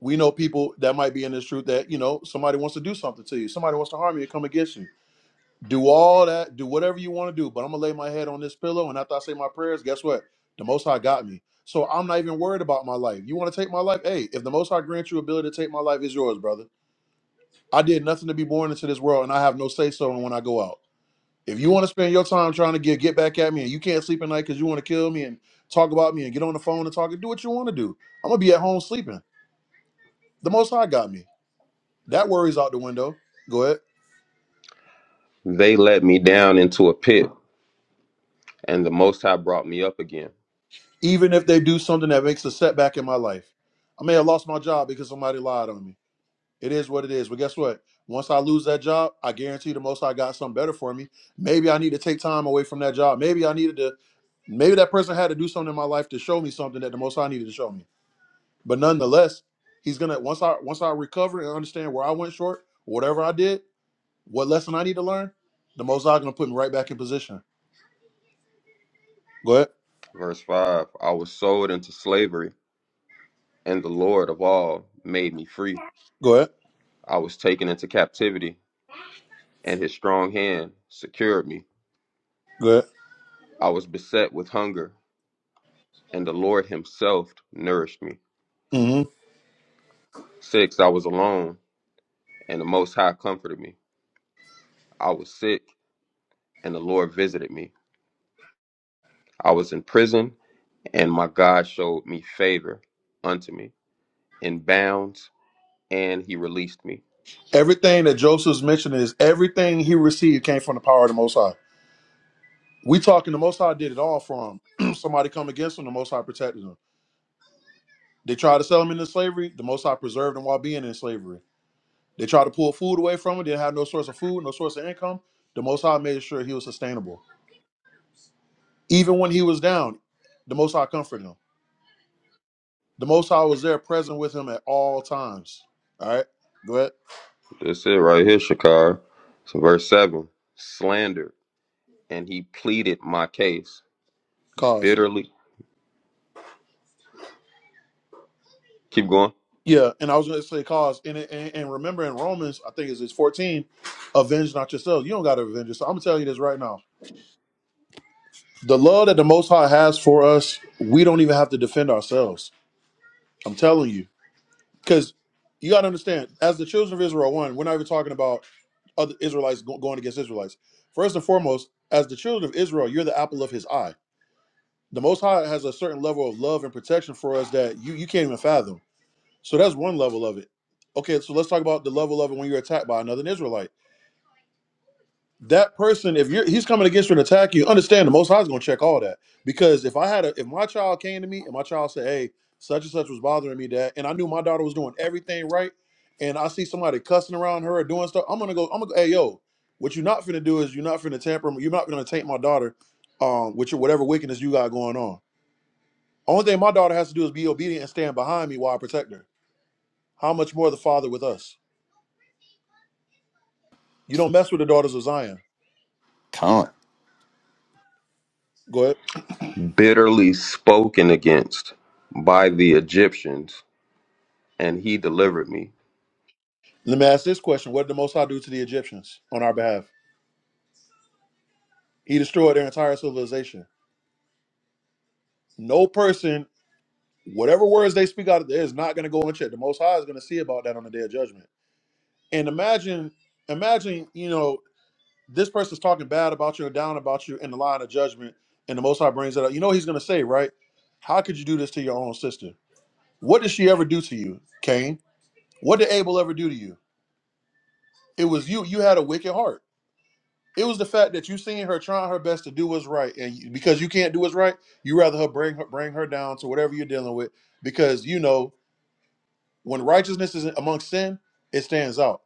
We know people that might be in this truth that, you know, somebody wants to do something to you. Somebody wants to harm you and come against you. Do all that, do whatever you want to do, but I'm going to lay my head on this pillow. And after I say my prayers, guess what? The Most High got me. So I'm not even worried about my life. You want to take my life? Hey, if the Most High grants you ability to take my life, it's yours, brother. I did nothing to be born into this world, and I have no say so in when I go out. If you want to spend your time trying to get get back at me, and you can't sleep at night because you want to kill me and talk about me and get on the phone and talk and do what you want to do, I'm gonna be at home sleeping. The Most High got me. That worry's out the window. Go ahead.
They let me down into a pit, and the Most High brought me up again.
Even if they do something that makes a setback in my life, I may have lost my job because somebody lied on me. It is what it is. But guess what? Once I lose that job, I guarantee the most High got something better for me. Maybe I need to take time away from that job. Maybe I needed to maybe that person had to do something in my life to show me something that the most High needed to show me. But nonetheless, he's gonna once I once I recover and understand where I went short, whatever I did, what lesson I need to learn, the most High gonna put me right back in position. Go ahead.
Verse 5 I was sold into slavery, and the Lord of all made me free.
Go ahead.
I was taken into captivity, and his strong hand secured me.
Go ahead.
I was beset with hunger, and the Lord himself nourished me.
hmm
6 I was alone, and the Most High comforted me. I was sick, and the Lord visited me. I was in prison, and my God showed me favor unto me in bounds, and he released me.
Everything that Joseph's mentioning is everything he received came from the power of the Most High. We talking the Most High did it all for him. Somebody come against him, the Most High protected him. They tried to sell him into slavery, the Most High preserved him while being in slavery. They tried to pull food away from him, didn't have no source of food, no source of income. The Most High made sure he was sustainable. Even when he was down, the Most High comforted him. The Most High was there present with him at all times. All right, go ahead.
That's it right here, Shakar. So verse 7 slandered, and he pleaded my case
Cause.
bitterly. Keep going.
Yeah, and I was going to say cause. And, and, and remember in Romans, I think it's it's 14, avenge not yourselves. You don't got to avenge yourself. I'm going to tell you this right now The love that the Most High has for us, we don't even have to defend ourselves. I'm telling you, because you got to understand, as the children of Israel, one, we're not even talking about other Israelites go- going against Israelites. First and foremost, as the children of Israel, you're the apple of His eye. The Most High has a certain level of love and protection for us that you you can't even fathom. So that's one level of it. Okay, so let's talk about the level of it when you're attacked by another Israelite. that person, if you're he's coming against you and attack you, understand the most high is gonna check all that. Because if I had a if my child came to me and my child said, Hey, such and such was bothering me, dad, and I knew my daughter was doing everything right, and I see somebody cussing around her or doing stuff, I'm gonna go, I'm gonna go, hey yo, what you're not finna do is you're not finna tamper, you're not gonna taint my daughter um with your whatever wickedness you got going on. Only thing my daughter has to do is be obedient and stand behind me while I protect her. How much more the father with us? You don't mess with the daughters of Zion.
Con.
Go ahead.
Bitterly spoken against by the Egyptians, and he delivered me.
Let me ask this question: What did the Most High do to the Egyptians on our behalf? He destroyed their entire civilization. No person, whatever words they speak out of there, is not going to go unchecked. The Most High is going to see about that on the Day of Judgment. And imagine, imagine, you know, this person's talking bad about you or down about you in the line of judgment, and the Most High brings it up. You know, what he's going to say, right? How could you do this to your own sister? What did she ever do to you, Cain? What did Abel ever do to you? It was you. You had a wicked heart. It was the fact that you seen her trying her best to do what's right, and you- because you can't do what's right, you rather her bring her bring her down to whatever you're dealing with, because you know when righteousness is amongst sin, it stands out.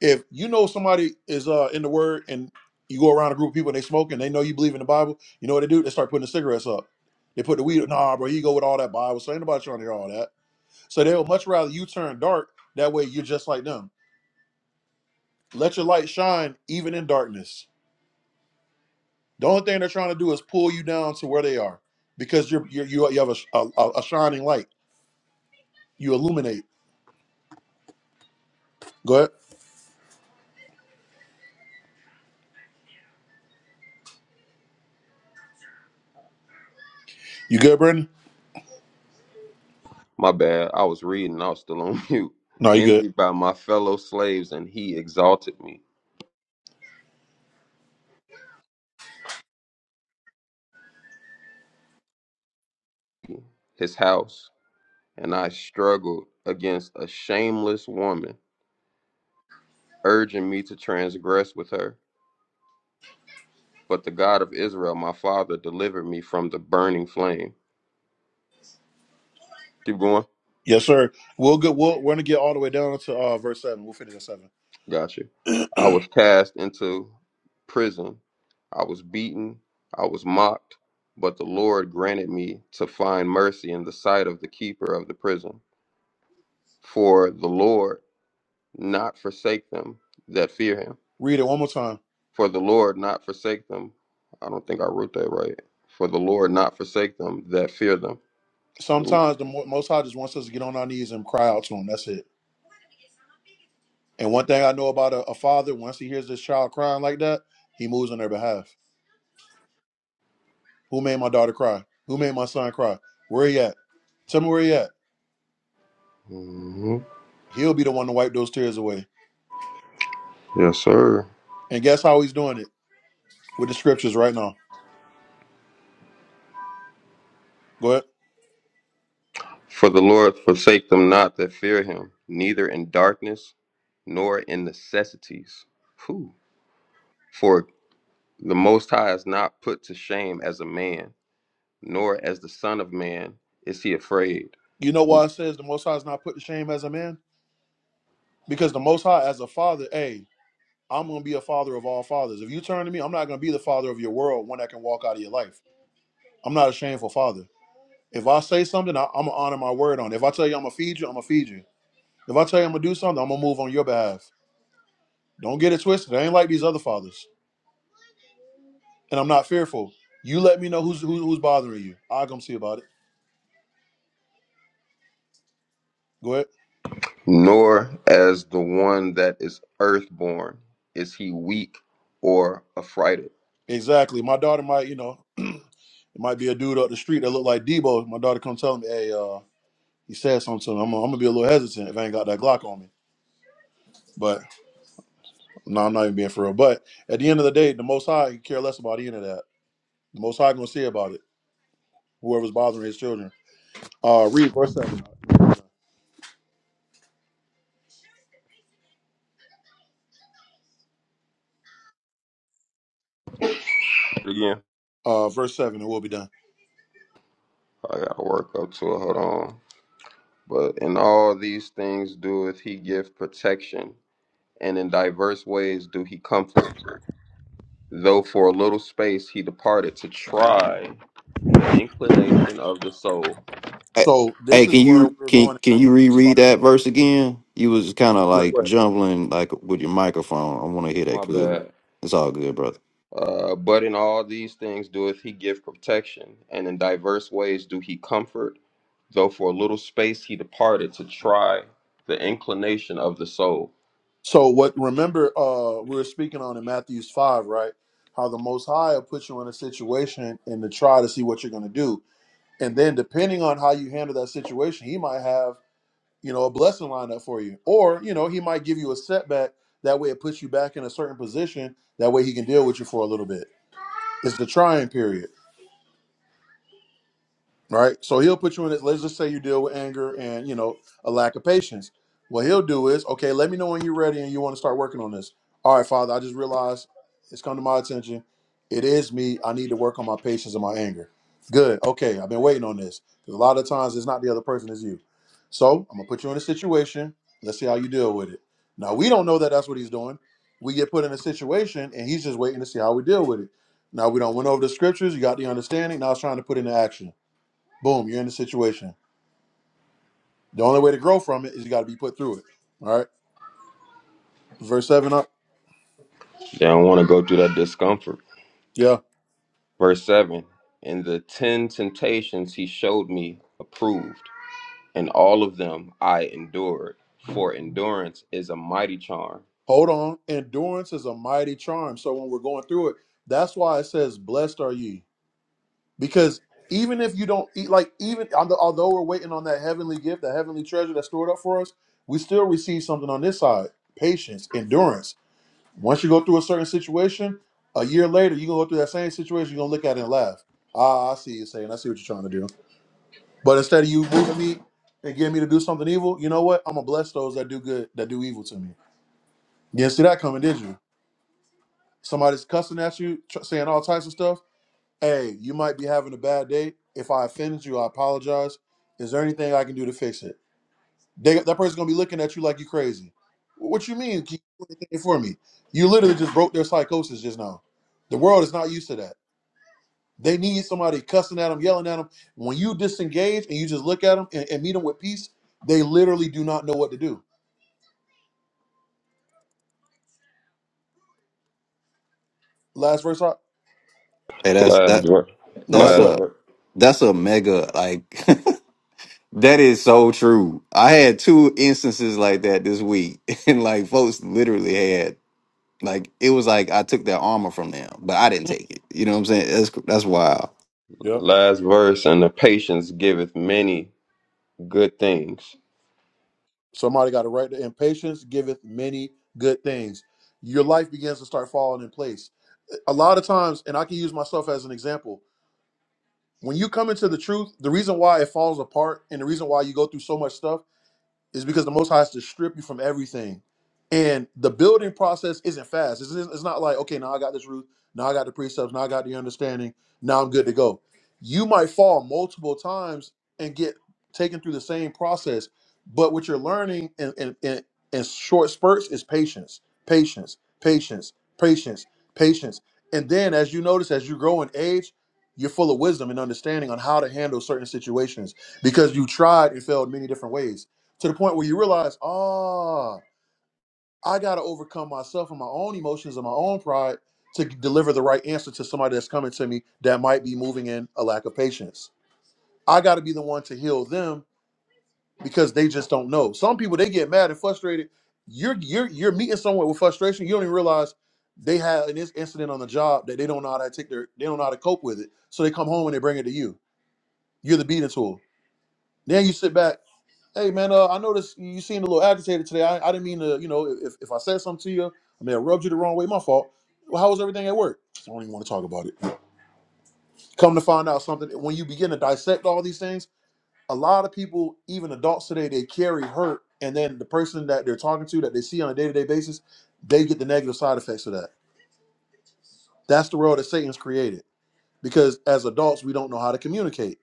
If you know somebody is uh in the word and you go around a group of people and they smoke and they know you believe in the Bible, you know what they do? They start putting the cigarettes up. They put the weed. Nah, bro, you go with all that Bible. So ain't nobody trying to hear all that. So they would much rather you turn dark. That way you're just like them. Let your light shine even in darkness The only thing they're trying to do is pull you down to where they are because you're, you're you you have a, a a shining light. You illuminate. Go ahead. You good, Brandon?
My bad. I was reading, I was still on mute.
No, you good.
Envied by my fellow slaves, and he exalted me. His house and I struggled against a shameless woman, urging me to transgress with her. But the God of Israel, my father, delivered me from the burning flame. Keep going.
Yes, sir. We'll get. We'll, we're gonna get all the way down to uh, verse seven. We'll finish at seven.
Gotcha. I was cast into prison. I was beaten. I was mocked. But the Lord granted me to find mercy in the sight of the keeper of the prison. For the Lord not forsake them that fear him
Read it one more time.
For the Lord not forsake them. I don't think I wrote that right. For the Lord not forsake them that fear them.
Sometimes the Mo- Most High just wants us to get on our knees and cry out to Him. That's it. And one thing I know about a, a father, once he hears his child crying like that, he moves on their behalf. Who made my daughter cry? Who made my son cry? Where he at? Tell me where he at.
hmm
He'll be the one to wipe those tears away.
Yes, sir.
And guess how he's doing it? with the scriptures right now. Go ahead.
For the Lord forsake them not that fear him, neither in darkness nor in necessities. Whew. For the Most High is not put to shame as a man, nor as the Son of Man is he afraid,
You know why it says the Most High is not put to shame as a man? Because the Most High, as a father, hey, I'm going to be a father of all fathers. If you turn to me, I'm not going to be the father of your world, one that can walk out of your life. I'm not a shameful father. If I say something, I, I'm going to honor my word on it. If I tell you I'm going to feed you, I'm going to feed you. If I tell you I'm going to do something, I'm going to move on your behalf. Don't get it twisted. I ain't like these other fathers. And I'm not fearful. You let me know who's who, who's bothering you. I'll come see about it. Go ahead.
nor as the one that is earthborn is he weak or affrighted.
Exactly. My daughter might, you know, It might be a dude up the street that look like Debo. My daughter come tell me, hey, uh, he said something to me. I'm, gonna- I'm gonna be a little hesitant if I ain't got that Glock on me. But no, I'm not even being for real. But at the end of the day, the Most High can care less about any of that. The Most High gonna see about it. Whoever's bothering his children. Uh, read verse seven.
Again.
Uh, verse seven, and we'll be done.
I gotta work up to it. Hold on. But in all these things doeth he give protection, and in diverse ways do he comfort. Though for a little space he departed to try the inclination of the soul.
Hey,
So
hey,
this is
can
where
you
we're
can
going in
can you
Matthew's five.
reread that
and
verse
seven.
again? You was kind of
Yeah.
like
What?
jumbling like with your microphone. I want to hear that
My
clearly. Okay.
bad.
It's all good, brother.
Uh, but in all these things doeth he give protection, and in diverse ways do he comfort. Though for a little space he departed to try the inclination of the soul.
So what? Remember, uh, we were speaking on in Matthew's five, right? How the Most High will put you in a situation and to try to see what you're gonna do And then depending on how you handle that situation, he might have, you know, a blessing lined up for you. Or, you know, he might give you a setback. That way it puts you back in a certain position. That way he can deal with you for a little bit. It's the trying period. right? So he'll put you in it. Let's just say you deal with anger and you know a lack of patience. What he'll do is, okay, let me know when you're ready and you want to start working on this. All right, Father, I just realized it's come to my attention. It is me. I need to work on my patience and my anger. Good. Okay, I've been waiting on this. 'Cause a lot of times it's not the other person, it's you. So I'm gonna put you in a situation. Let's see how you deal with it. Now we don't know that that's what he's doing. We get put in a situation and he's just waiting to see how we deal with it. Now we don't went over the scriptures. You got the understanding. Now it's trying to put into action. Boom, you're in the situation. The only way to grow from it is you got to be put through it. All right. Verse 7 up.
They don't want to go through that discomfort.
Yeah.
Verse 7 and the ten temptations he showed me approved, and all of them I endured, for endurance is a mighty charm.
Hold on. Endurance is a mighty charm. So when we're going through it, that's why it says, Blessed are ye. Because even if you don't eat, like, even although we're waiting on that heavenly gift, that heavenly treasure that's stored up for us, we still receive something on this side patience, endurance. Once you go through a certain situation, a year later, you're going to go through that same situation, you're going to look at it and laugh. Ah, I see you saying, I see what you're trying to do. But instead of you moving me and getting me to do something evil, you know what? I'm gonna bless those that do good, that do evil to me. You didn't see that coming, did you? Somebody's cussing at you, tr- saying all types of stuff. Hey, you might be having a bad day. If I offended you, I apologize. Is there anything I can do to fix it? They, that person's gonna be looking at you like you crazy. What you mean? Can you do anything for me? You literally just broke their psychosis just now. The world is not used to that. They need somebody cussing at them, yelling at them. When you disengage and you just look at them and, and meet them with peace, they literally do not know what to do. Last verse, Hawk?
Hey, that's
Last
that
verse.
No, my
that's
go
Last
ahead.
a
verse.
that's a mega like that is so true. I had two instances like that this week, and like folks literally had like it was like I took their armor from them, but I didn't take it. You know what I'm saying? That's that's wild.
Yeah,
Last verse, and the patience giveth many good things.
Somebody got to write the impatience giveth many good things. Your life begins to start falling in place. A lot of times, and I can use myself as an example. When you come into the truth, the reason why it falls apart and the reason why you go through so much stuff It's because the Most High has to strip you from everything. And the building process isn't fast. It's, it's not like, okay, now I got this root, now I got the precepts, now I got the understanding, now I'm good to go. You might fall multiple times and get taken through the same process. But what you're learning in, in, in, in short spurts is patience, patience, patience, patience, patience. And then as you notice, as you grow in age, you're full of wisdom and understanding on how to handle certain situations because you tried and failed many different ways to the point where you realize, ah, I got to overcome myself and my own emotions and my own pride to deliver the right answer to somebody that's coming to me that might be moving in a lack of patience. I got to be the one to heal them because they just don't know. Some people they get mad and frustrated. You're you're you're meeting someone with frustration. You don't even realize they had an inc- incident on the job that they don't know how to take their they don't know how to cope with it. So they come home and they bring it to you. You're the beating tool. Then you sit back Hey man, uh, I noticed you seemed a little agitated today. I, I didn't mean to, you know, if, if I said something to you, I mean, I rubbed you the wrong way. My fault. Well, how was everything at work? I don't even want to talk about it. Come to find out something, when you begin to dissect all these things, a lot of people, even adults today, they carry hurt, and then the person that they're talking to, that they see on a day to day basis, they get the negative side effects of that. That's the world that Satan's created because as adults, we don't know how to communicate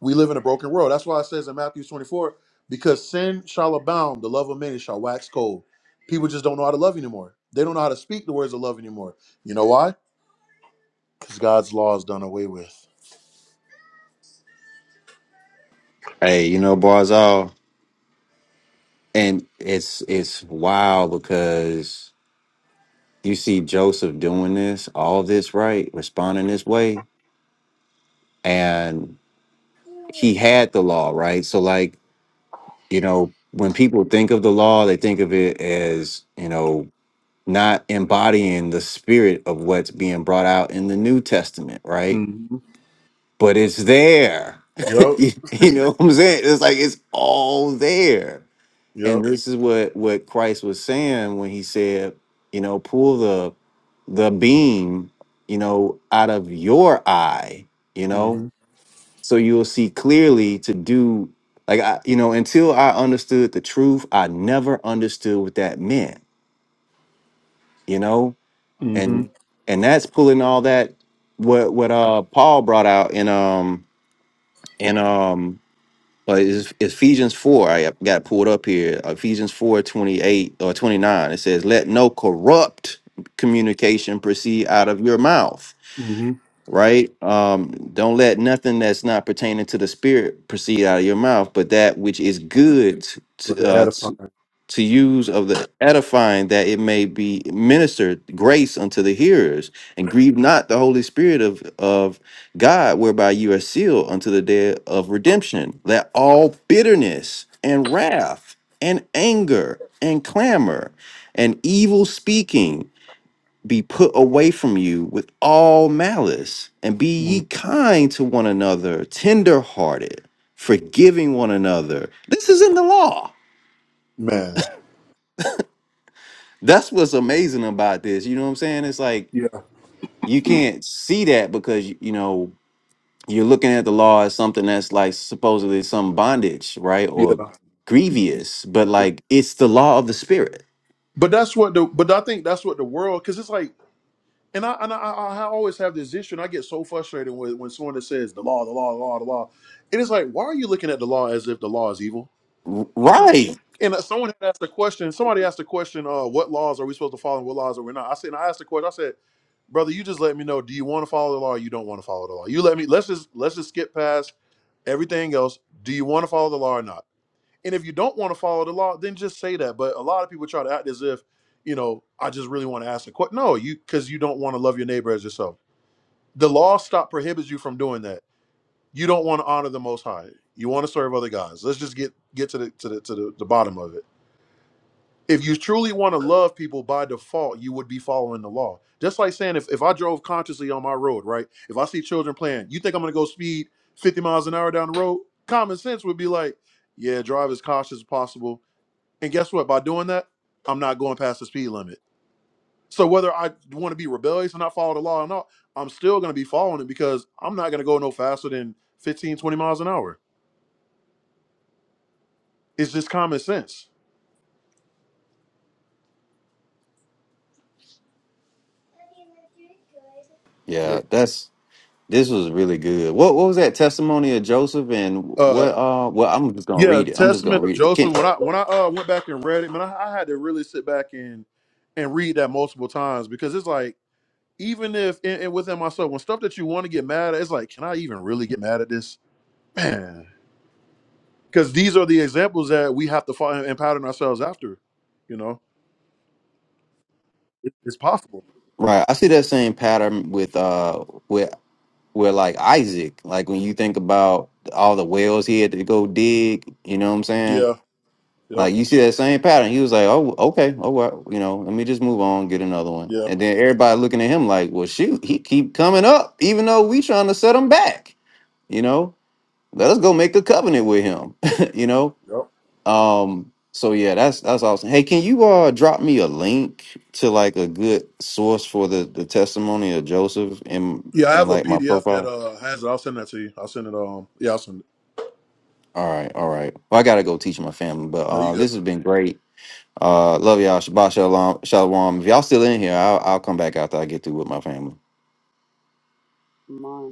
we live in a broken world. That's why it says in Matthew 24, because sin shall abound, the love of many shall wax cold. People just don't know how to love anymore. They don't know how to speak the words of love anymore. You know why? Because God's law is done away with.
Hey, you know Barzal, and it's it's wild because. you see Joseph doing this, all this right, responding this way, and he had the law, right? So, like, you know, when people think of the law, they think of it as, you know, not embodying the spirit of what's being brought out in the New Testament,
Mm.
right? But it's there.
Yup.
you you know what I'm saying? It's like it's all there. and
Yup.
this is what what Christ was saying when he said, you know, pull the the beam, you know, out of your eye, you know,
Mm-hmm.
so you'll see clearly to do like I, you know, until I understood the truth, I never understood what that meant, you know,
Mm-hmm.
and Mhm. and that's pulling all that what what uh Paul brought out in um in um Well, it's Ephesians 4. I got it pulled up here. uh, Ephesians 4 28 or 29. It says, Let no corrupt communication proceed out of your mouth,
Mm-hmm.
right? Um, don't let nothing that's not pertaining to the spirit proceed out of your mouth, but that which is good
But
to,
they
uh,
edifying.
to use of the edifying that it may be ministered grace unto the hearers and grieve not the holy spirit of of god whereby you are sealed unto the day of redemption let all bitterness and wrath and anger and clamor and evil speaking be put away from you with all malice and be
Mm.
ye kind to one another tender hearted forgiving one another this is in the law
Man.
That's what's amazing about this. You know what I'm saying? It's like
Yeah.
you can't see that because you know you're looking at the law as something that's like supposedly some bondage, right?
Yeah.
Or grievous, but
Yeah.
like it's the law of the spirit.
But that's what the but I think that's what the world because it's like and I and I, I I always have this issue and I get so frustrated with when someone that says the law, the law, the law, the law. It is like, why are you looking at the law as if the law is evil?
R- Right.
And uh, someone had asked a question. Somebody asked a question. Uh, what laws are we supposed to follow, and what laws are we not? I said, and I asked the question. I said, brother, you just let me know. Do you want to follow the law? or You don't want to follow the law. You let me. Let's just let's just skip past everything else. Do you want to follow the law or not? And if you don't want to follow the law, then just say that. But a lot of people try to act as if, you know, I just really want to ask a question. No, you because you don't want to love your neighbor as yourself. The law stop prohibits you from doing that. You don't want to honor the Most High. You want to serve other guys. Let's just get get to the to the to the, the bottom of it if you truly want to love people by default, you would be following the law. Just like saying if, if I drove consciously on my road, right? If I see children playing, you think I'm gonna go speed 50 miles an hour down the road? Common sense would be like, yeah, drive as cautious as possible. And guess what? By doing that, I'm not going past the speed limit. So whether I want to be rebellious and not follow the law or not, I'm still gonna be following it because I'm not gonna go no faster than 15 20 miles an hour. It's just common sense. Yeah.
Yeah, that's this was really good. What what was that testimony of Joseph and
Uh,
what uh well I'm just gonna
Yeah,
read it. I'm just gonna
Testament of
read it. Can,
Joseph. When I when I uh, went back and read it, man, I, I had to really sit back and and read that multiple times because it's like even if and, and within myself, when stuff that you want to get mad at, it's like, can I even really get mad at this, man? Because these are the examples that we have to find and pattern ourselves after. You know, it, it's possible.
right. I see that same pattern with uh with. with like Isaac. Like when you think about all the wells he had to go dig, you know what I'm saying?
Yeah. Yep.
Like you see that same pattern. He was like, "Oh, okay, oh well, you know, let me just move on, get another one."
Yeah.
And then everybody looking at him like, "Well, shoot, he keep coming up, even though we trying to set him back." You know, let us go make a covenant with him. you know,
Yep.
um. So yeah, that's that's awesome. Hey, can you uh drop me a link to like a good source for the the testimony of Joseph in
Yeah. I
in
have a
like my
PDF
profile?
that uh has it. I'll send that to you. I'll send it. Um. Yeah. I'll send it.
All right, all right. Well, I gotta go teach my family, but
No, you
uh,
good?
this has been great. Uh, love y'all. Shabbat shalom, shalom. If y'all still in here, I'll, I'll come back after I get through with my family.
Come on.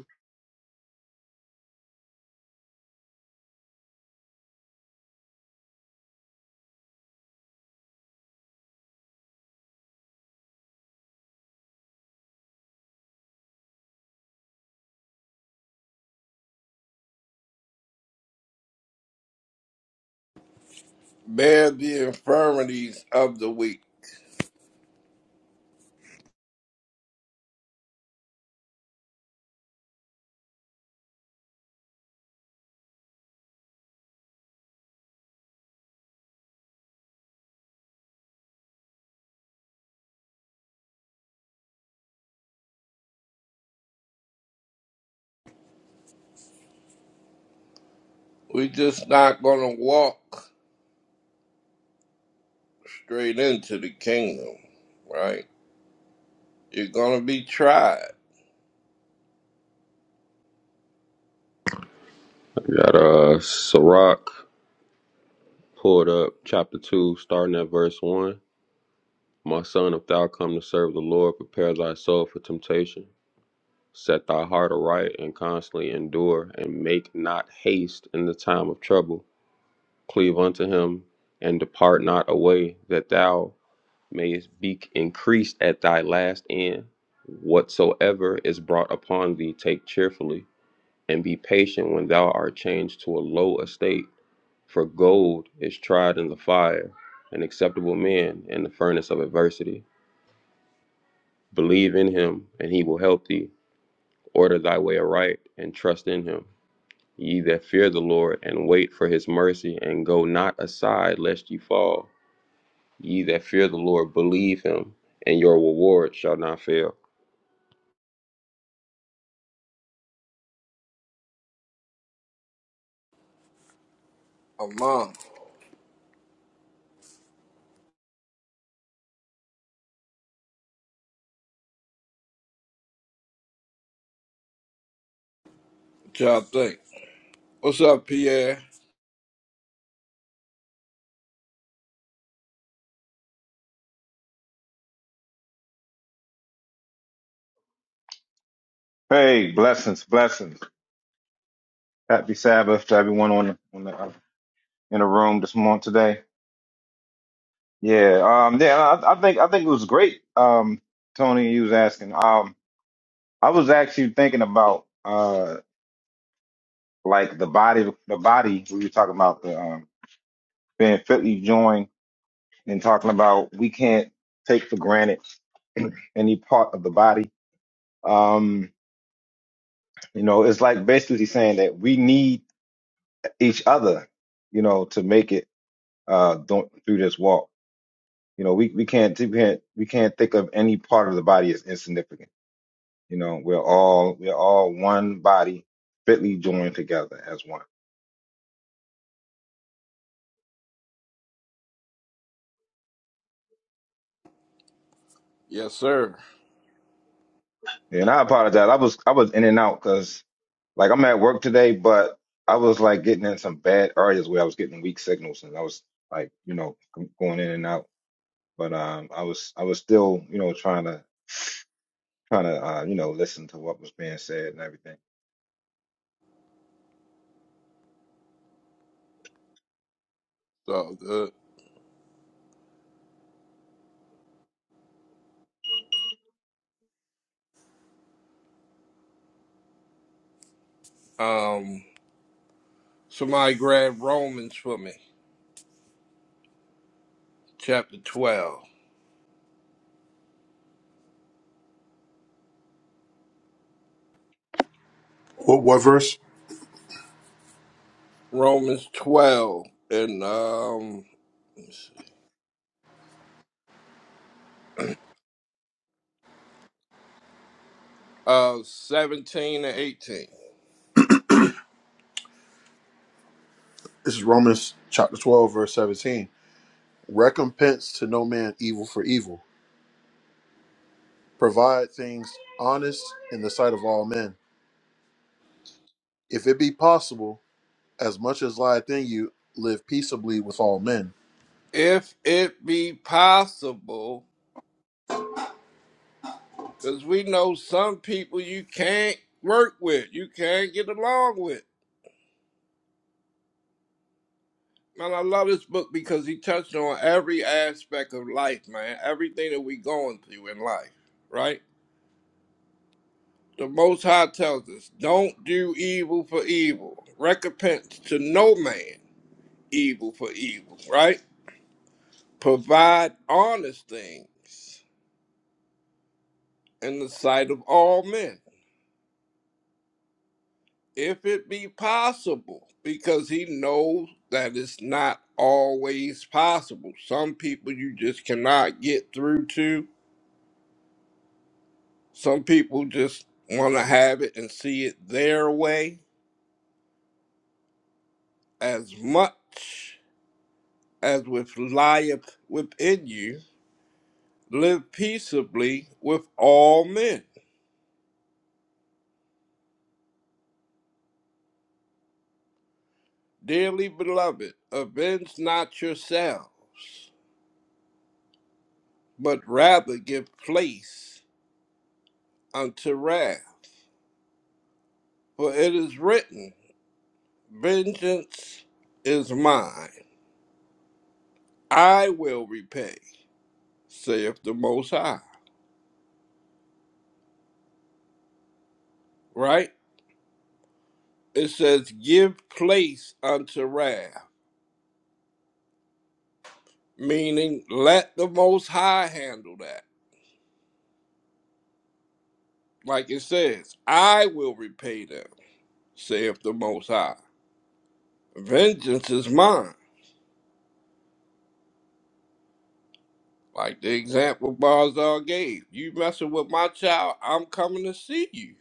Bear the infirmities of the weak. We just not gonna walk straight into the kingdom, right? You're gonna be tried
I got uh Sirach pulled up, chapter two, starting at verse one. My son, if thou come to serve the Lord, prepare thy soul for temptation. Set thy heart aright and constantly endure, and make not haste in the time of trouble. Cleave unto him and depart not away, that thou mayest be increased at thy last end. Whatsoever is brought upon thee, take cheerfully, and be patient when thou art changed to a low estate. For gold is tried in the fire, an acceptable man in the furnace of adversity. Believe in him, and he will help thee. Order thy way aright, and trust in him Ye that fear the Lord, and wait for his mercy, and go not aside lest ye fall. Ye that fear the Lord, believe him, and your reward shall not fail.
among what y'all think. What's up, Pierre?
Hey, blessings, blessings. Happy Sabbath to everyone on the, on the uh, in the room this morning today. Yeah, um, yeah. I, I think I think it was great. Um, Tony, you was asking. Um, I was actually thinking about uh, like the body, the body. We were talking about the um, being fitly joined and talking about we can't take for granted any part of the body. Um, you know, it's like basically saying that we need each other, you know, to make it. uh, th- through this walk. You know, we, we can't we can't we can't think of any part of the body as insignificant. You know, we're all we're all one body, fitly joined together as one.
Yes, sir.
And I apologize. I was I was in and out because like I'm at work today, but I was like getting in some bad areas where I was getting weak signals, and I was like you know g- going in and out. But um, I was I was still you know trying to trying to uh, you know listen to what was being said and everything.
So good. Um Somebody grab Romans for me, chapter 12.
What, what verse?
Romans 12 and um uh 17 and 18.
This is Romans chapter twelve, verse seventeen. Recompense to no man evil for evil. Provide things honest in the sight of all men. If it be possible, as much as lieth in you, live peaceably with all men.
If it be possible, because we know some people you can't work with, you can't get along with. Man, I love this book because he touched on every aspect of life, man. Everything that we going through in life, right? The Most High tells us, don't do evil for evil. Recompense to no man evil for evil, right? Provide honest things in the sight of all men, if it be possible, because he knows that it's not always possible. Some people you just cannot get through to, some people just want to have it and see it their way as much as with lieth within you live peaceably with all men Dearly beloved, avenge not yourselves, but rather give place unto wrath. For it is written, Vengeance is mine, I will repay, saith the Most High. Right? It says, Give place unto wrath, meaning let the Most High handle that. Like it says, I will repay them, saith the Most High. Vengeance is mine. Like the example Barzal gave. You messing with my child, I'm coming to see you,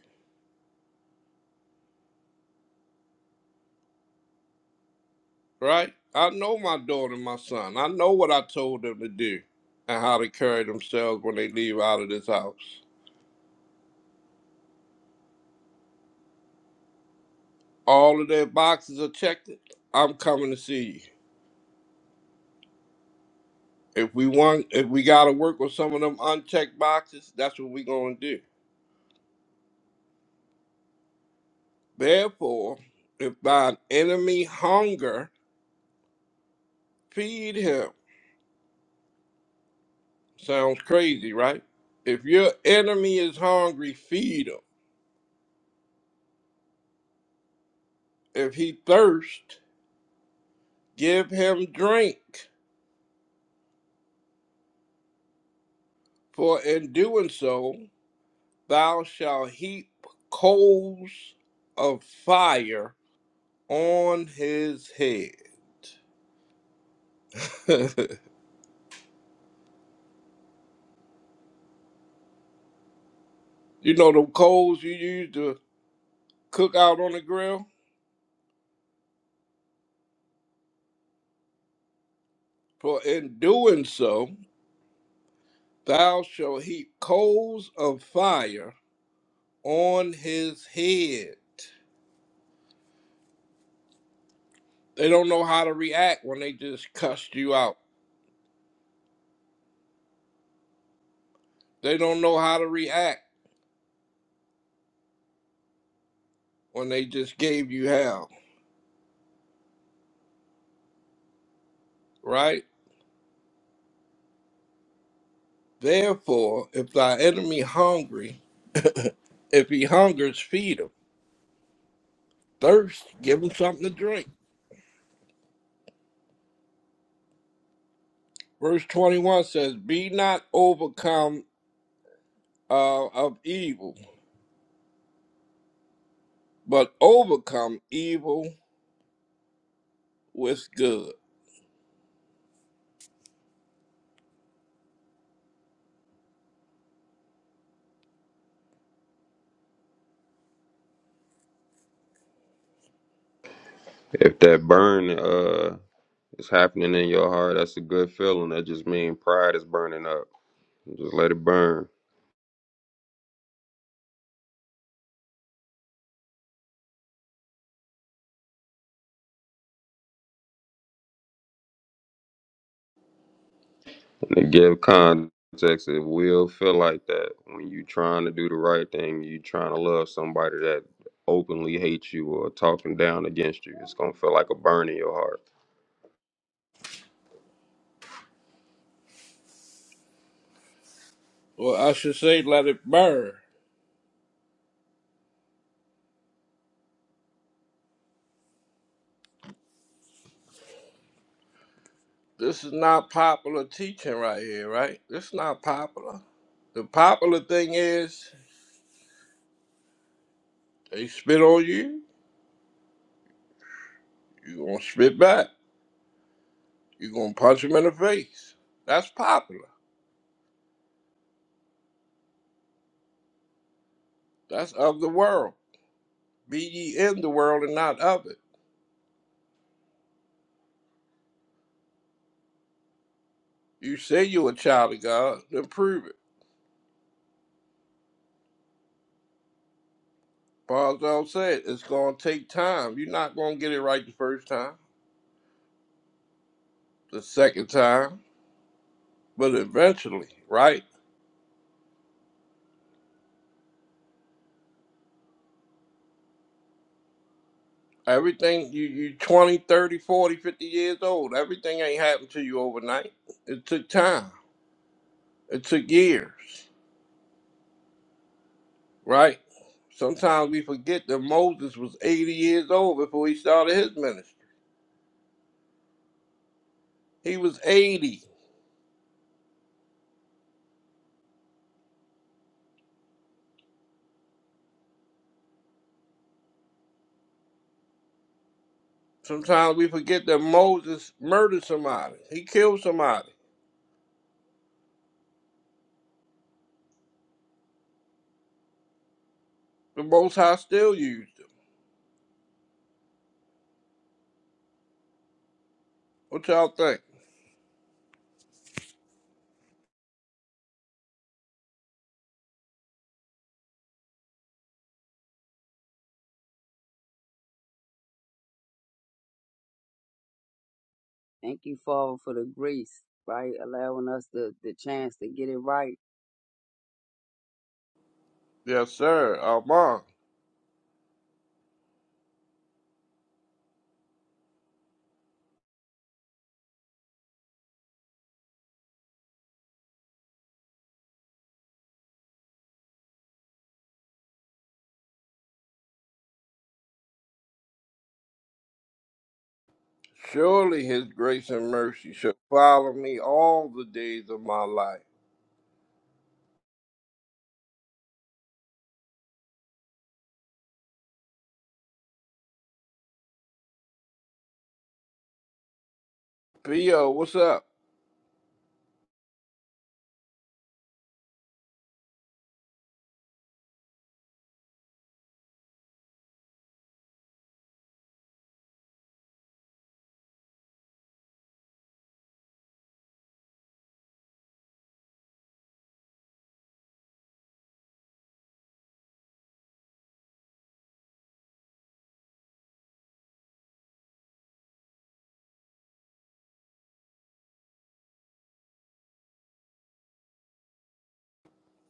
right? I know my daughter and my son. I know what I told them to do and how to carry themselves when they leave out of this house. All of their boxes are checked. I'm coming to see you. If we want if we gotta work with some of them unchecked boxes, that's what we're gonna do. Therefore, if thine enemy hunger, feed him. Sounds crazy, right? If your enemy is hungry, feed him. If he thirst, give him drink. For in doing so, thou shalt heap coals of fire on his head. you know the coals you use to cook out on the grill? For in doing so, thou shalt heap coals of fire on his head. They don't know how to react when they just cussed you out. They don't know how to react when they just gave you hell, right? Therefore, if thy enemy hungry, if he hungers, feed him. Thirst, give him something to drink. Verse 21 says, Be not overcome uh, of evil, but overcome evil with good.
If that burn uh is happening in your heart, that's a good feeling. That just means pride is burning up. Just let it burn. And to give context, it will feel like that when you trying to do the right thing, you trying to love somebody that openly hates you or talking down against you. It's gonna feel like a burn in your heart.
Or I should say, let it burn. This is not popular teaching right here, right? This is not popular. The popular thing is they spit on you, you gonna spit back. you gonna punch them in the face. That's popular. That's of the world. Be ye in the world and not of it. You say you're a child of God, then prove it. Barzell said it's gonna take time. You're not gonna get it right the first time, the second time, but eventually, right? Everything you you twenty, thirty, forty, fifty years old. Everything ain't happened to you overnight. It took time. It took years, right? Sometimes we forget that Moses was 80 years old before he started his ministry. He was 80. Sometimes we forget that Moses murdered somebody. He killed somebody. The Most High still used him. What y'all think?
Thank you, Father, for the grace, right? Allowing us the, the chance to get it right
Yes, sir. Amen. Surely his grace and mercy shall follow me all the days of my life. P.O., what's up?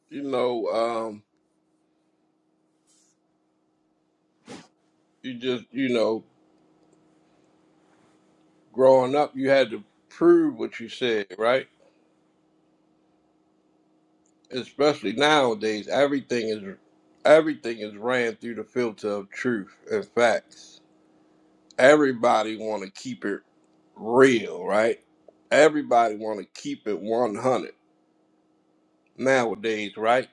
you know, um, you just, you know, growing up, you had to prove what you said, right? Especially nowadays, everything is everything is ran through the filter of truth and facts. Everybody want to keep it real, right? Everybody want to keep it 100 nowadays, right?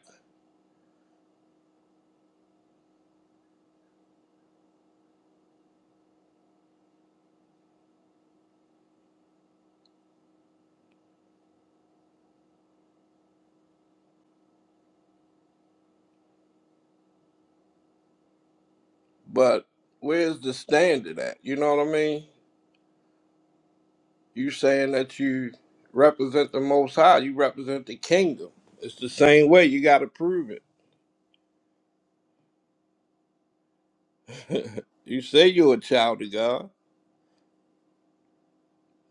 But where's the standard at? You know what I mean? You saying that you represent the Most High, you represent the kingdom. It's the same way. You got to prove it. You say you're a child of God,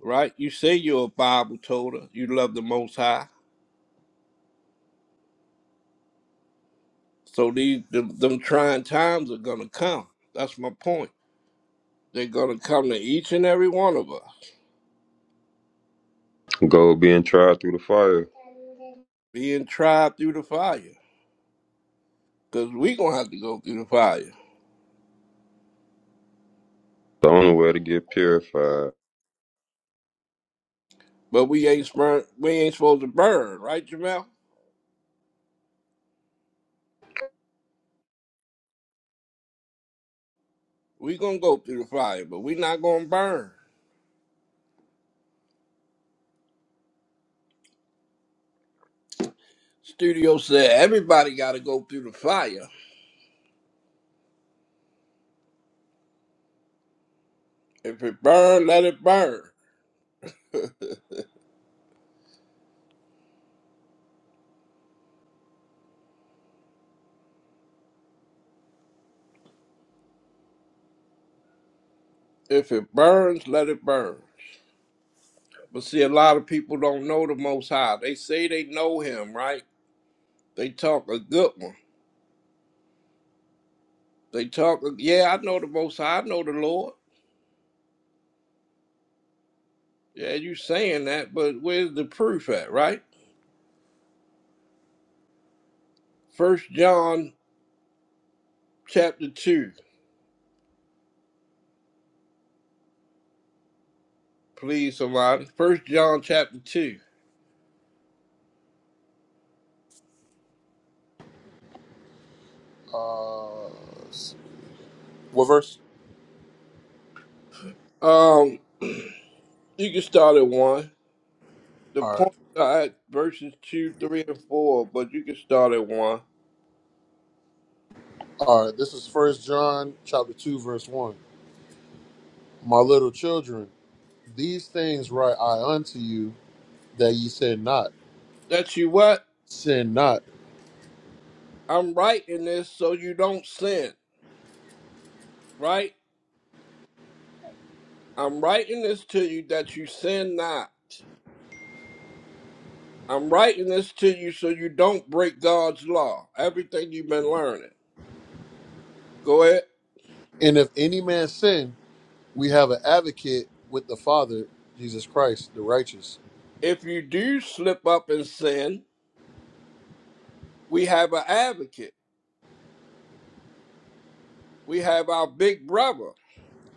right? You say you're a Bible toter. You love the Most High. So these them, them trying times are gonna come. That's my point. They're gonna come to each and every one of us,
Gold being tried through the fire.
being tried through the fire, cause we gonna have to go through the fire.
The only way to get purified.
But we ain't burn. We ain't supposed to burn, right, Jamel? We gonna go through the fire, but we not gonna burn. Studio said everybody gotta go through the fire. If it burn, let it burn. If it burns, let it burn. But see, a lot of people don't know the Most High. They say they know Him, right? They talk a good one. They talk, yeah, I know the Most High. I know the Lord. Yeah, you saying that, but where's the proof at, right? First John chapter two, please, somebody. First John chapter two.
Uh, what verse?
Um, you can start at one. The
All right.
points are at verses two, three, and four, but you can start at one.
All right. This is First John chapter two, verse one. My little children, these things write I unto you, that ye sin not.
That you what?
Sin not.
I'm writing this so you don't sin, right? I'm writing this to you that you sin not. I'm writing this to you so you don't break God's law, everything you've been learning. Go ahead.
And if any man sin, we have an advocate with the Father, Jesus Christ, the righteous.
If you do slip up and sin, we have an advocate. We have our big brother,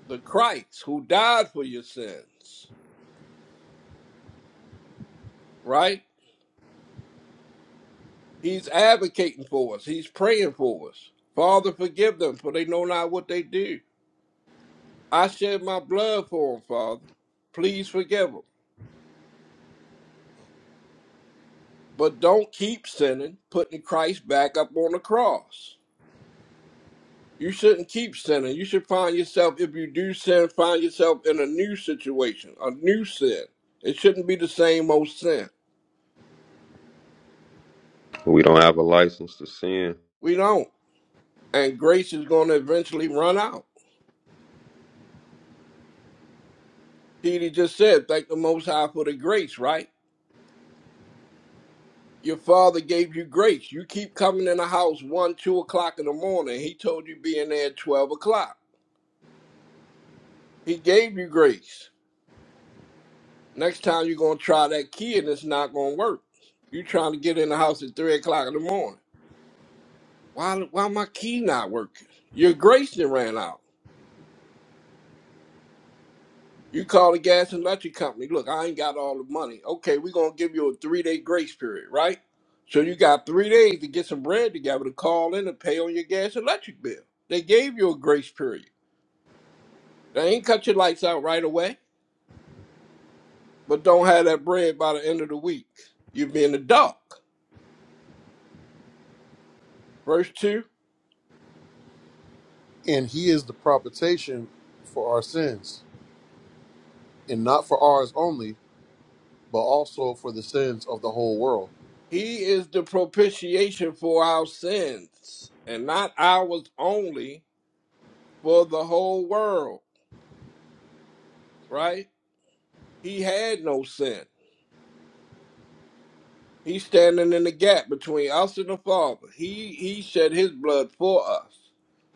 the Christ, who died for your sins, right? He's advocating for us, he's praying for us. Father, forgive them, for they know not what they do. I shed my blood for them, Father. Please forgive them. But don't keep sinning, putting Christ back up on the cross. You shouldn't keep sinning. You should find yourself, if you do sin, find yourself in a new situation, a new sin. It shouldn't be the same old sin.
We don't have a license to sin.
We don't. And grace is going to eventually run out. He just said, thank the Most High for the grace, right? Your father gave you grace. You keep coming in the house 1, 2 o'clock in the morning. He told you be in there at 12 o'clock. He gave you grace. Next time you're gonna try that key and it's not gonna work. You trying to get in the house at three o'clock in the morning. Why why my key not working? Your grace done ran out. You call the gas and electric company. Look, I ain't got all the money. Okay, we're gonna give you a three day grace period, right? So you got three days to get some bread together to call in and pay on your gas and electric bill. They gave you a grace period. They ain't cut your lights out right away, but don't have that bread by the end of the week. You being a duck. Verse 2
and he is the propitiation for our sins, and not for ours only, but also for the sins of the whole world.
He is the propitiation for our sins, and not ours only, for the whole world, right? He had no sin. He's standing in the gap between us and the Father. He he shed his blood for us.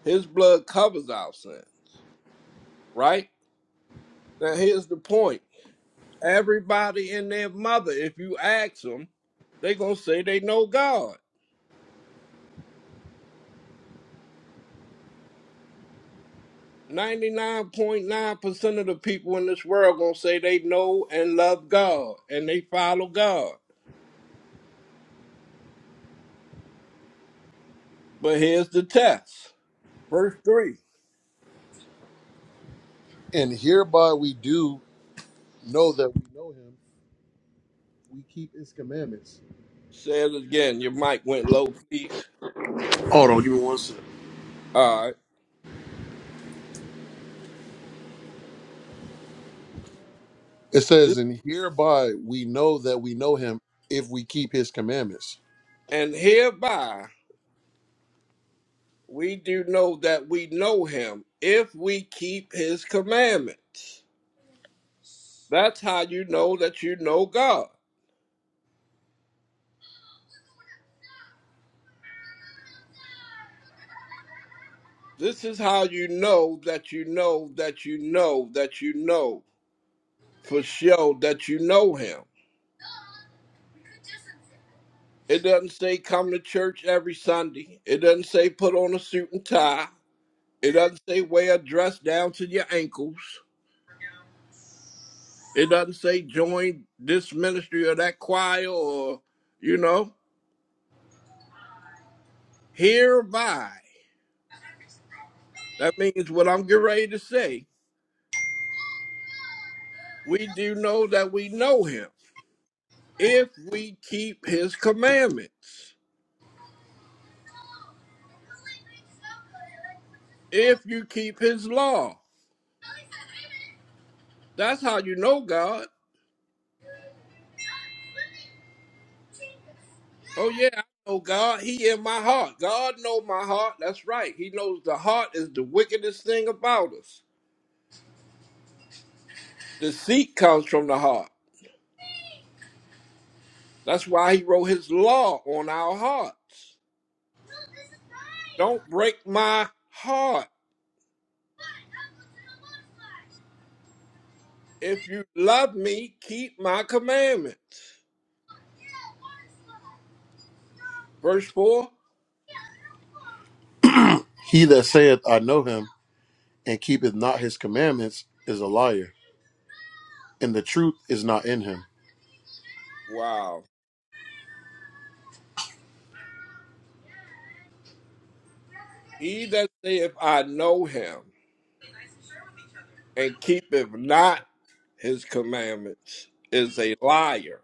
His blood covers our sin, right? Now here's the point. Everybody and their mother, if you ask them, they gonna say they know God. 99.9% of the people in this world going to say they know and love God and they follow God. But here's the test. Verse 3
And hereby we do know that we know him, we keep his commandments.
says again, your mic went low, please.
Hold on, give me one second.
All right.
It
This-
says, And hereby we know that we know him if we keep his commandments.
And hereby we do know that we know him if we keep his commandments. That's how you know that you know God. This is how you know that you know that you know that you know for sure that you know him. It doesn't say come to church every Sunday. It doesn't say put on a suit and tie. It doesn't say wear a dress down to your ankles. It doesn't say join this ministry or that choir or, you know, hereby. That means what I'm getting ready to say. We do know that we know him if we keep his commandments, if you keep his law. That's how you know God. Oh yeah, I know God. He in my heart. God know my heart. That's right. He knows the heart is the wickedest thing about us. Deceit comes from the heart. That's why he wrote his law on our hearts. Don't break my heart. If you love me, keep my commandments. Verse 4.
He that saith, I know him, and keepeth not his commandments, is a liar, and the truth is not in him.
Wow. He that saith I know him and keepeth not his commandments is a liar,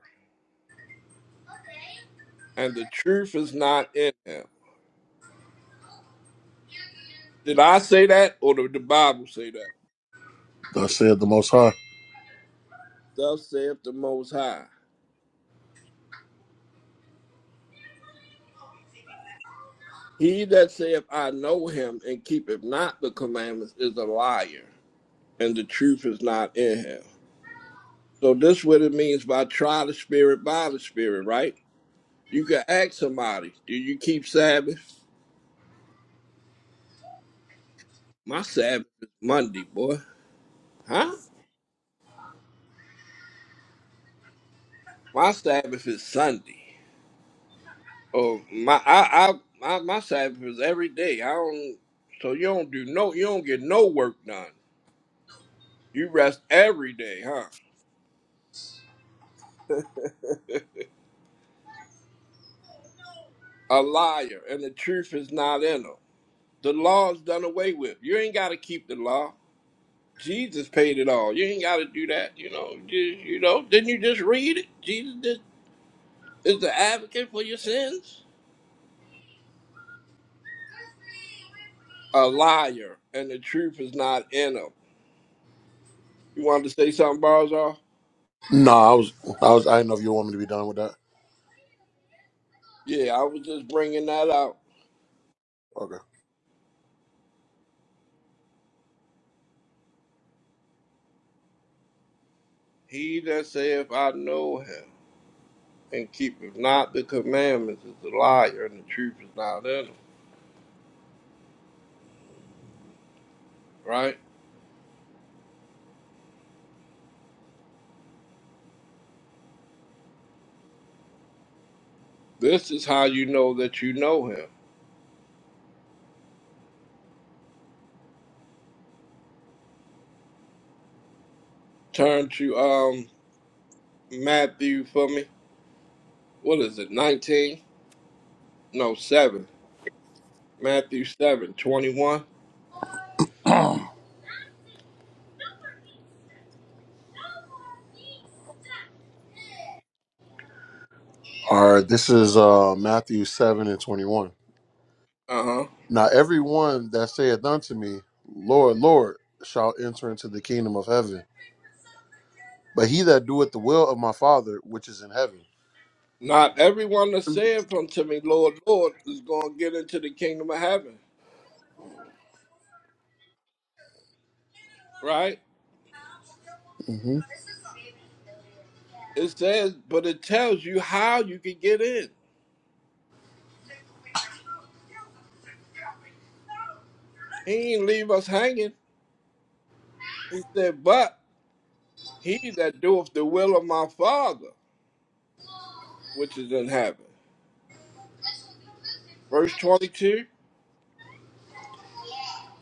and the truth is not in him. Did I say that or did the Bible say that?
Thus saith the Most High.
Thus saith the Most High. He that saith, I know him, and keepeth not the commandments is a liar, and the truth is not in him. So, this what it means by try the spirit by the spirit, right? You can ask somebody, Do you keep Sabbath? My Sabbath is Monday, boy. Huh? My Sabbath is Sunday. Oh, my, I, I, my, my Sabbath is every day. I don't, so you don't do no, you don't get no work done. You rest every day, huh? A liar, and the truth is not in them. The law is done away with. You ain't got to keep the law. Jesus paid it all. You ain't got to do that. You know, you, you know. Didn't you just read it? Jesus did, is the advocate for your sins. A liar, and the truth is not in him. You wanted to say something, Barzal?
Nah, I was, I was, I didn't know if you want me to be done with that.
Yeah, I was just bringing that out.
Okay.
He that saith, I know him, and keepeth not the commandments is a liar, and the truth is not in him. Right? This is how you know that you know him. Turn to um Matthew for me. What is it? 19? No, 7. Matthew seven twenty-one.
All right, this is uh, Matthew 7 and 21.
Uh-huh.
Now, everyone that saith unto me, Lord, Lord, shall enter into the kingdom of heaven, but he that doeth the will of my Father which is in heaven.
Not everyone that saith unto me, Lord, Lord, is going to get into the kingdom of heaven, right?
hmm
It says, but it tells you how you can get in. He ain't leave us hanging. He said, but he that doeth the will of my Father, which is in heaven. Verse 22.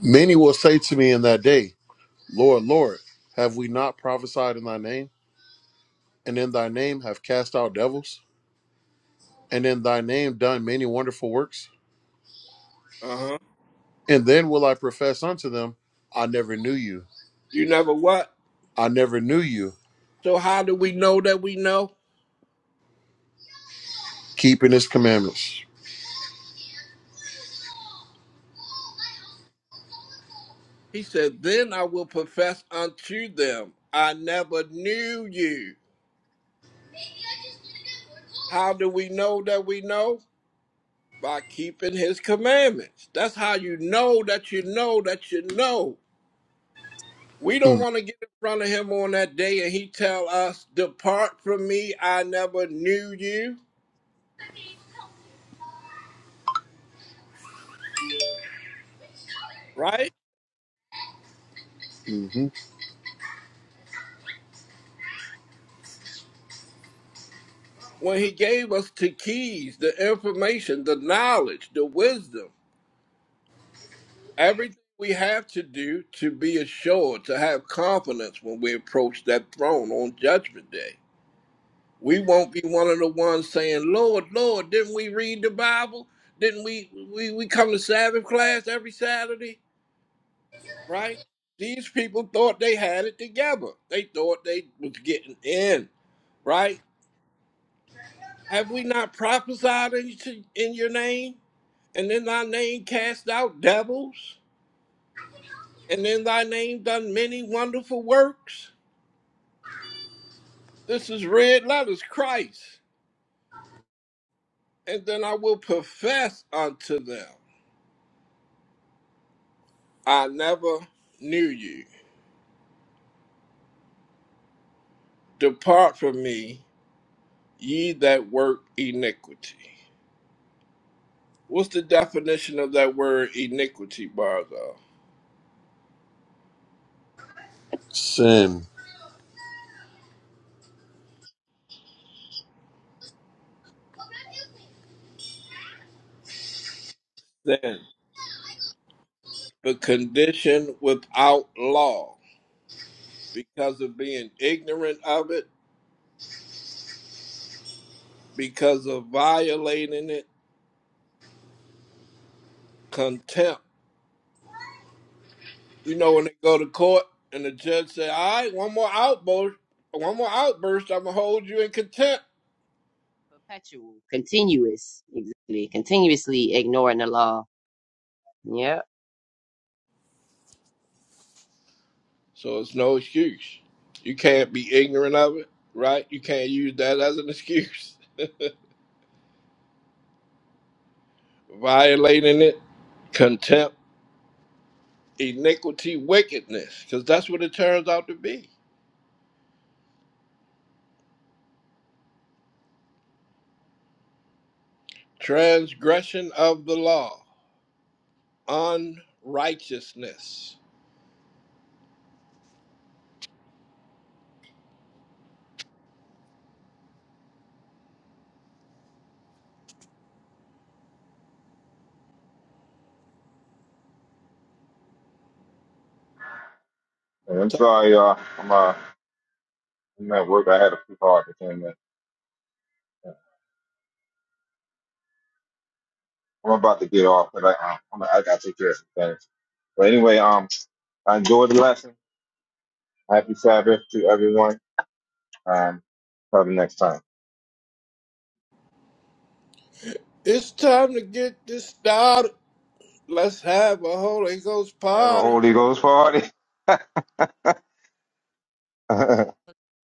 Many will say to me in that day, Lord, Lord, have we not prophesied in thy name, and in thy name have cast out devils, and in thy name done many wonderful works?
Uh-huh.
And then will I profess unto them, I never knew you.
You never what?
I never knew you,
So how do we know that we know?
keeping his commandments.
He said, Then I will profess unto them, I never knew you. How do we know that we know? By keeping his commandments. That's how you know that you know that you know. We don't
Mm.
want to get in front of him on that day and he tell us, Depart from me, I never knew you. Right?
hmm
When he gave us the keys, the information, the knowledge, the wisdom. Everything we have to do to be assured, to have confidence when we approach that throne on Judgment Day. We won't be one of the ones saying, Lord, Lord, didn't we read the Bible? Didn't we, we, we come to Sabbath class every Saturday? Right? These people thought they had it together. They thought they was getting in, right? Have we not prophesied in, in your name? And in thy name cast out devils? And in thy name done many wonderful works? This is red letters, Christ. And then I will profess unto them, I never knew you. Depart from me, ye that work iniquity. What's the definition of that word iniquity, Barzo?
Sin.
Sin. The condition without law, because of being ignorant of it, because of violating it, contempt. You know, when they go to court and the judge say, "All right, one more outburst, one more outburst, I'm gonna hold you in contempt."
continuous, exactly. Continuously ignoring the law. Yeah.
So it's no excuse. You can't be ignorant of it, right? You can't use that as an excuse. Violating it, contempt, iniquity, wickedness, because that's what it turns out to be. Transgression of the law, unrighteousness.
I'm
So
sorry, y'all. I'm uh. I'm at work. I had a few hard to came in. I'm about to get off, but I, I- I'm, I got to take care of some things. But anyway, um, I enjoyed the lesson. Happy Sabbath to everyone. Um, probably next time.
It's time to get this started. Let's have a Holy Ghost
Have a
party.
Holy Ghost party. Come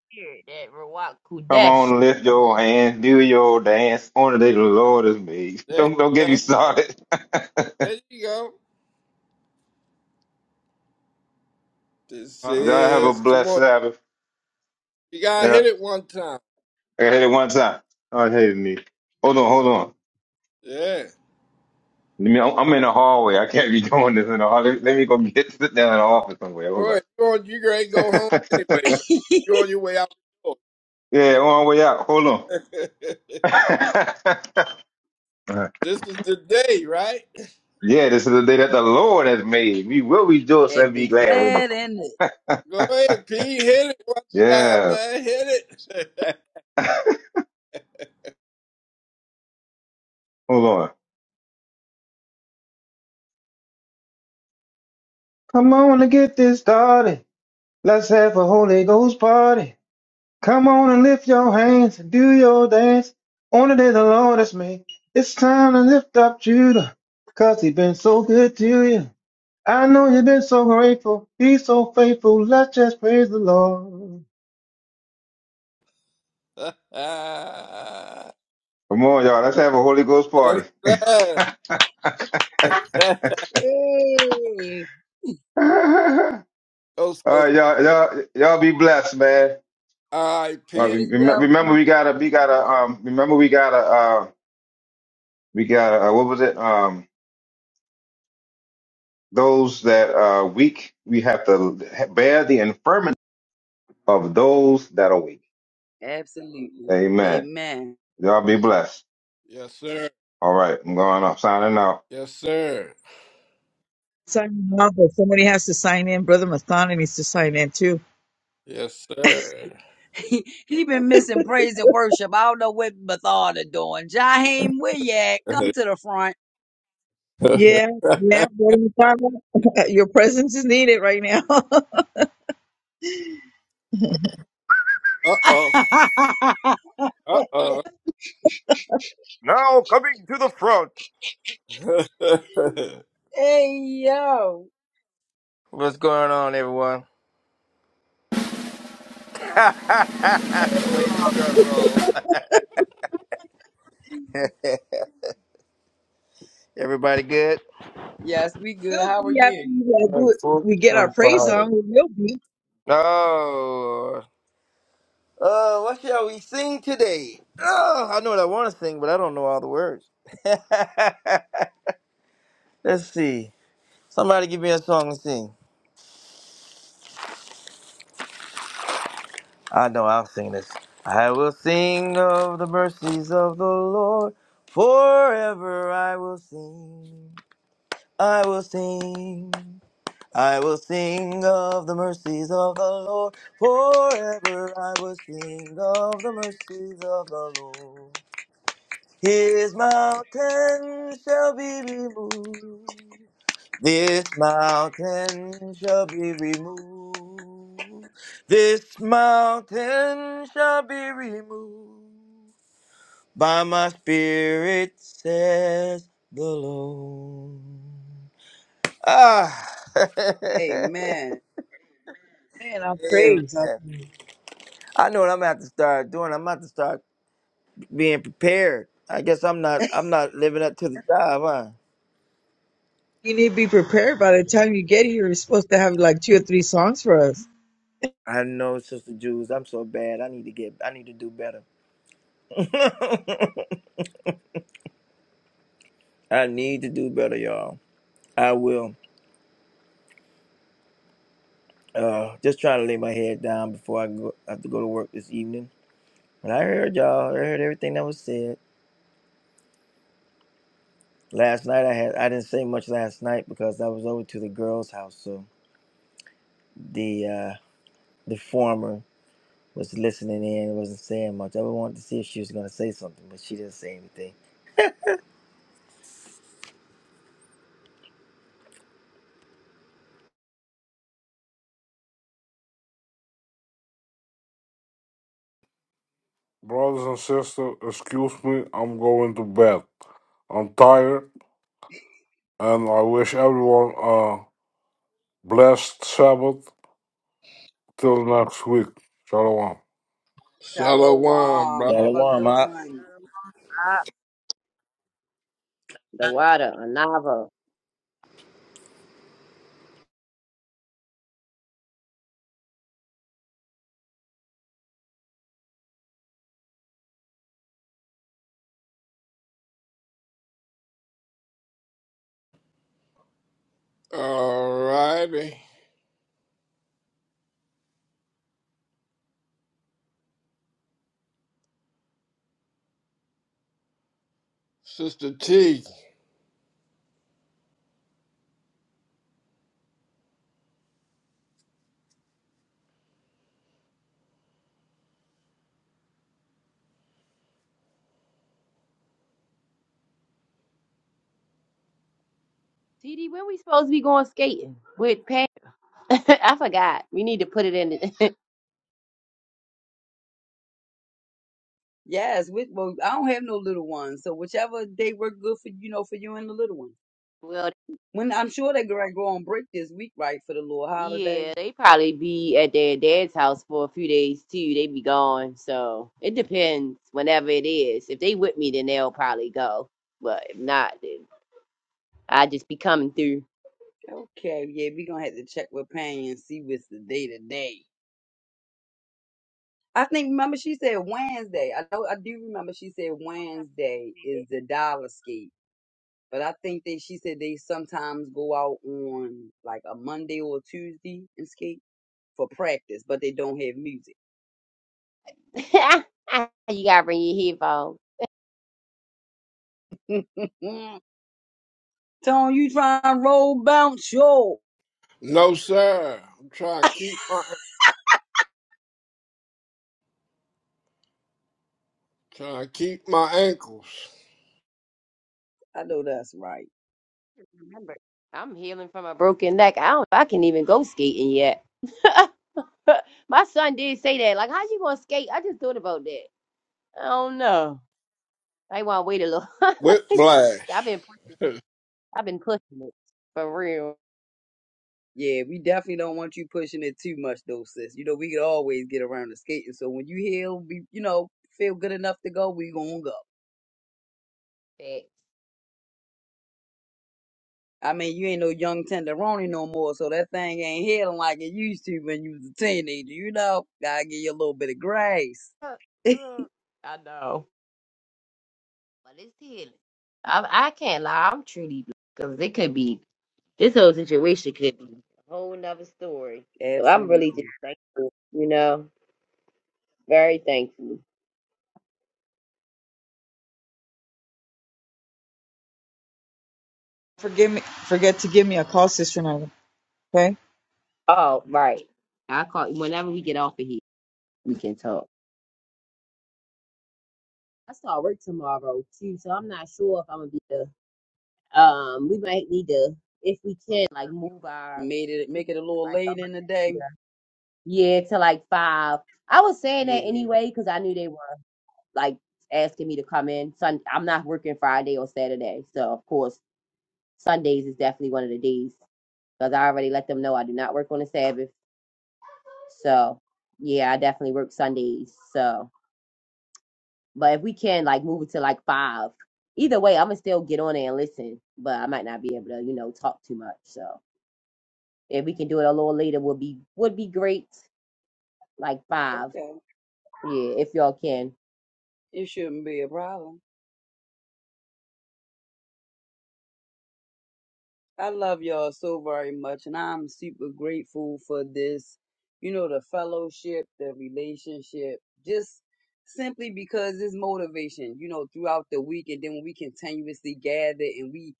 Here, that Ruach Kudesh.
on, lift your hands, do your dance. Only the Lord is made.
There you
Don't don't get
go.
me started.
There you go. This
Y'all have a
is come
blessed
on.
Sabbath.
You gotta
Yeah,
hit it one time.
I hit it one time. Oh, I hated me. Hold on, hold on.
Yeah.
I mean, I'm I'm in the hallway. I can't be doing this in the hallway. Let me go get sit down in the office somewhere. Hold
Go
on.
ahead. You on you ain't go home anyway, man. You're on your way out the
yeah, on way out. Hold on.
door.
Uh,
this is the day, right?
yeah, this is the day that the Lord has made. We will rejoice
and
and be
be
glad with it.
glad in it.
Go ahead, P. Hit it one time,
Yeah.
man. Hit it.
Hold on. Come on and get this started. Let's have a Holy Ghost party. Come on and lift your hands and do your dance. On the day the Lord has made. It's time to lift up Judah, 'cause he's been so good to you. I know you've been so grateful. He's so faithful. Let's just praise the Lord. Come on, y'all. Let's have a Holy Ghost
yes,
party.
sir.
Hey,
All
oh, sir.
right, y'all, y'all, y'all be blessed, man.
All right,
Uh,
P.
you as
rem-
well,
remember,
please.
we gotta, we gotta, um, remember, we gotta, uh, we gotta, uh, what was it? Um, those that are weak, we have to bear the infirmity of those that are weak.
Absolutely.
Amen.
Amen.
Y'all be blessed.
Yes, sir.
All right, I'm going up, signing out.
Yes, sir.
Signing off, but somebody has to sign in. Brother Mathana needs to sign in too.
Yes, sir.
He, he been missing praise and worship. I don't know what Bethard doing. Jaheim, where you at? Come to the front.
uh
Yeah, yeah. what are you talking about? Your presence is needed right now.
oh. Uh oh.
Now coming to the front.
hey, yo.
What's going on, everyone?
It
Somebody did the drum roll. Everybody good?
Yes, we good.
will
How are
be after
you?
you uh, do
I'm
it.
sick
We get our
and
praise
tired.
on. We will be.
Oh, oh, what shall we sing today? Oh, I know what I want to sing, but I don't know all the words. Let's see. Somebody give me a song to sing. I know I'll sing this. I will sing of the mercies of the Lord. Forever I will sing. I will sing. I will sing of the mercies of the Lord. Forever I will sing of the mercies of the Lord. His mountain shall be removed. This mountain shall be removed. This mountain shall be removed. By my spirit, says the Lord. Ah.
Amen.
Man, our
Amen.
praise. Our praise.
I know what I'm gonna have to start doing. I'm gonna have to start being prepared. I guess I'm not. I'm not living up to the job, huh?
You need to be prepared by the time you get here. You're supposed to have like two or three songs for us.
I know, Sister Jews. I'm so bad. I need to get. I need to do better. I need to do better, y'all. I will. Uh, just trying to lay my head down before I go. I have to go to work this evening. But I heard y'all. I heard everything that was said last night. I had. I didn't say much last night because I was over to the girls' house. So the uh, the former was listening in and wasn't saying much. I wanted to see if she was gonna say something, but she didn't say anything.
Brothers and sisters, excuse me, I'm going to bed. I'm tired, and I wish everyone a blessed Sabbath till next week. Shalom.
Shalom, bro.
Shalom. Have a
Shalom,
good
I.
one.
The water, Anava.
All righty. Sister T.
TD, when we supposed to be going skating with pants? I forgot. We need to put it in. The-
Yes, with, well, I don't have no little ones, so whichever day work good for you know for you and the little one.
Well.
When I'm sure they're gonna go on break this week, right, for the little holiday.
Yeah, they probably be at their dad's house for a few days too. They be gone, so it depends whenever it is. If they with me, then they'll probably go. But if not, then I just be coming through.
Okay, yeah, we gonna have to check with Penny and see what's the day today. I think remember she said Wednesday. I know I do remember she said Wednesday is the dollar skate, but I think that she said they sometimes go out on like a Monday or a Tuesday and skate for practice, but they don't have music.
you gotta bring your headphones.
Tone, you trying to roll bounce yo.
No, sir. I'm trying to keep my trying to keep my ankles.
I know that's right.
Remember, I'm healing from a broken neck. I don't. I can even go skating yet. My son did say that. Like, how you gonna skate? I just thought about that. I don't know. I want to wait a little. I've
Whiplash.
been. praying. I've been pushing it for real.
Yeah, we definitely don't want you pushing it too much though, sis. You know, we could always get around to skating. So when you hear we you know, feel good enough to go, we gonna go. I mean, you ain't no young tenderoni no more, so that thing ain't healing like it used to when you was a teenager, you know. Gotta give you a little bit of grace.
Facts. Uh, uh, I know. But it's healing. I, I can't lie. I'm truly because it could be this whole situation could be a whole nother story. But I'm really just
Absolutely.
thankful, you know, very thankful.
Forgive me. Forget to give me a call, Sister Nova. Okay.
Oh, right. I call whenever we get off of here, we can talk. I start work tomorrow too, so I'm not sure if I'm gonna be the. Um, we might need to, if we can, like move our
Made it
group
make it a little late in the
like.
day.
Yeah, to like five. I was saying
Yeah.
that anyway because I knew they were like asking me to come in. Sun, I'm not working Friday or Saturday, so of course Sundays is definitely one of the days because I already let them know I do not work on the Sabbath. So yeah, I definitely work Sundays. So, but if we can like move it to like five, either way, I'm gonna still get on there and listen, but I might not be able to, you know, talk too much. So if we can do it a little later, would be would be great. Like five,
Okay.
yeah, if y'all can.
It shouldn't be a problem. I love y'all so very much, and I'm super grateful for this. You know, the fellowship, the relationship, just simply because it's motivation, you know, throughout the week. And then when we continuously gather and we,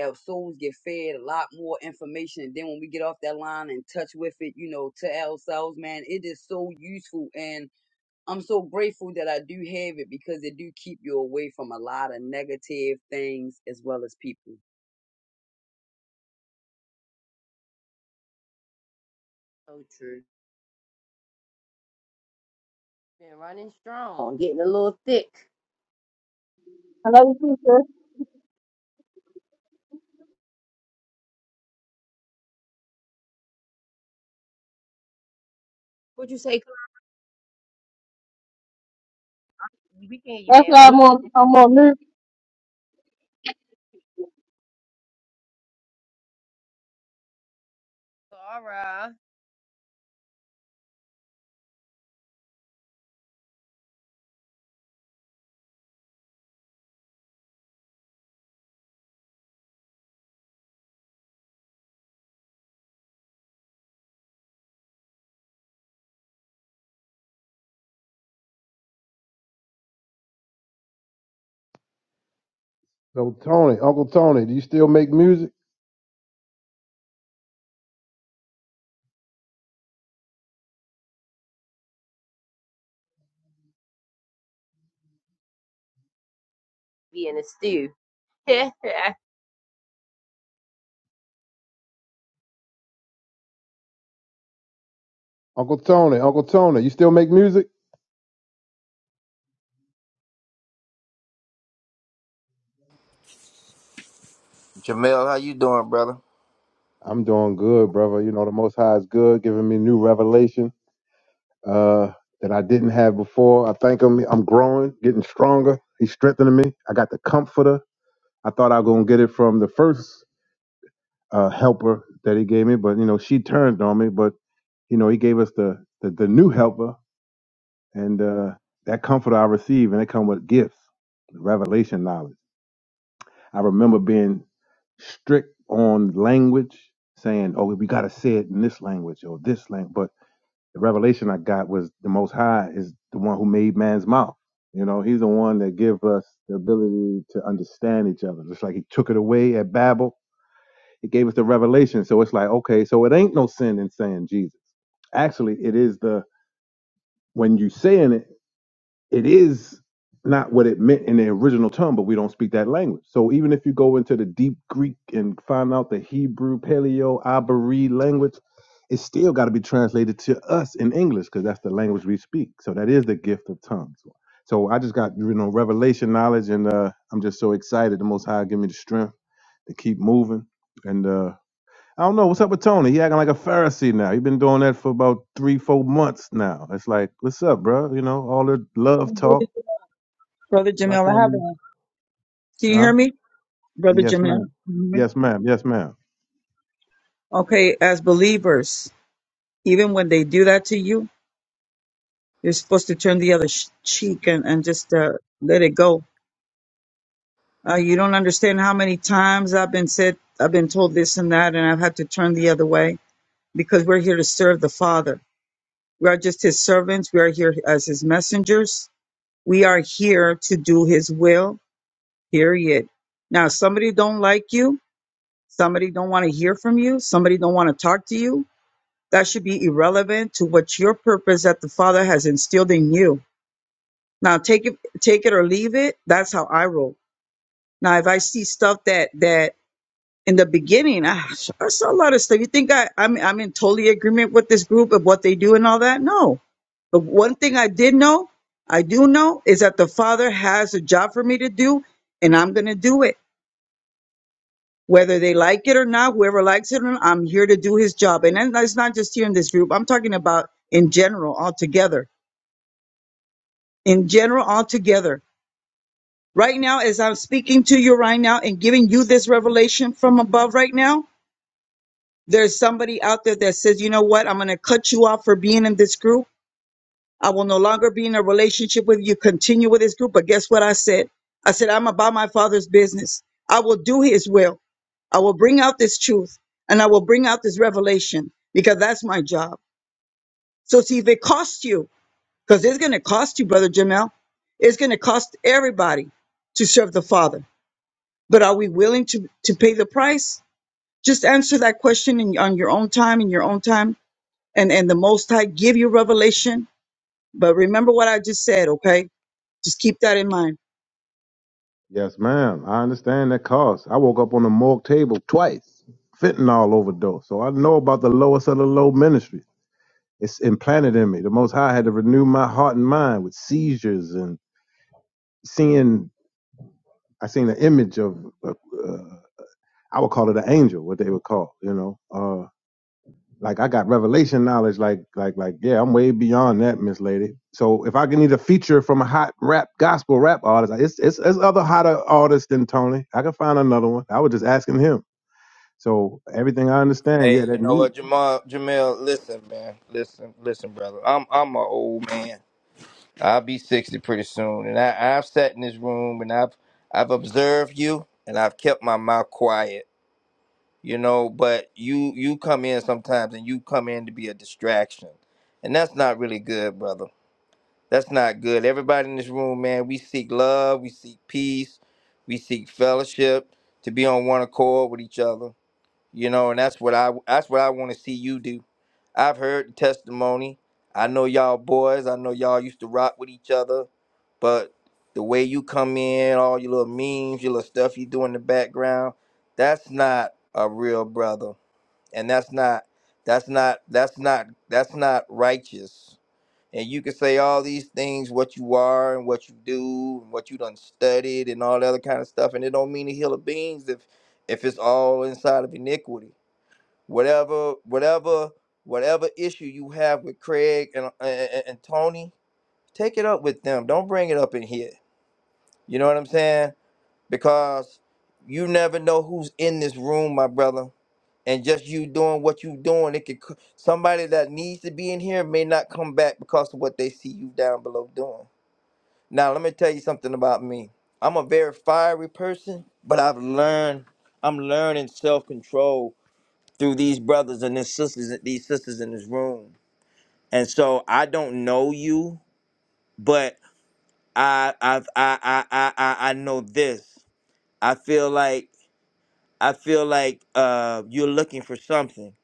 our souls get fed a lot more information. And then when we get off that line and touch with it, you know, to ourselves, man, it is so useful. And I'm so grateful that I do have it because it do keep you away from a lot of negative things as well as people.
So true. Been running strong, getting a little thick.
I love you too, sis.
What you say, Chloe? We can hear you
That's
now.
why
What
I'm on, I'm on mute.
you Laura?
So Tony, Uncle Tony, do you still make music?
Be in a stew. Did
Uncle Tony, Uncle Tony, you still make music?
Jamel, how you doing, brother?
I'm doing good, brother. You know the most high is good, giving me new revelation uh that I didn't have before. I thank him. I'm growing, getting stronger. He's strengthening me. I got the comforter. I thought I was gonna get it from the first uh, helper that he gave me, but you know she turned on me. But you know he gave us the the, the new helper, and uh, that comfort I receive, and it come with gifts, revelation knowledge. I remember being strict on language, saying, "Oh, we got to say it in this language or this language." But the revelation I got was the Most High is the one who made man's mouth. You know, he's the one that give us the ability to understand each other. Just like he took it away at Babel, It gave us the revelation. So it's like, okay, so it ain't no sin in saying Jesus. Actually, it is the when you saying it, it is not what it meant in the original tongue, but we don't speak that language. So even if you go into the deep Greek and find out the Hebrew, Paleo, Abari language, it's still got to be translated to us in English because that's the language we speak. So that is the gift of tongues. So I just got you know revelation knowledge, and uh, I'm just so excited. The Most High give me the strength to keep moving, and uh, I don't know what's up with Tony. He acting like a Pharisee now. He been doing that for about three, four months now. It's like, what's up, bro? You know, all the love talk.
Brother
Why
Jamil, I
can't
have
we?
a. Can you hear
Huh?
me, Brother
Yes,
Jamil? Can
ma'am.
you hear me?
Yes, ma'am. Yes, ma'am.
Okay. As believers, even when they do that to you, you're supposed to turn the other sh- cheek and and just uh, let it go Uh, you don't understand how many times I've been said, I've been told this and that, and I've had to turn the other way because we're here to serve the Father. We are just His servants. We are here as His messengers. We are here to do His will. Period. Now, if somebody don't like you. Somebody don't want to hear from you. Somebody don't want to talk to you. That should be irrelevant to what your purpose that the Father has instilled in you. Now, take it, take it or leave it. That's how I roll. Now, if I see stuff that that in the beginning, I, I saw a lot of stuff. You think I, I'm, I'm in totally agreement with this group of what they do and all that? No. But one thing I did know, I do know, is that the Father has a job for me to do, and I'm going to do it. Whether they like it or not, whoever likes it or not, I'm here to do his job. And then that's not just here in this group. I'm talking about in general, altogether. In general, altogether. Right now, as I'm speaking to you right now and giving you this revelation from above right now, There's somebody out there that says, you know what? I'm going to cut you off for being in this group. I will no longer be in a relationship with you. Continue with this group. But guess what I said? I said, I'm about my father's business. I will do his will. I will bring out this truth and I will bring out this revelation because that's my job. So see if it costs you, because it's going to cost you, brother Jamel. It's going to cost everybody to serve the Father. But are we willing to to pay the price? Just answer that question in, on your own time, in your own time, and and the most high give you revelation but remember what i just said okay just keep that in mind
Yes, ma'am. I understand that cost. I woke up on the morgue table twice, fentanyl overdose. So I know about the lowest of the low ministry. It's implanted in me. The Most High had to renew my heart and mind with seizures and seeing. I seen the image of. Uh, uh, I would call it an angel, what they would call, you know. Uh, Like I got revelation knowledge. Like like like yeah, I'm way beyond that, Miss Lady. So if I can need a feature from a hot rap gospel rap artist, it's it's, it's other hotter artists than Tony. I can find another one. I was just asking him. So everything I understand,
Hey,
yeah,
you
that
know
new.
what, Jamal? Jamel, listen, man, listen, listen, brother. I'm I'm an old man. I'll be 60 pretty soon. And I, I've sat in this room and I've I've observed you and I've kept my mouth quiet, you know, but you you come in sometimes and you come in to be a distraction. And that's not really good, brother. That's not good. Everybody in this room, man, we seek love, we seek peace, we seek fellowship, to be on one accord with each other you know and that's what i that's what i want to see you do i've heard the testimony i know y'all boys i know y'all used to rock with each other but the way you come in all your little memes your little stuff you do in the background that's not a real brother and that's not that's not that's not that's not righteous and you can say all these things what you are and what you do and what you done studied and all that other kind of stuff and it don't mean a hill of beans if if it's all inside of iniquity whatever whatever whatever issue you have with Craig and, uh, and and Tony, take it up with them. Don't bring it up in here. You know what I'm saying? Because you never know who's in this room, my brother. And just you doing what you doing, it could c- somebody that needs to be in here may not come back because of what they see you down below doing. Now, let me tell you something about me. I'm a very fiery person, but I've learned I'm learning self-control through these brothers and these sisters, these sisters in this room. And so I don't know you, but I I've, I I I I I know this. I feel like I feel like uh, you're looking for something.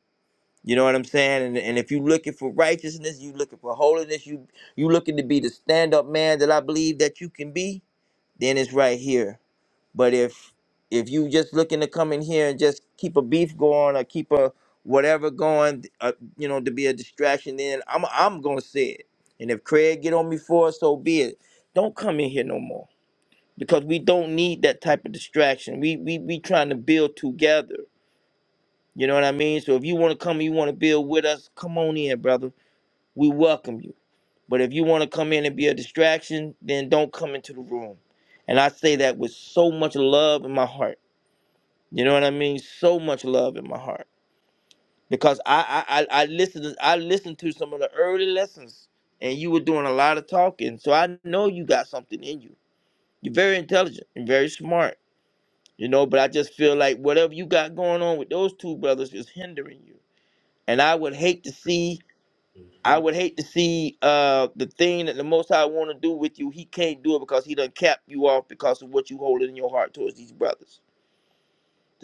You know what I'm saying? And, and if you're looking for righteousness, you looking for holiness, you you looking to be the stand up man that I believe that you can be. Then it's right here. But if if you just looking to come in here and just keep a beef going or keep a whatever going, uh, you know, to be a distraction, then I'm I'm gonna say it. And if Craig get on me for it, so be it. Don't come in here no more because we don't need that type of distraction. We we we trying to build together. You know what I mean? So if you want to come, and you want to build with us, come on in, brother. We welcome you. But if you want to come in and be a distraction, then don't come into the room. And I say that with so much love in my heart you know what I mean? So much love in my heart because I I I I listened I listened to some of the early lessons, and you were doing a lot of talking, so I know you got something in you. You're very intelligent and very smart, you know. But I just feel like whatever you got going on with those two brothers is hindering you, and I would hate to see.
Mm-hmm.
I would hate to see uh, the thing that the Most High want to do with you. He can't do it because he done cap you off because of what you holding in your heart towards these brothers.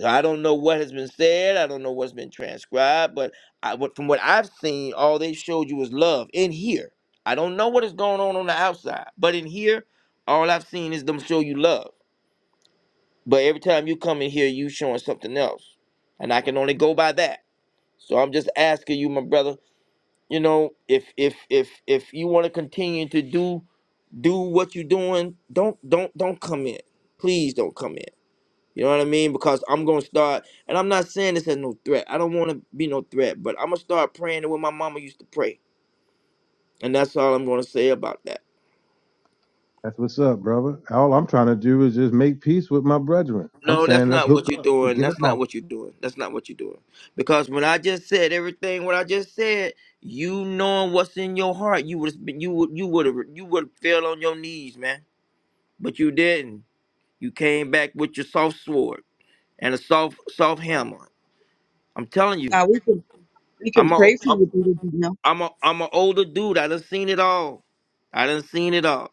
I don't know what has been said. I don't know what's been transcribed, but I, what- from what I've seen, all they showed you is love in here. I don't know what is going on on the outside, but in here, all I've seen is them show you love. But every time you come in here, you showing something else, and I can only go by that. So I'm just asking you, my brother. You know, if if if if you want to continue to do do what you're doing, don't don't don't come in. Please don't come in. You know what I mean? Because I'm gonna start, and I'm not saying this as no threat. I don't want to be no threat, but I'm gonna start praying the way my mama used to pray, and that's all I'm gonna say about that.
That's what's up, brother. All I'm trying to do is just make peace with my brethren. I'm
No, that's
saying let's
not
hook
what you're
up.
doing.
Forget
That's
about.
not what you're doing. That's not what you're doing. Because when I just said everything, what I just said, you knowing what's in your heart, you would you would you would have you would fell on your knees, man. But you didn't. You came back with your soft sword and a soft soft hammer. I'm telling you,
now we can we can
I'm
pray for
a,
you brother jamel
I'm a I'm an older dude. I done seen it all. I done seen it all.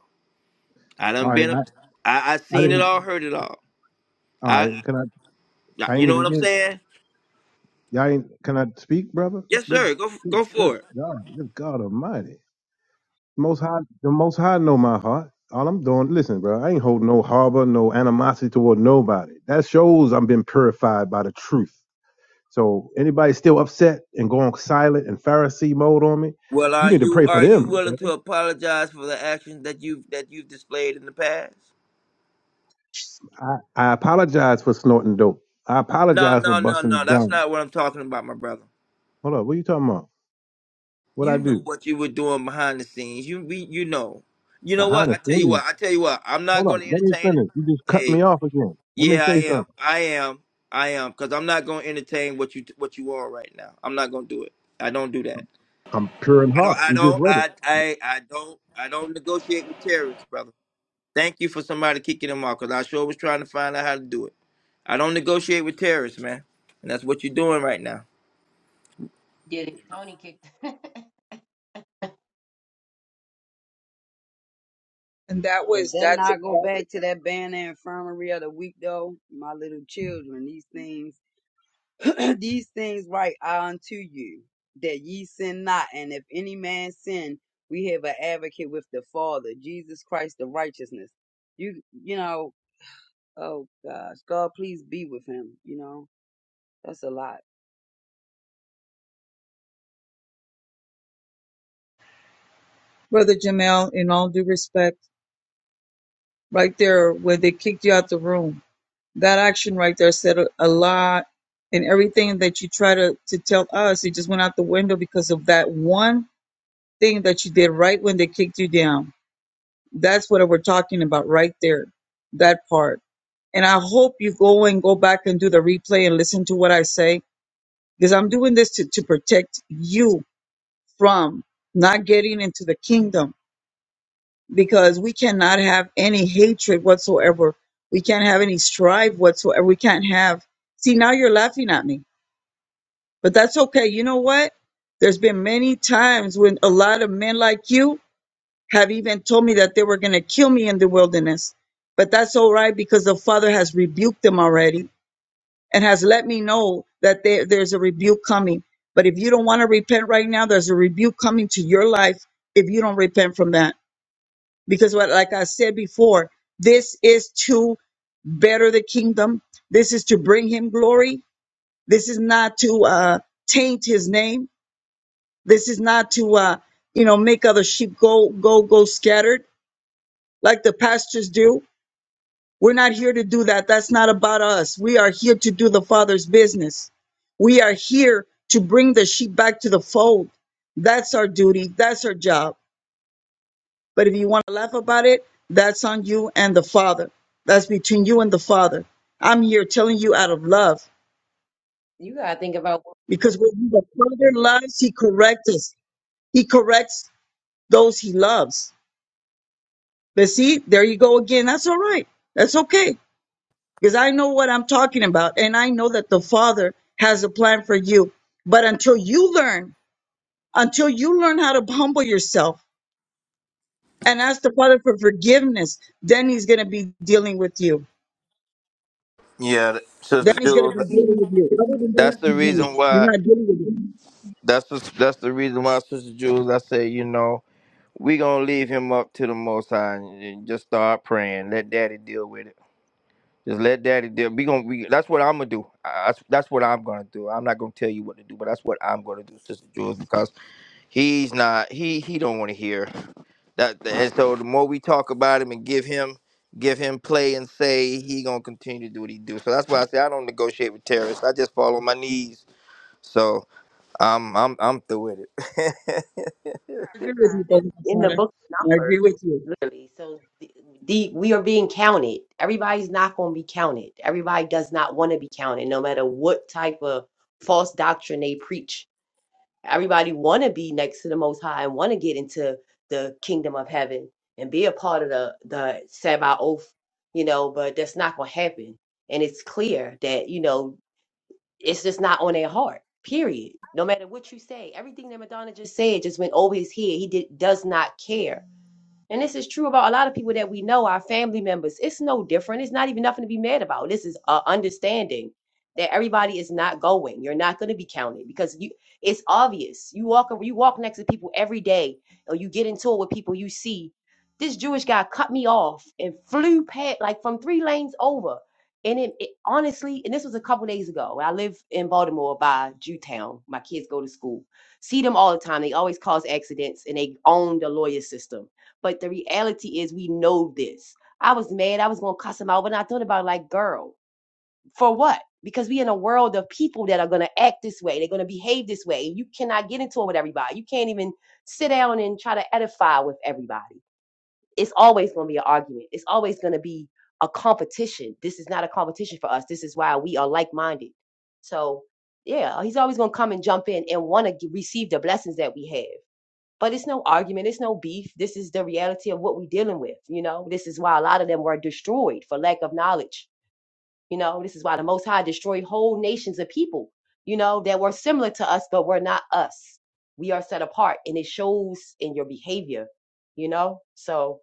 I
All
done
right,
been. A,
I,
I I
I
seen it
didn't.
all. Heard it all.
All
I
right, can I?
I-
I
you
ain't
know what I'm
even.
saying?
Y'all ain't. Can I speak, brother?
Yes,
Good.
sir. Go f-
Good.
go
Good
for it.
God. Good God Almighty. Most High, the Most High know my heart. All I'm doing, listen, bro, I ain't holding no harbor, no animosity toward nobody. That shows I'm been purified by the truth. So anybody still upset and going silent and Pharisee mode on me,
Well,
you
are
need to
you
pray for
are you
them. bro.
willing to apologize for the actions that you've that you've displayed in the past?
I, I apologize for snorting dope. I
No,
apologize for
no, no,
busting
no. That's
down.
not what I'm talking about, my brother.
Hold up, what you talking about? What I
You know
do
what you were doing behind the scenes. You we you know. You know
behind
what?
the
I tell you
scenes?
what. I tell you what. I'm not
Hold up,
going to
let me
entertain it.
finish. You just cut
Hey,
me off again. Let me
Yeah, I
say
am.
something.
I am. I am because I'm not going to entertain what you what you are right now. I'm not going to do it. I don't do that.
I'm pure in
I
heart.
don't. I
You just
don't.
read it.
I. I. I don't. I don't negotiate with terrorists, brother. Thank you for somebody kicking them off because I sure was trying to find out how to do it. I don't negotiate with terrorists, man, and that's what you're doing right now.
it. Tony kicked.
and that
Does
was
that
that's
not go
exactly
back to that band and infirmary of the week though? My little children, these things, these things write I unto you, that ye sin not. And if any man sin, we have an advocate with the Father, Jesus Christ, the righteousness. You, you know, oh gosh, God, please be with him. You know, that's a lot.
brother jamel in all due respect right there where they kicked you out the room that action right there said a, a lot and everything that you try to to tell us it just went out the window because of that one thing that you did right when they kicked you down That's what we're talking about right there, that part. And I hope you go and go back and do the replay and listen to what I say because I'm doing this to, to protect you from not getting into the kingdom because we cannot have any hatred whatsoever. We can't have any strife whatsoever. We can't have. See, now you're laughing at me, but that's okay. You know what? There's been many times when a lot of men like you have even told me that they were going to kill me in the wilderness. But that's all right because the Father has rebuked them already and has let me know that there, there's a rebuke coming. But if you don't want to repent right now, there's a rebuke coming to your life if you don't repent from that. Because, what, like I said before, this is to better the kingdom, this is to bring him glory, this is not to uh, taint his name, this is not to, uh, you know, make other sheep go, go, go scattered like the pastors do. We're not here to do that. That's not about us. We are here to do the Father's business. We are here to bring the sheep back to the fold. That's our duty. That's our job. But if you want to laugh about it, that's on you and the Father. That's between you and the Father. I'm here telling you out of love
you gotta think about what
because when the Father
what-
loves, He corrects us. He corrects those He loves. But see, there you go again. That's all right. That's okay. because I know what I'm talking about. And I know that the Father has a plan for you. But until you learn, until you learn how to humble yourself and ask the Father for forgiveness, then He's going to be dealing with you.
Yeah, th-
Then
sister
He's going to
Jules.
be dealing with you. Other than that,
That's the
He's not.
reason
He's
why.
not dealing with you.
That's the, that's the reason why, sister Jules. I say, you know, we gonna leave him up to the Most High and and just start praying. Let Daddy deal with it Just let daddy do. We gonna. We, that's what I'm gonna do. I, that's that's what I'm gonna do. I'm not gonna tell you what to do, but that's what I'm gonna do, Sister Jules, because he's not. He he don't want to hear that. And so the more we talk about him and give him give him play and say, he gonna continue to do what he do. So that's why I say I don't negotiate with terrorists. I just fall on my knees. So I'm I'm I'm through with it.
I agree with you, Brother
in the
Masada.
book
I
number,
agree with you.
literally. So the, the we are being counted. Everybody's not gonna be counted. Everybody does not want to be counted, no matter what type of false doctrine they preach. Everybody want to be next to the Most High and want to get into the kingdom of heaven and be a part of the the Sabbath oath, you know. But that's not going to happen, and it's clear that you know it's just not on their heart. Period. No matter what you say, everything that Madonna just said just went over his head. He did, does not care and this is true about a lot of people that we know, our family members. It's no different. It's not even nothing to be mad about. This is uh, understanding that everybody is not going. You're not going to be counted because you. It's obvious. You walk you walk next to people every day, or you get into it with people you see. This Jewish guy cut me off and flew past like from three lanes over. And it, it honestly, and this was a couple days ago. I live in Baltimore by Jewtown. My kids go to school. See them all the time. They always cause accidents, and they own the lawyer system but the reality is, we know this. I was mad. I was going to cuss him out. But I thought about, it, like, girl, for what? Because we in a world of people that are going to act this way. They're going to behave this way. You cannot get into it with everybody. You can't even sit down and try to edify with everybody. It's always going to be an argument. It's always going to be a competition. This is not a competition for us. This is why we are like minded. So, yeah, he's always going to come and jump in and want to receive the blessings that we have but it's no argument, it's no beef. This is the reality of what we're dealing with. You know, this is why a lot of them were destroyed for lack of knowledge. You know, this is why the Most High destroyed whole nations of people, you know, that were similar to us, but were not us. We are set apart, and it shows in your behavior, you know? So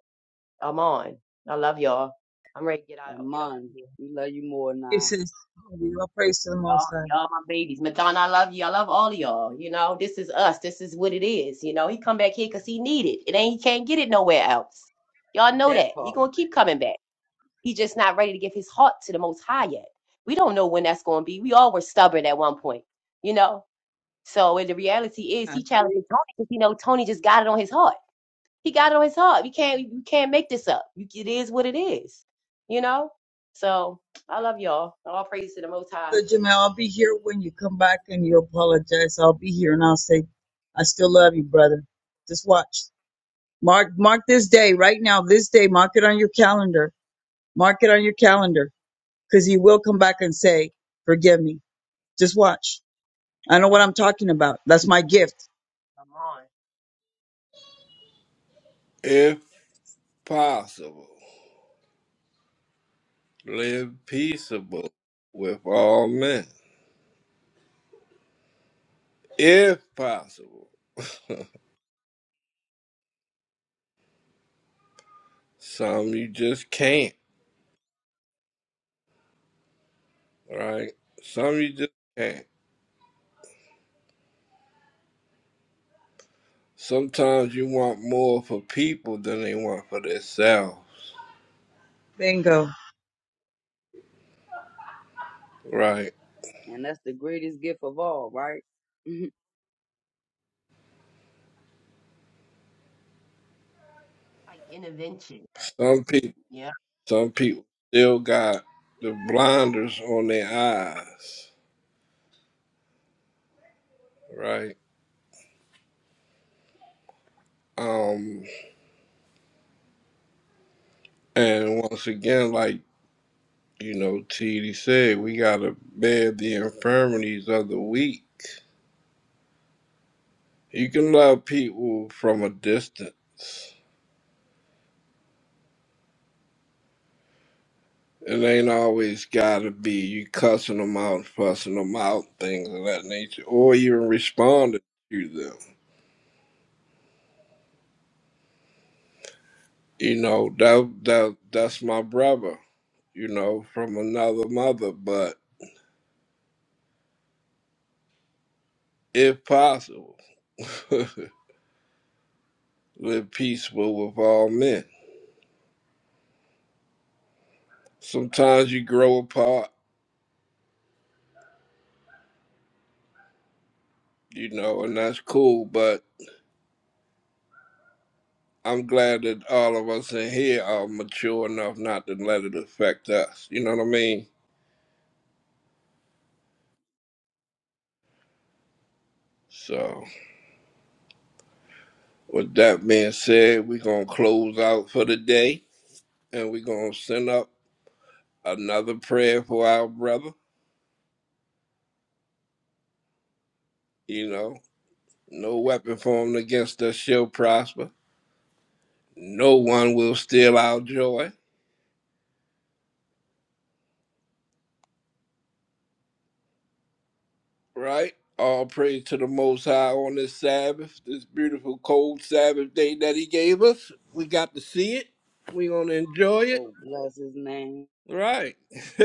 I'm on. I love y'all. I'm ready to get out, get off
Amon,
of here.
we love you more than
He
I.
says, we all praise to the
Y'all,
Most High.
y'all my babies. Madonna, I love you. I love all of y'all. You know, this is us. This is what it is. You know, he come back here because he need it. It ain't he can't get it nowhere else. Y'all know
That
that. He
part,
gonna keep coming back. He just not ready to give his heart to the most high yet. We don't know when that's gonna be. We all were stubborn at one point, you know. So and the reality is he
God.
challenging Tony because you know Tony just got it on his heart. He got it on his heart. You can't you can't make this up. You, it is what it is. You know? So I love y'all. All praise to the most high.
Brother Jamal, I'll be here when you come back and you apologize. I'll be here and I'll say, I still love you, brother. Just watch. Mark mark this day right now, this day, mark it on your calendar. Mark it on your calendar because he will come back and say, "Forgive me." Just watch. I know what I'm talking about. That's my gift.
Come on.
if possible. Live peaceable with all men. If possible. Some you just can't, right? Some you just can't. Sometimes you want more for people than they want for themselves,
Bingo.
right?
and that's the greatest gift of all, right?
like intervention.
Some people
Yeah,
Some people still got the blinders on their eyes, right? Um, and once again, like you know, TD said, we gotta bear the infirmities of the weak. You can love people from a distance. It ain't always gotta be you cussing them out, fussing them out, things of that nature, or even responding to them. You know, that that that's my brother, you know, from another mother, but if possible, live peaceful with all men. Sometimes you grow apart, you know, and that's cool, but I'm glad that all of us in here are mature enough not to let it affect us. You know what I mean? So, with that being said, we're going to close out for the day and we're going to send up another prayer for our brother. You know, no weapon formed against us shall prosper. No one will steal our joy right? All praise to the Most High on this Sabbath, this beautiful cold Sabbath day that He gave us. We got to see it. We gonna enjoy it,
so bless his name.
right?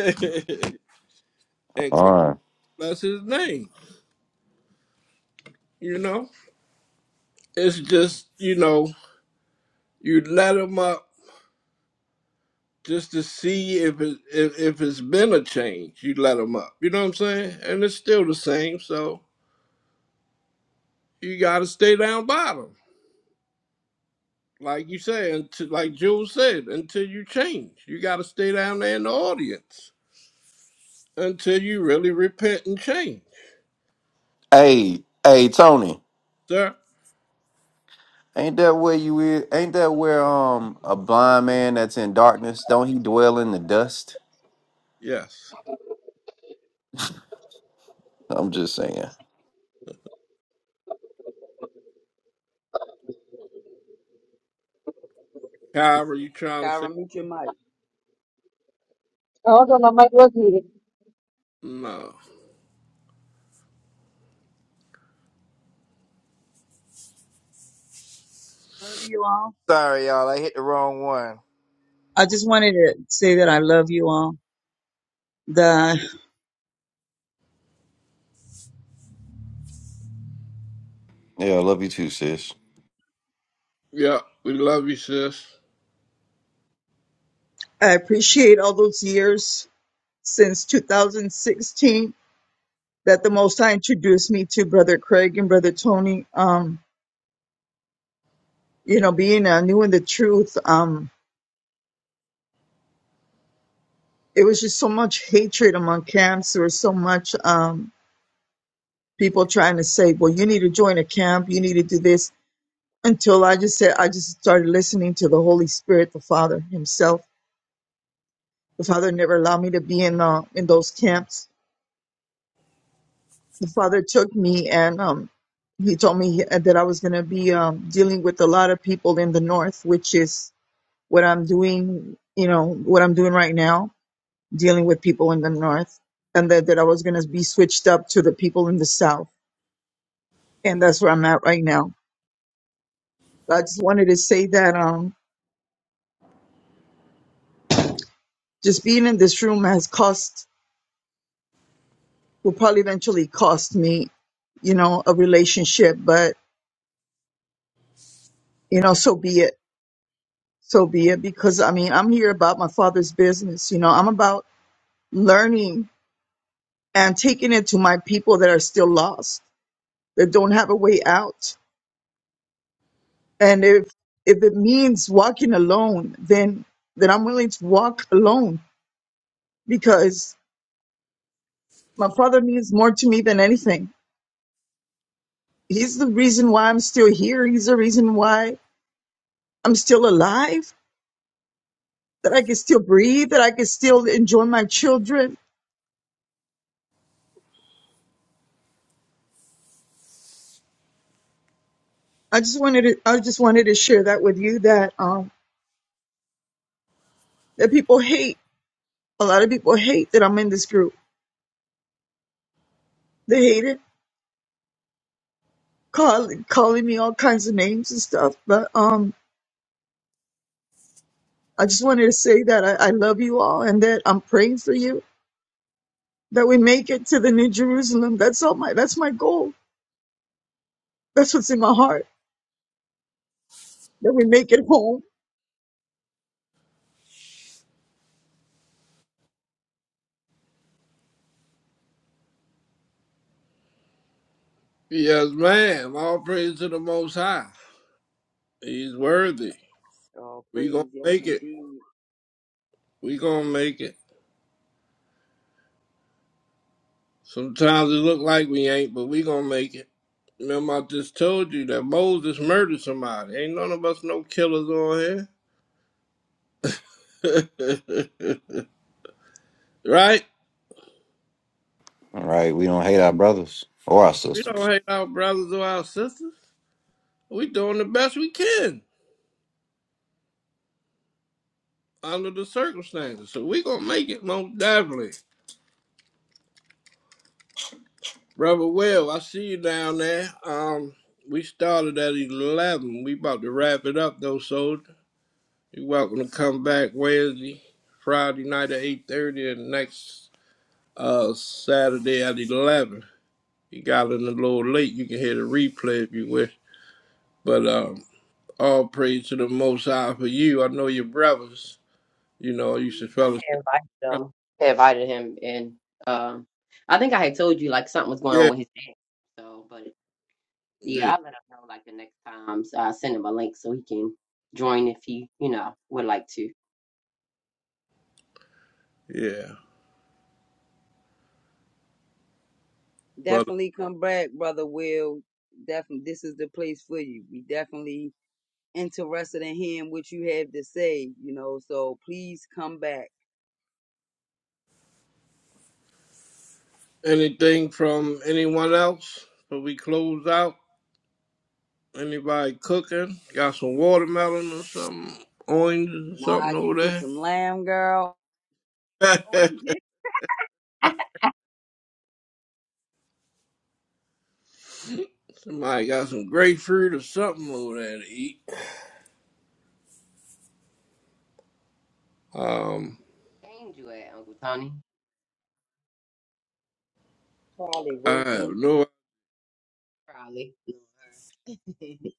and
All
can
right.
bless His name. You know, it's just you know you let Him up just to see if it if, if it's been a change. You let Him up. You know what I'm saying? And it's still the same. So you gotta stay down bottom. Like you said, like Jules said, until you change, you got to stay down there in the audience until you really repent and change,
Hey, hey, Tony.
sir.
Ain't that where you is? Ain't that where um a blind man that's in darkness? Don't he dwell in the dust?
Yes.
I'm just saying.
Kyra, you trying to say
Kyra, meet your mic.
I was on my mic was muted.
no?
Love you all.
Sorry, y'all. I hit the wrong one.
I just wanted to say that I love you all. That
Yeah, I love you too, sis.
Yeah, we love you, sis.
I appreciate all those years since 2016 that the Most High introduced me to Brother Craig and Brother Tony. Um, you know, being uh, new in the truth. Um, it was just so much hatred among camps. There was so much um, people trying to say, "Well, you need to join a camp. You need to do this." Until I just said, I just started listening to the Holy Spirit, the Father Himself. The Father never allowed me to be in uh, in those camps. The Father took me and um, He told me that I was going to be um, dealing with a lot of people in the North, which is what I'm doing. You know what I'm doing right now, dealing with people in the North, and that, that I was going to be switched up to the people in the South and that's where I'm at right now. I just wanted to say that um, just being in this room has cost, will probably eventually cost me, you know, a relationship. But you know, so be it, so be it. Because I mean, I'm here about my father's business. You know, I'm about learning and taking it to my people that are still lost, that don't have a way out. And if if it means walking alone, then then I'm willing to walk alone because my father means more to me than anything He's the reason why I'm still here. He's the reason why I'm still alive, that I can still breathe, that I can still enjoy my children. I just wanted to, I just wanted to share that with you that, um, that people hate. A lot of people hate that I'm in this group. They hate it, call, calling me all kinds of names and stuff. But, um, I just wanted to say that I, I love you all and that I'm praying for you, that we make it to the New Jerusalem. That's all my, that's my goal. That's what's in my heart, that we make it home
Yes, ma'am. All praise to the Most High. He's worthy.
Oh,
We gonna
praise. Yes,
make it.
indeed.
We gonna make it. Sometimes it look like we ain't, but we gonna make it. Remember, I just told you that Moses murdered somebody. Ain't none of us no killers on here. Right?
All right, we don't hate our brothers or our
We
sisters.
don't hate our brothers or our sisters. We doing the best we can under the circumstances. So we gonna make it most definitely. Brother Will, I see you down there. Um we started at eleven. We about to wrap it up though, soldier. you're welcome to come back Wednesday, Friday night at eight thirty and next uh Saturday at eleven. You got in a little late, you can hear the replay if you wish. But um all praise to the most high for you. I know your brothers. You know, you
yeah.
should
I had
fellowship.
invited him. I invited him, and um, I think I had told you like something was going on
Yeah,
with his dad. So, but
yeah.
yeah, I let him know like the next time. So I send him a link so he can join if he, you know, would like to.
Yeah. But uh,
Definitely come back, Brother Will. Definitely, this is the place for you. We definitely interested in hearing what you have to say, you know, so please come back.
anything from anyone else? So we close out. Anybody cooking? Got some watermelon or something? Oranges or
Nah,
something
you cook
over
some lamb, girl.
Oh, I
there?
did.
Somebody got some grapefruit or something over there to eat. Um,
Ain't you at Uncle Tony,
Probably
I have
working.
no,
probably.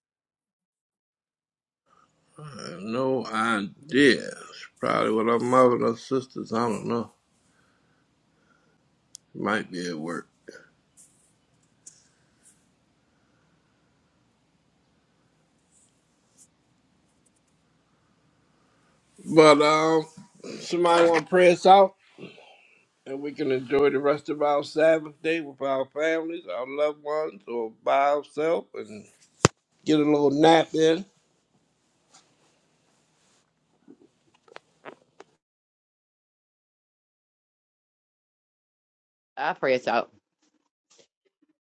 I have no idea. It's probably with our mother or sisters. I don't know. Might be at work. But um, somebody want to pray us out? and we can enjoy the rest of our Sabbath day with our families, our loved ones, or by ourselves and get a little nap in.
I pray us out.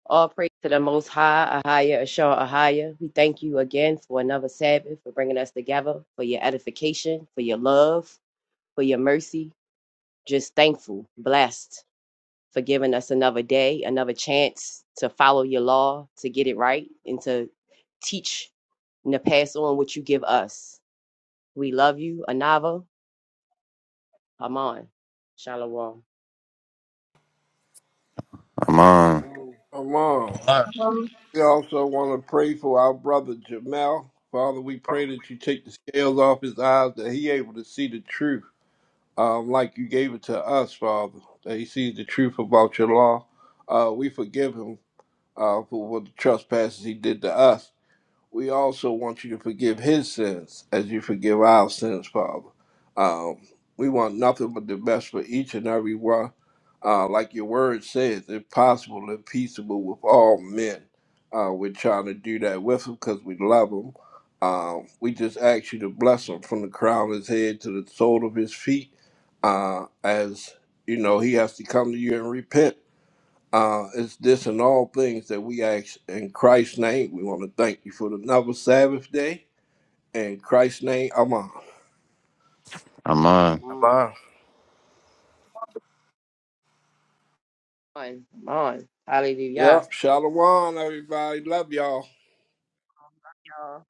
All praise to the Most High, Ahaya, Ashar, Ahaya. We thank you again for another Sabbath, for bringing us together, for your edification, for your love. for your mercy. Just thankful, blessed for giving us another day, another chance to follow your law, to get it right, and to teach and to pass on what you give us. We love you, Anava. Aman. Shalom.
I'm
I
on.
know.
Among.
All right.
Um,
We also want to pray for our brother Jamel. Father, we pray that you take the scales off his eyes, that he able to see the truth, um, like you gave it to us, Father, that he sees the truth about your law. Uh, we forgive him uh, for what the trespasses he did to us. we also want you to forgive his sins as you forgive our sins, Father. Um, we want nothing but the best for each and every one. Uh, like your word says, if possible and peaceable with all men. Uh, we're trying to do that with them because we love them. Um, we just ask you to bless him from the crown of his head to the sole of his feet uh, as, you know, he has to come to you and repent uh, it's this and all things that we ask in Christ's name. We want to thank you for another Sabbath day. In Christ's name, Amen.
I'm
I'm
on.
on.
Abba.
Aman. Aman. Hallelujah.
Yep, Shalom, everybody. Love y'all.
Love y'all.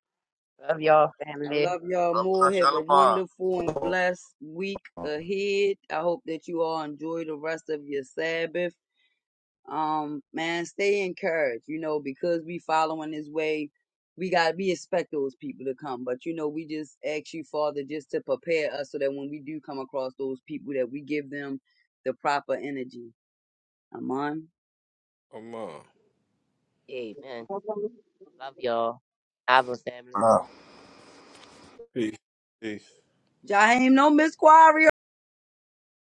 Love y'all,
I
family.
love y'all more.
Abba
Have a
Shalom.
wonderful and blessed week ahead. I hope that you all enjoy the rest of your Sabbath. um man stay encouraged you know because we following his way we got we expect those people to come but you know we just ask you father just to prepare us so that when we do come across those people that we give them the proper energy amon
Amen.
Amen. Love y'all. Anava family.
Amar.
Peace. Peace.
jaheim no miss Quarry